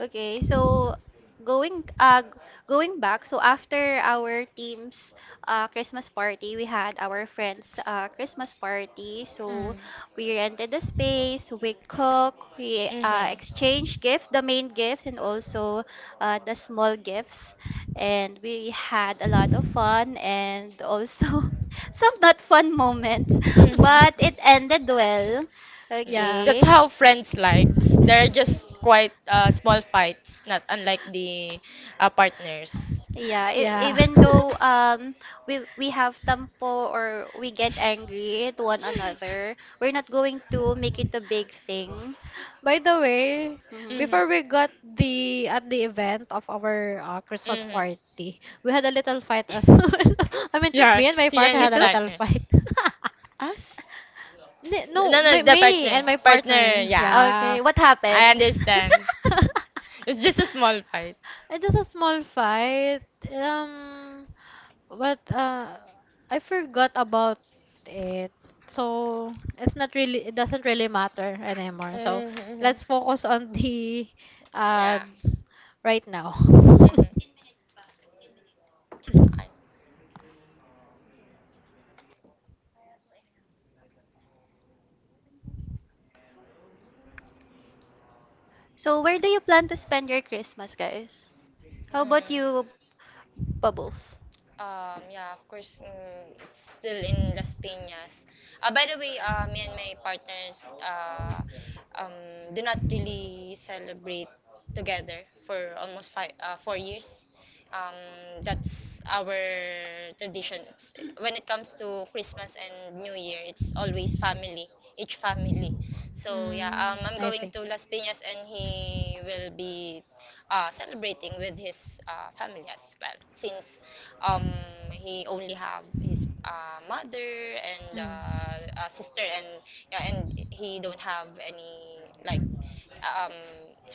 Okay, so going going back, so after our team's Christmas party, we had our friends' Christmas party. So Uh, we rented the space, we cook, we Mhm. exchange gifts, the main gifts and also the small gifts. And we had a lot of fun and also (laughs) some not fun moments, Mhm. but it (laughs) ended well. Mm. yeah, That's Okay. how friends like. They're just quite small fights, not unlike the partners. Yeah, yeah. even (laughs) though we have tempo or we get angry to one (laughs) another, we're not going to make it a big thing. By the way, Mhm. before Hmm. we got the at the event of our Christmas Mhm. party, we had a little fight as (laughs) well. I mean, Yeah, me and my he and partner You had his a too? little partner. fight. Us? (laughs) No, No, no, me, the me partner. and my Partner, partner. yeah. Yeah. Okay, what I happened? understand. (laughs) (laughs) It's just a small fight. It just a small fight. But I forgot about it. So it doesn't really matter anymore. So Mhm. let's focus on (laughs) the uh Yeah. right now. (laughs) I. So where do you plan to spend your Christmas, guys? How about Mm. you, Bubbles? Yeah, of course, mm, it's still in Las Piñas. By the way, me and my partners do not really celebrate together for almost 4 years. That's our tradition. It's, when it comes to Christmas and New Year, it's always family, each family. So yeah, Mm, I'm I going see. to Las Piñas and he will be celebrating with his family as well, since um, he only have his mother and Mm. A sister. And yeah, and he don't have any like um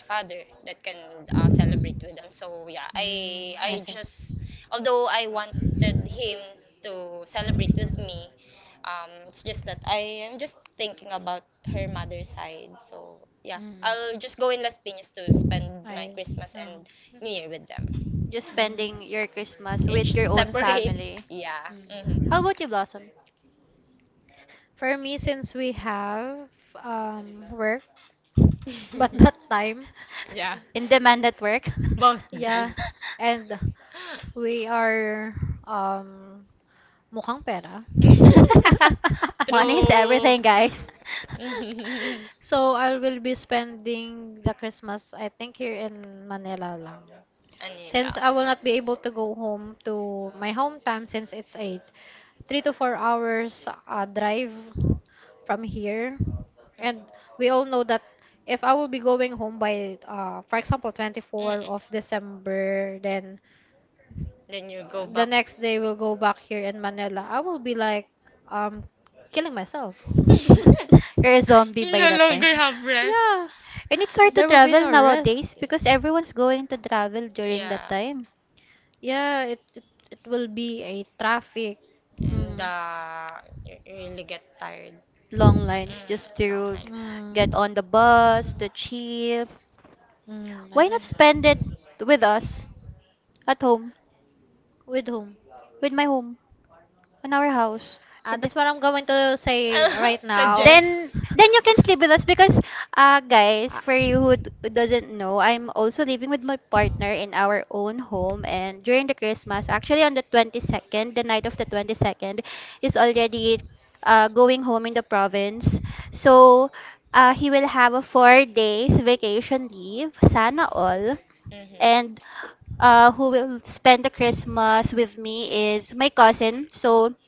father that can celebrate with them. So yeah, Mm, i I i see. just, although I wanted him to celebrate with me, it's just that I am just thinking about her mother's side. So yeah, Mm. I'll just go in Las Piñas to spend my I Christmas um, and new year with them, Just spending mm, your Christmas with each your own separate. family. Yeah, hmm. mm. How about you, Blossom? For me, since we have work but not (laughs) time. Yeah, In demand at work? both Yeah. day. And we are um mukhang pera. (laughs) (laughs) (laughs) Money is True. everything, guys. (laughs) (laughs) So I will be spending the Christmas, I think, here in Manila lang. Anila. Since I will not be able to go home to my hometown, since it's a 3 to 4 hours drive from here. And Mhm. we all know that if I will be going home by, for example, 24 Mm-mm. of December then Then you go the back. next day we'll go back here in Manila, I will be like um killing myself. (laughs) You're a zombie You by no that time. longer have (laughs) rest. Yeah, And it's hard to there will be travel no rest. nowadays because everyone's going to travel during that Yeah. time. Yeah, it will be a traffic. And Mhm. You really get tired. Long lines just Mm, long to nights. Mm, get on the bus, to chill. mm, Why not Mhm. spend it with us at home, with whom? with my home, in our house? And That's what I'm going to say (laughs) right (laughs) now. Suggest. then you can sleep with us because guys, Uh, for you who, who doesn't know, I'm also living with my partner in our own home and during the Christmas, actually on the 22nd, the night of the 22nd is already going home in the province. So he will have a 4 days vacation leave, sana all. Mm-hmm. And who will spend the Christmas with me is my cousin. So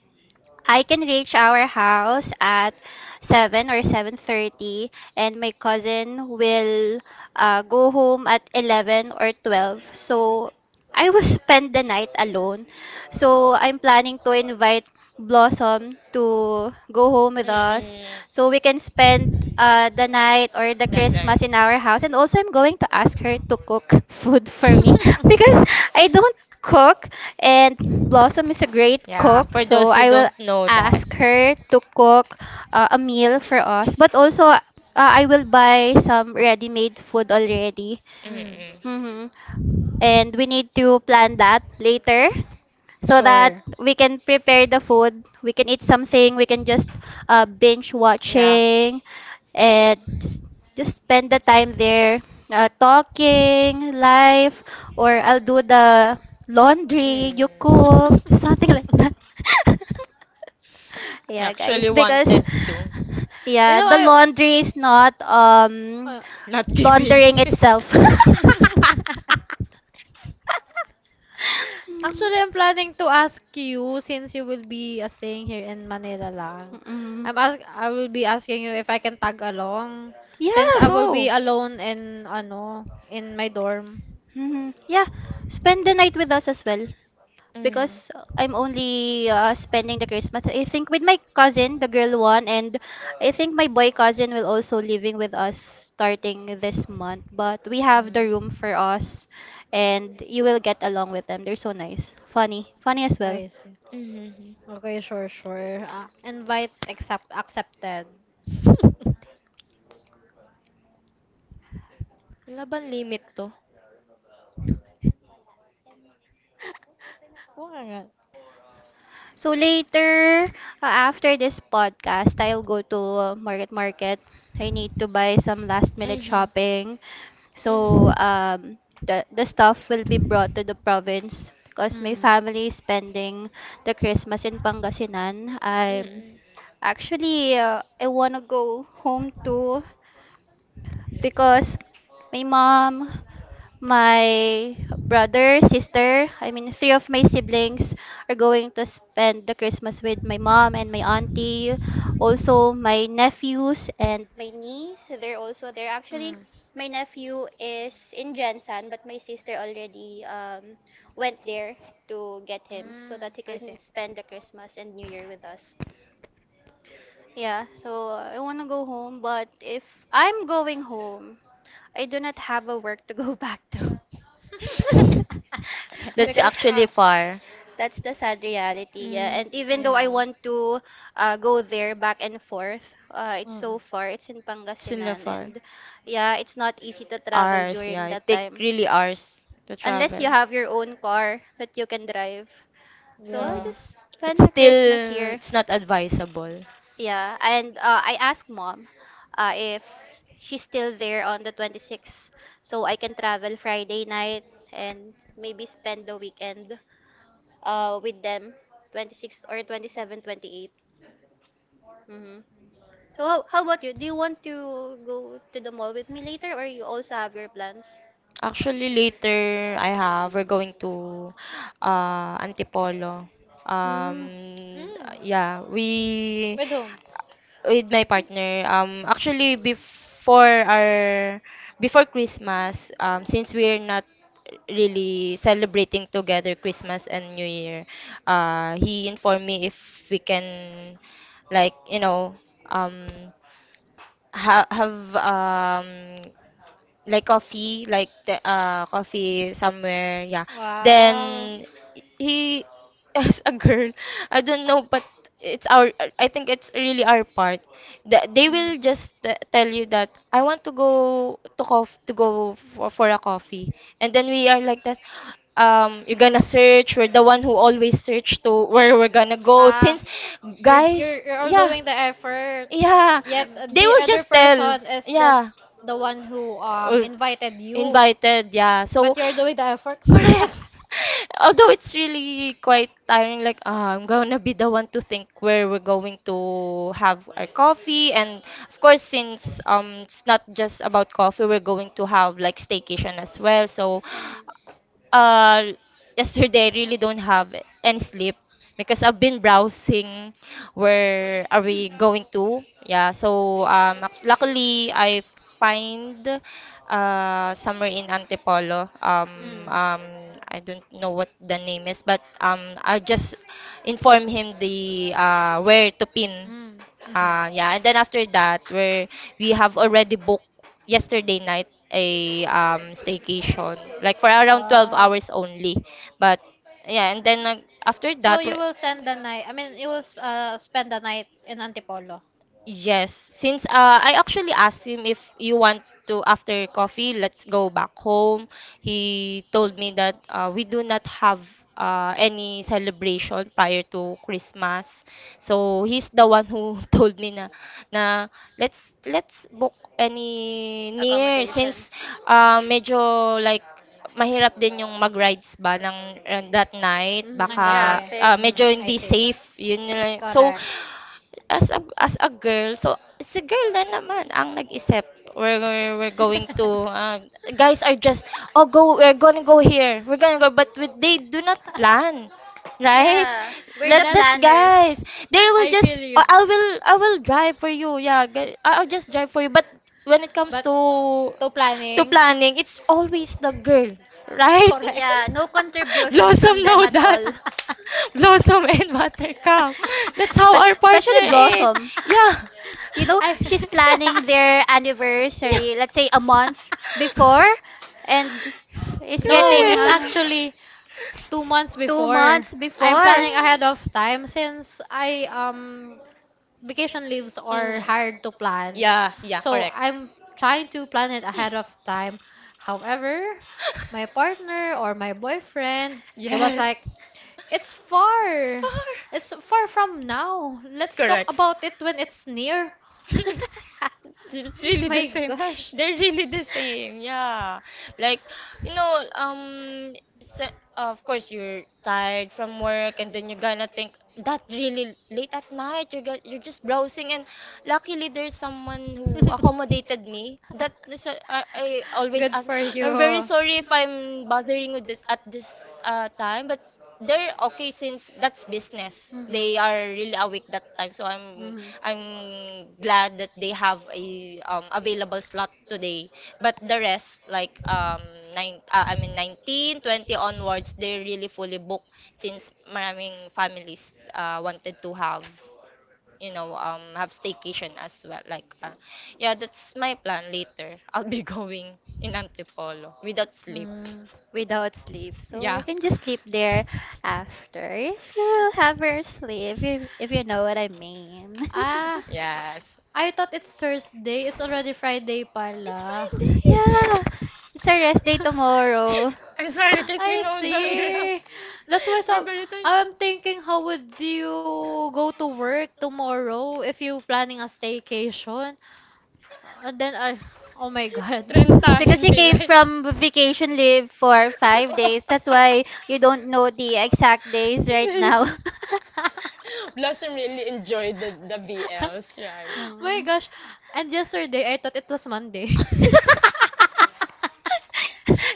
I can reach our house at 7 or 7:30 and my cousin will go home at 11 or 12. So I will (laughs) spend the night alone. So I'm planning to invite Blossom to go home with us Mm-mm. so we can spend the night or the That Christmas day. in our house. And also, I'm going to ask her to cook (laughs) food for me (laughs) because (laughs) I don't cook, and Blossom is a great Yeah, cook. for So those who I will don't know that. ask her to cook a meal for us. But also, I will buy some ready-made food already. mm. Mm-mm. Mm-hmm. And we need to plan that later so that Sure. we can prepare the food, we can eat something, we can just binge Yeah. watching and just spend the time there talking live or I'll do the laundry, Mm. you cook, (laughs) something like that. (laughs) Yeah guys, Actually because wanted to. Yeah the I laundry is not uh, Not giving. laundering itself. (laughs) (laughs) (laughs) actually I'm planning to ask you since you will be staying here in Manila lang. Mm. I will be asking you if I can tag along, since I Yeah. will Go. be alone in ano in my dorm. Hmm. Yeah. Spend the night with us as well. Mm. Because I'm only spending the Christmas, I think, with my cousin, the girl one, and I think my boy cousin will also living with us starting this month. But we have the room Mm, for us, and you will get along with them. They're so nice, funny, funny as well. I see. Mm-hmm. Okay, sure, sure. Ah, invite accepted. (laughs) Wala bang limit to? Oo nga. So later, after this podcast, I'll go to Market Market. I need to buy some last minute Mhm. shopping. Nga. So Mhm. um, the stuff will be Mm. brought to the province because my Mm. Mm. family is spending the Christmas in Pangasinan. Mm-mm. I wanna go home too because my mom, my brother, sister, I mean, three of my siblings are going to spend the Christmas with my mom and my auntie. Also, my nephews and my niece, they're also there. Actually, my nephew is in Jensen, but my sister already went there to get him so that he I can see. spend the Christmas and New Year with us. Yeah, so I want to go home, but if I'm going home, I do not have a work to go back to. (laughs) (laughs) That's Yeah, Because, actually that- far. that's the sad reality, yeah. Mm. And even though I yeah. want to Mm. Go there back and forth, it's so far. It's in Sila Pangasinan, far. and yeah, it's not easy to travel Hours, during yeah. It that take time really hours to unless you travel. have your own car that you can drive. So I Yeah. Mhm. just But spend the Christmas still, here, it's not advisable. yeah. And I asked mom if she's still there on the 26th, so I can travel Friday night and maybe spend the weekend with them 26 or 27, 28. 28. Mm-hmm. So how about you, do you want to go to the mall with me later, or you also have your plans? Actually, later I have we're going to Antipolo. Mm. Um, Mm. yeah, we With whom? with my partner. Actually before Christmas, since we're not really celebrating together Christmas and New Year, he informed me if we can, like you know, um, have like coffee, like the coffee somewhere. Yeah. Wow. Then he, (laughs) as a girl, I don't know, but it's our, I think it's really our part, that they Mm. will just tell you that I want to go to cof to go for a coffee. And then we are like that, you're gonna search, we're the one who always search to where we're gonna go, Ah, since you're guys you're all yeah. doing the effort. Yeah, Yet, they Hmm. the will other just tell. person is just Yeah, the one who uh, invited you, invited, yeah. So, but you're doing the effort. correct. (laughs) (laughs) Although it's really quite tiring, like ah, I'm gonna be the one to think where we're going to have our coffee. And of course, since it's not just about coffee, we're going to have like staycation as well. So, Hmm. uh yesterday I really don't have any sleep because I've been browsing where are we going to. Yeah, so luckily I find somewhere in Antipolo. Mm. I don't know what the name is, but I just Hmm. inform him the where to pin. Mm. Hmm. Uh, yeah, and then after that, where we have already booked yesterday night a staycation, like for around 12 Wow. hours only. But yeah, and then after So that, you we're-. will send the night, I mean, you will spend the night in Antipolo Yes, since I actually asked him if you want to after coffee, let's go back home. He told me that we do not have any celebration prior to Christmas. So he's the one who (laughs) told me na na let's book any near, since medyo like mahirap din yung mag-rides ba ng that night ng Mhm. gabi. baka ah Mm, medyo I hindi see. safe yun nila. So Correct. As a girl, so it's a girl na naman ang nag-isip. We're going to guys are just oh go we're gonna go here we're gonna go, but with, they do not plan, right. We're. That That's, that's guys, they will I feel just oh, you. I will drive for you. Yeah, I'll just drive for you. But when it comes But to to planning, planning, it's always the girl, right. (laughs) correct. Yeah, no contribution blossom Blossom from them know at that. all. (laughs) (laughs) Blossom and Buttercup. That's how our (laughs) Especially partner sure is. Blossom. Yeah. I, She's (laughs) planning their Yeah. anniversary, let's say a month before, and is no, getting it's Correct. Actually 2 months two before. months I'm before. planning (laughs) ahead of time, since I vacation leaves are Mhm. hard to plan. Yeah, yeah, So correct. I'm trying to plan it ahead of (laughs) time. However, my partner or my boyfriend, he was Yes. like, "It's far. Spar. It's far from now. Let's talk Correct. about it when it's near." (laughs) It's really Oh, the my same. gosh. They're really the same. Yeah. Like, you know, s-, of course you're tired from work and then you're gonna think that really late at night you're you're just browsing. And luckily there's someone who accommodated me. That (laughs) is I always Good ask, for I'm very you. sorry if I'm bothering you at this time. But they're okay since that's business. Mhm. They are really awake that time. So Mhm. I'm glad that they have a available slot today. But the rest like 19, 20 onwards, they're really fully booked, since maraming families wanted to have you know have staycation as well like yeah. That's my plan later, I'll be (laughs) going in Antipolo without sleep. Mm. Without sleep. So you (laughs) Yeah, can just sleep there after if you will have her sleep, if you know what I mean. Ah, yes. I thought it's Thursday. It's already Friday It's pala. (laughs) Yeah, Friday! it's her rest day tomorrow. (laughs) I'm sorry, in (laughs) case we I know the ground. see. That's why, (laughs) We're very tired. I'm thinking, how would you go to work tomorrow if you planning a staycation? Then I Oh my God. (laughs) Because Trentahin, you came Bilay. from vacation leave for 5 days. That's why you don't know the exact days (laughs) right now. Dates. (laughs) (laughs) Blossom really enjoyed the BLs, right? My Hmm. gosh. And yesterday, I thought it was Monday. (laughs)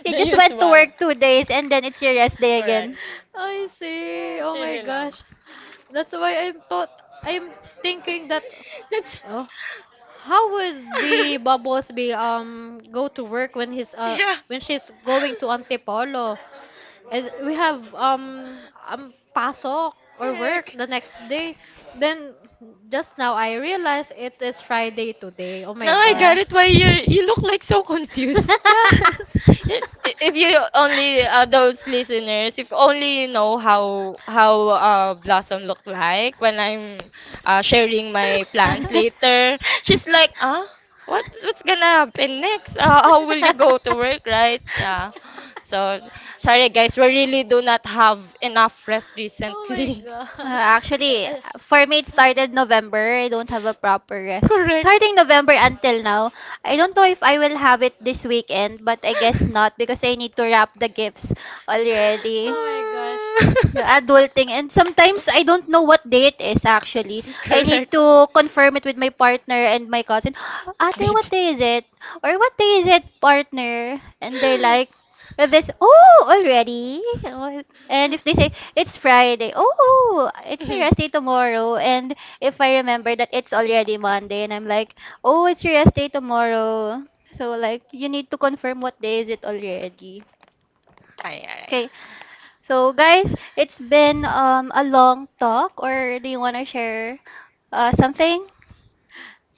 You The just went to usual. work 2 days and then it's your rest day Correct. again. I Yeah, see. it's Oh my really love. gosh. That's why I'm thinking that, That's... oh, how would be (laughs) Bubbles be go to work when he's yeah. when she's going to Antipolo? And we have pasok or work Correct. the next day, then just now I realized it is Friday today. Oh my Now I got Yeah. gosh. it why you're, you look like so confused. (laughs) Yes. If you only those listeners, if only you know how Blossom look like when I'm sharing my plans (laughs) (laughs) later, she's like, ah, what's gonna happen next? How will you go to work, right? Yeah. So sorry guys, we really do not have enough rest Oh my recently. (laughs) gosh. Actually, (laughs) for me, it started November. I don't have a proper rest. Correct. Starting (laughs) November until now, I don't know if I will have it this weekend, but I guess not because I need to wrap the gifts already. oh my gosh. Yeah, adulting, and sometimes I don't know what day it is actually. I need Correct. to confirm it with my partner and my cousin. (gasps) Ate, They what just-. day is it? Or what day is it, partner? And they're like, this, oh, already? Oh." And if they say it's Friday, oh, it's my rest day (laughs) tomorrow. And if I remember that it's already Monday, and I'm like, oh, it's your rest day tomorrow. So, like, you need to confirm what day is it already. Alright, alright. Okay, so, guys, it's been a long talk, or do you want to share something?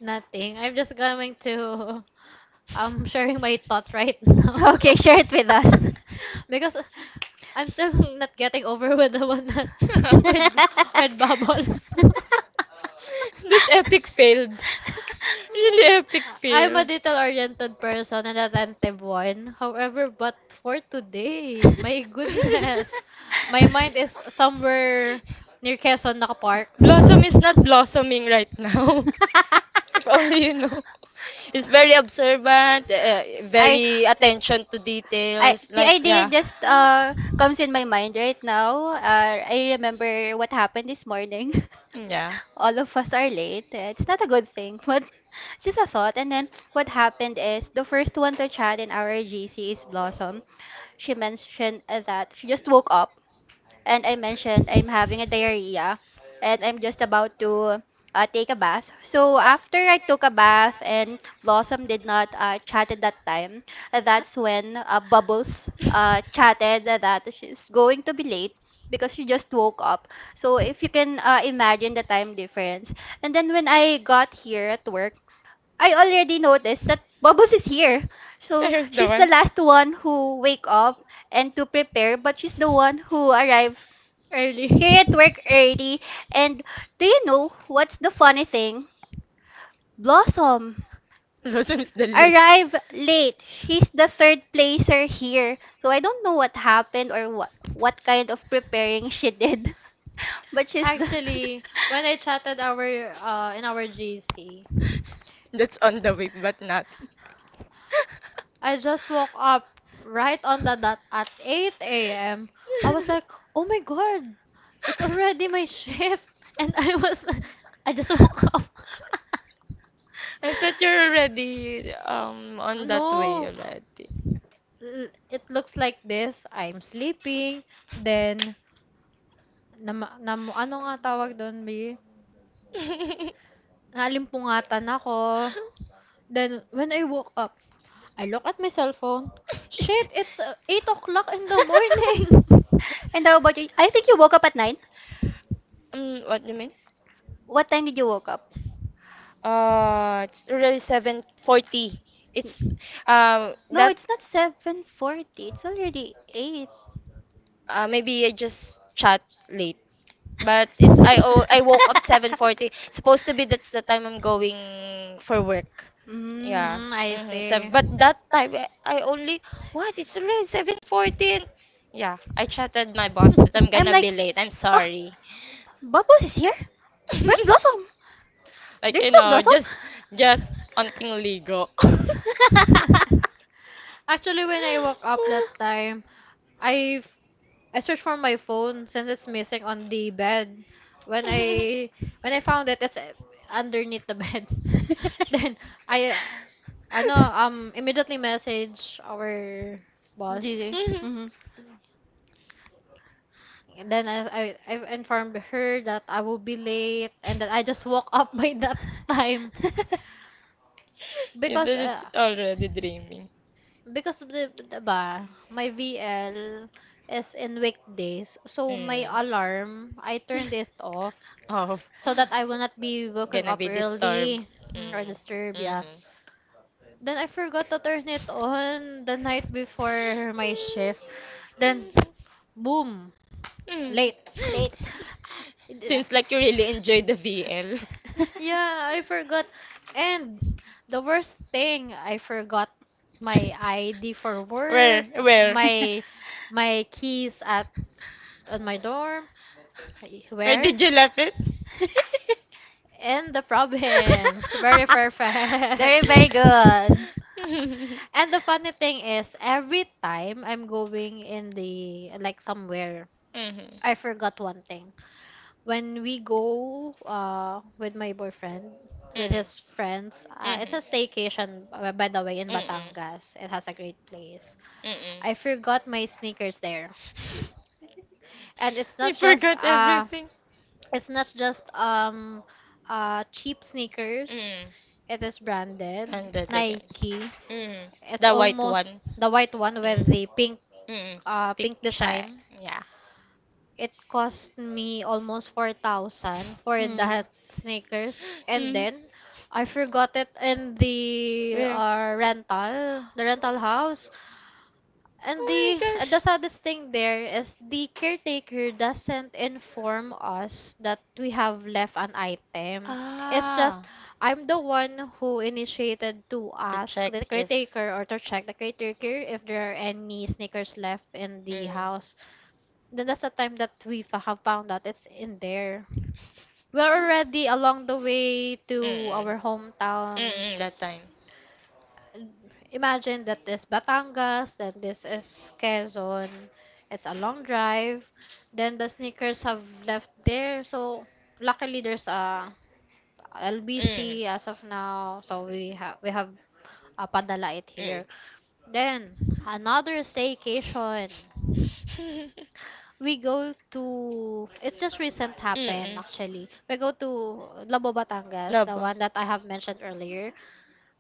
Nothing, I'm just going to (laughs) I'm sharing my thoughts right (laughs) now. Okay, share it (laughs) with us. (laughs) Because I'm still (laughs) not getting over (laughs) with the one that, (laughs) (laughs) with with Bubbles. (laughs) That's epic failed. Really epic I'm a failed. detail-oriented person and attentive one. However, but for today, my (laughs) (laughs) goodness, my mind is somewhere near Quezon Nakapark. Blossom is (laughs) not blossoming right now. (laughs) If only you know. He's very observant, I, very attention to I, details. the Like, idea yeah. just comes in my mind right now. I remember what happened this morning. (laughs) Yeah. All of us are late. It's not a good thing, (laughs) but it's just a thought. And then what happened is the first one to chat in our GC is Blossom. She mentioned that she just woke up, and I mentioned I'm having a diarrhea and I'm just about to take a bath. So after I took a bath and Blossom did not chat at that time, that's when Bubbles chatted that she's going to be late because she just woke up. So if you can imagine the time difference. And then when I got here at work, I already noticed that Bubbles is here. (laughs) So Here's the she's the one. last one who wake up and to prepare, but she's the one who arrived Early. here at work early. And do you know what's the funny thing? Blossom Blossom is the late. (laughs) arrived late. She's the third placer here. So I don't know what happened or what kind of preparing she did. (laughs) But she's the. (laughs) Actually, when I chatted our in our GC, That's on the way, but not. I just woke up right on the dot at 8 a.m. I was like, oh my god, it's (laughs) already my (laughs) shift. And (laughs) I just woke up. (laughs) I thought you're already on that way No, already. It looks like this. I'm sleeping. Then, ano nga tawag doon, B? (laughs) Nalimpungatan ako. Then, when I woke up, I look at my cell phone. Shit, it's 8 o'clock in the morning. And how about you? I think you woke up at 9. What do you mean? What time did you woke up? It's already 7:40. It's No, that it's not 7:40. It's already 8. Maybe I just chat late. But I woke up 7:40. Supposed to be that's the time I'm going for work. (laughs) (laughs) Mm. Yeah. Mm, I Mm-hmm. Seven, see. but that time I only what? It's already 7:40. Yeah, I chatted my boss that I'm I'm gonna be like, late. I'm oh, sorry. Bubbles is here? Where's (laughs) Blossom? There's no Blossom? just onting ligo. (laughs) (laughs) Actually, when I woke up that time, I I searched for my phone since it's missing on the bed. When I when I found it, it's, underneath the bed. (laughs) Then (laughs) I ano immediately message our boss. GG. Mm-hmm. And then I informed her that I will be late and that I just woke up (laughs) by that time, (laughs) it's, because it's already dreaming because my VL is in weekdays, so my mm, alarm, I turned it off of so that I will not be waking gonna up be disturbed. early, or Mm, disturbed, yeah. mhm. Then I forgot to turn it on the night before my shift. Then, boom, Mm. late. Late. Ah, it- Seems like you really enjoyed the VL. (laughs) yeah, (laughs) I forgot. And the worst thing, I forgot my ID for (laughs) work, Where? my my keys at on my dorm. Where Where? did you left it? In the province. (laughs) Very Very, perfect. very (laughs) good. Mhm, And the funny thing is, every time I'm going in the like somewhere, mhm, I forgot one thing. When we go with my boyfriend, with mhm. his friends, it's Mhm. a staycation, by the way, in Mm-mm. Batangas. It has a great place. Mm-mm. I forgot my sneakers there, and You forgot everything. it's not just cheap sneakers. Mm. It is branded And that again. Nike. Mm. It's The white almost one. the white one with the Mm. Mm. Pink Check. design. Yeah. It cost me almost 4,000 for Hmm. that sneakers. And Mm. then I forgot it in the Where? uh, rental, the rental house. Oh my And the gosh. saddest thing there is the caretaker doesn't inform us that we have left an item. It's just, Ah. I'm the one who initiated to To ask check the if. caretaker or to check the caretaker if there are any sneakers left in the Mm. house. Then that's the time that we have found out it's in there. We're already along the way to Mm. our hometown. Mm. That time. Imagine that, this Batangas, then this is Quezon. It's a long drive. Then the sneakers have left there. So luckily there's a Mm. LBC as of now. So we have padala it Mm. here. (laughs) Then another staycation. We go to, it's just recent happened Mm-mm. actually. We go to Labo Batangas, the Labo. one that I have mentioned earlier.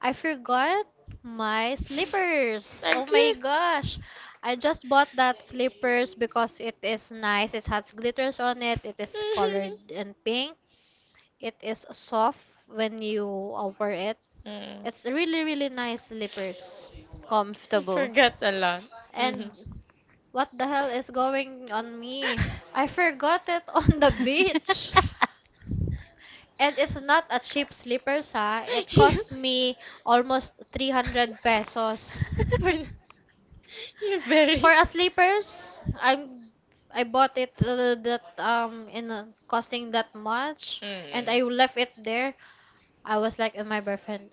I forgot my slippers. Oh Thank my you. gosh. I just bought that slippers because it is nice. It has glitters on it. It is colored (laughs) in pink. It is soft when you wear it. Mm. It's really really nice slippers. I Comfortable. forgot a lot. Mhm. And what the hell is going on me? (laughs) I forgot it (laughs) on the beach. And it's not a cheap slippers ha. It Yeah. cost me almost (laughs) 300 pesos. You're very... For a sleepers, I bought it that in costing that much and Mm. I left it there. I was like, my boyfriend,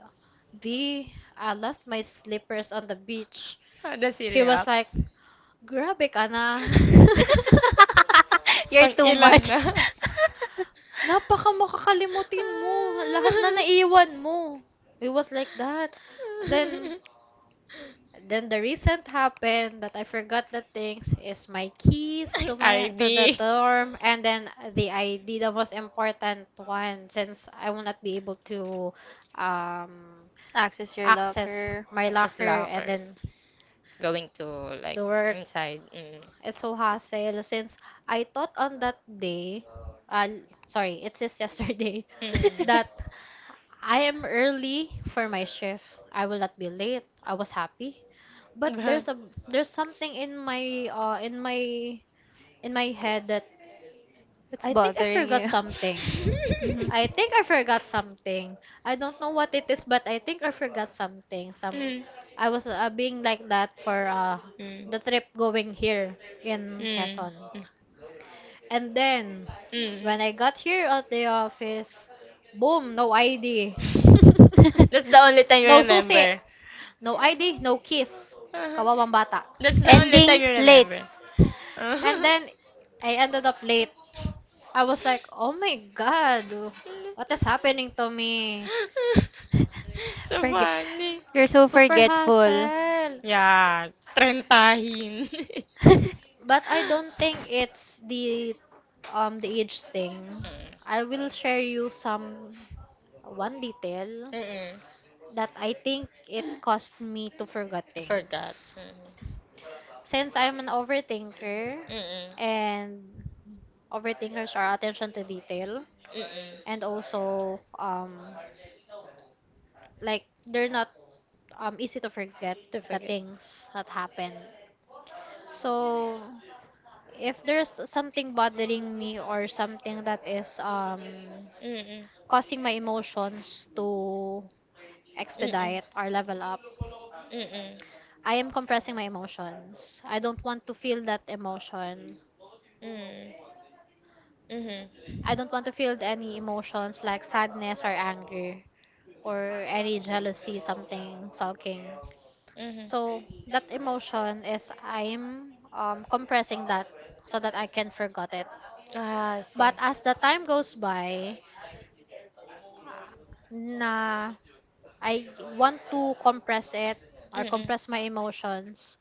B, I left my slippers on the beach. How does he He was react? like, grabe ka na. (laughs) (laughs) (laughs) You're Pang too ilan much. na? (laughs) Napaka makakalimutin mo. Lahat na naiwan mo. It was like that. Then, Then the recent happened that I forgot the things is my keys Ang to my ID. to the dorm, and then the ID, the most important one, since I will not be able to um Access your access locker. my Ang sa locker and then slackers. Going to like the work. inside. Mm. It's so hassle since I thought on that day, uh sorry it is yesterday, (laughs) Mm. that (laughs) I am early for my shift. I will not be late. I was happy. But But there's something in my in my head that It's I think I bothering forgot you. something. (laughs) Mhm. I think I forgot something. I don't know what it is, but I think I forgot something. Some, mm. I was being like that for Mm. the trip going here in Mm. Quezon. Mm. And then Mm. when I got here at the office, boom, no ID. (laughs) That's (laughs) the only time you No susi. remember. No ID. No kiss. Uh-huh. Kawawang bata. That's the only time Ending you late. remember. And Uh-huh. then, I ended up late. I was like, oh my god, what is happening to me? (laughs) So Forget. funny. You're so Super forgetful. hassle. Yeah, trentahin. (laughs) (laughs) But I don't think it's the age thing. Mm. I will share you some one detail Mm-mm. that I think it caused me to forget To forget. things. Since I'm an overthinker Mm-mm. and overthinkers are attention to detail, Mm-mm. Mm-mm. and also like they're not easy to forget To the forget. things that happened. So if there's something bothering me or something that is Mm-mm. causing my emotions to Mm-mm. expedite or level up, Mm-mm. I am compressing my emotions, I don't want to feel that emotion, Mm-mm. Mm-hmm. I don't want to feel any emotions like sadness or anger or any jealousy, something sulking. Mm-hmm. So that emotion is, I'm compressing that so that I can forget it. Ah, I see. But as the time goes by, na, I want to compress it or Mm-mm. compress my emotions,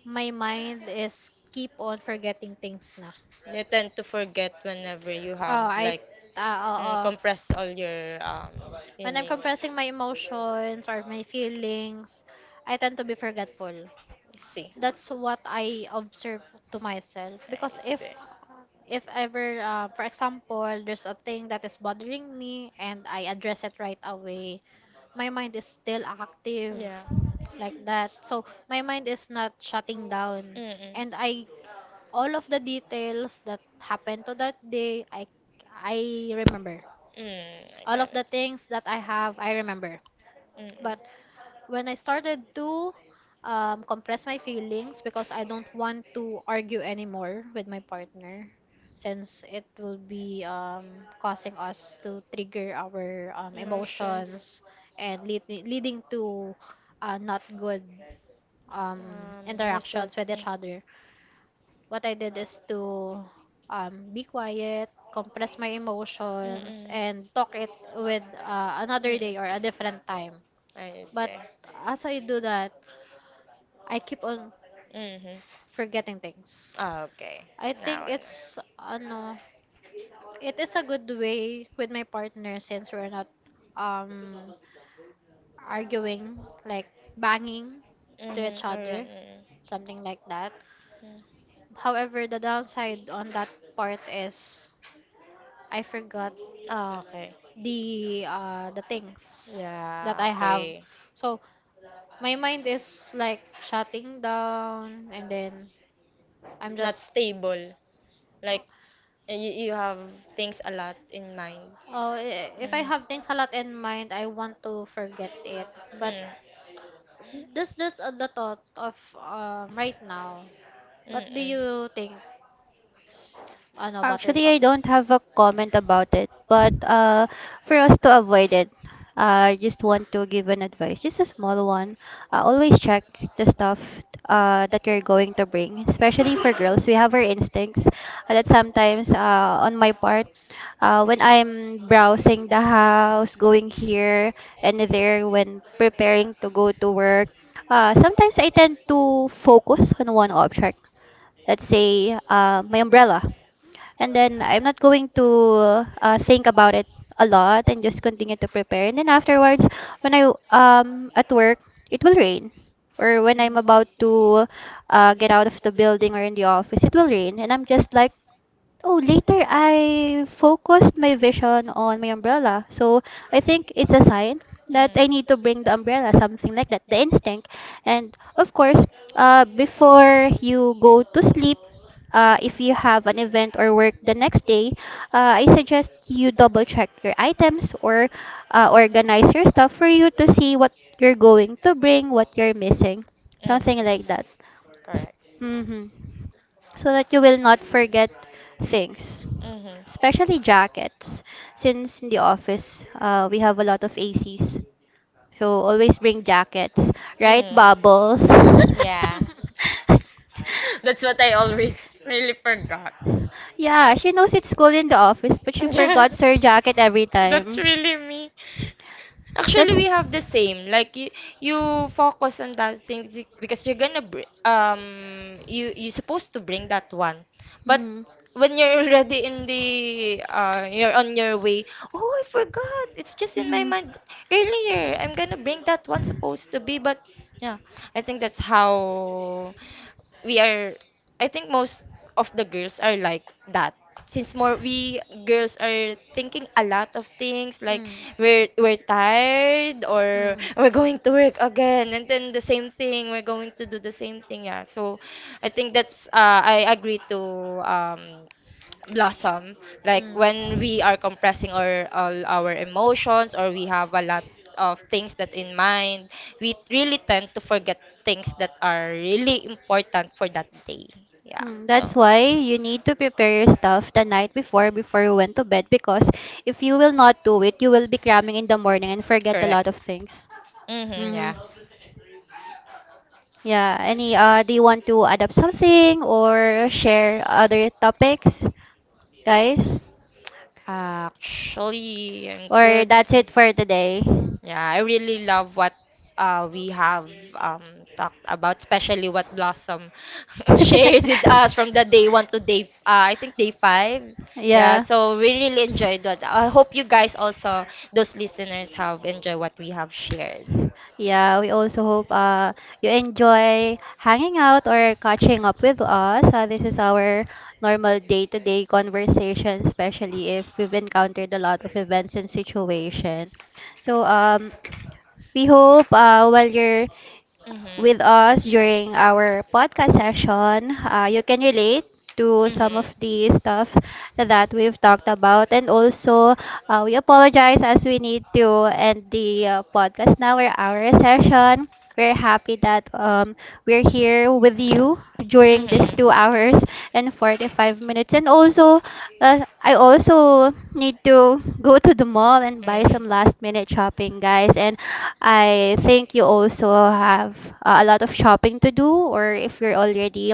my mind is keep on forgetting things na. You tend to forget whenever you have Oh, like oo. compress all your When I'm feelings. compressing my emotions or my feelings, I tend to be forgetful. See, That's what I observe to myself. Because I if see. if ever, for example, there's a thing that is bothering me and I address it right away, my mind is still active Yeah. like that, so my mind is not shutting down, Mm-mm. and I, all of the details that happened to that day, I remember Mm, I all of got it. the things that I have, I remember. But Mm-mm. when I started to compress my feelings because I don't want to argue anymore with my partner, since it will be, causing us to trigger our Emotions, emotions and leading to not good um, interactions result. with each Mm. other. What I did is to be quiet, compress my emotions, Mm-mm. and talk it with, another day Mm-mm. or a different time. I But see. as I do that, I keep on Mm-hmm. forgetting things. Ah, okay. I I think now I know. it's ano, it is a good way with my partner, since we're not um arguing like banging to each Mm-hmm. other, Alright. something like that. Mm-mm. Mm. However, the downside on that part is I forgot Ah, okay. The things that I Yeah, have. okay. So my mind is like shutting down and then I'm Not just. stable. Like, you have things a lot in mind. Oh, I if I mm have. have things a lot in mind, I want to forget it. But Mm. this just the thought of right now. What do Mm-mm. you think, ano, Actually, Buttercup? I don't have a comment about it, but for us to avoid it, I just want to give an advice, just a small one. Always check the stuff that you're going to bring, especially for girls. We have our instincts that sometimes, on my part, when I'm browsing the house, going here and there, when preparing to go to work, sometimes I tend to focus on one object. Let's say my umbrella, and then I'm not going to think about it a lot and just continue to prepare. And then afterwards, when I at work, it will rain. Or when I'm Mm. about to get out of the building or in the office, it will rain, and I'm just like, oh, later I focused my vision on my umbrella. So I think it's a sign that I Mm. need to bring the umbrella, something like that, the instinct. And of course, before you go to sleep, if you have an event or work the next day, I suggest you double check your items or organize your stuff for you to see what you're going to bring, what you're missing, Mm-hmm. something like Like, that. correct. Mm-hmm, so that you will not forget things, Mm-hmm. especially jackets. Since in the office, we have a lot of ACs, so always bring jackets, Right, right, mm. Bubbles? Yeah. (laughs) (laughs) (laughs) That's what I always really forgot. Yeah, she knows it's cold in the office, but she Yeah, forgot her jacket every (laughs) that's time. really me. That. Actually, we have the same. Like you focus on that thing because you're you're supposed to bring that one, but Hmm. when you're already in the you're on your way. Oh, I forgot. It's just in my Mhm. mind earlier. I'm gonna bring that one supposed to be, but yeah, I think that's how we are. I think most of the girls are like that. Since more we girls are thinking a lot of things, like Mm, we're tired or mm, we're going to work again, and then the same thing, we're going to do the same thing. Yeah, so I think that's I agree to um Blossom, like mm. when we are compressing our all our emotions, or we have a lot of things that in mind, we really tend to forget things that are really important for that day. Yeah, Mm, so that's why you need to prepare your stuff the night before you went to bed, because if you will not do it, you will be cramming in the morning and forget a correct. lot of things. Mm-hmm, Hmm. yeah. Yeah. Any do you want to add up something or share other topics, guys? Actually, I'm Or good. that's it for today. Yeah, I really love what we have um, talked about, especially what Blossom (laughs) shared with us (laughs) from the day one to day, I think day five. Yeah, Yeah, so we really enjoyed that. I hope you guys also, those listeners, have enjoyed what we have shared. yeah. We also hope you enjoy hanging out or catching up with us. This is our normal day-to-day conversation, especially if we've encountered a lot of events and situation. So we hope while you're Mhm, with us during our podcast session. You can relate to some of mhm, the stuff that we've talked about. And also, we apologize as we need to end the podcast now or our session. We're happy that we're here with you during this mhm, 2 hours and 45 minutes. And also, I also need to go to the mall and buy some last minute shopping, guys. And I think you also have a lot of shopping to do, or if you're already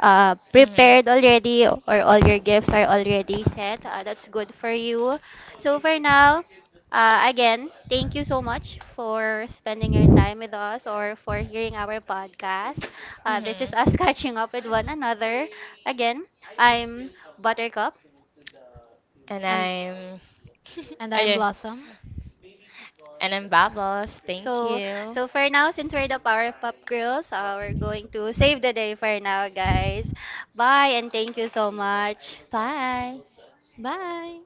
mhm, mhm, prepared already or all your gifts are already set, that's good for you. So for now, again, thank you so much for spending your time with us or for hearing our podcast. This is mhm. us (laughs) catching up with one another. Again, I'm Buttercup. And And I'm, and uh, I'm yeah, Blossom. And I'm Babos. Thank So, you. For now, since we're the Power Pop Girls, we're going to save the day for now, guys. Bye, and thank you so much. Bye. Bye.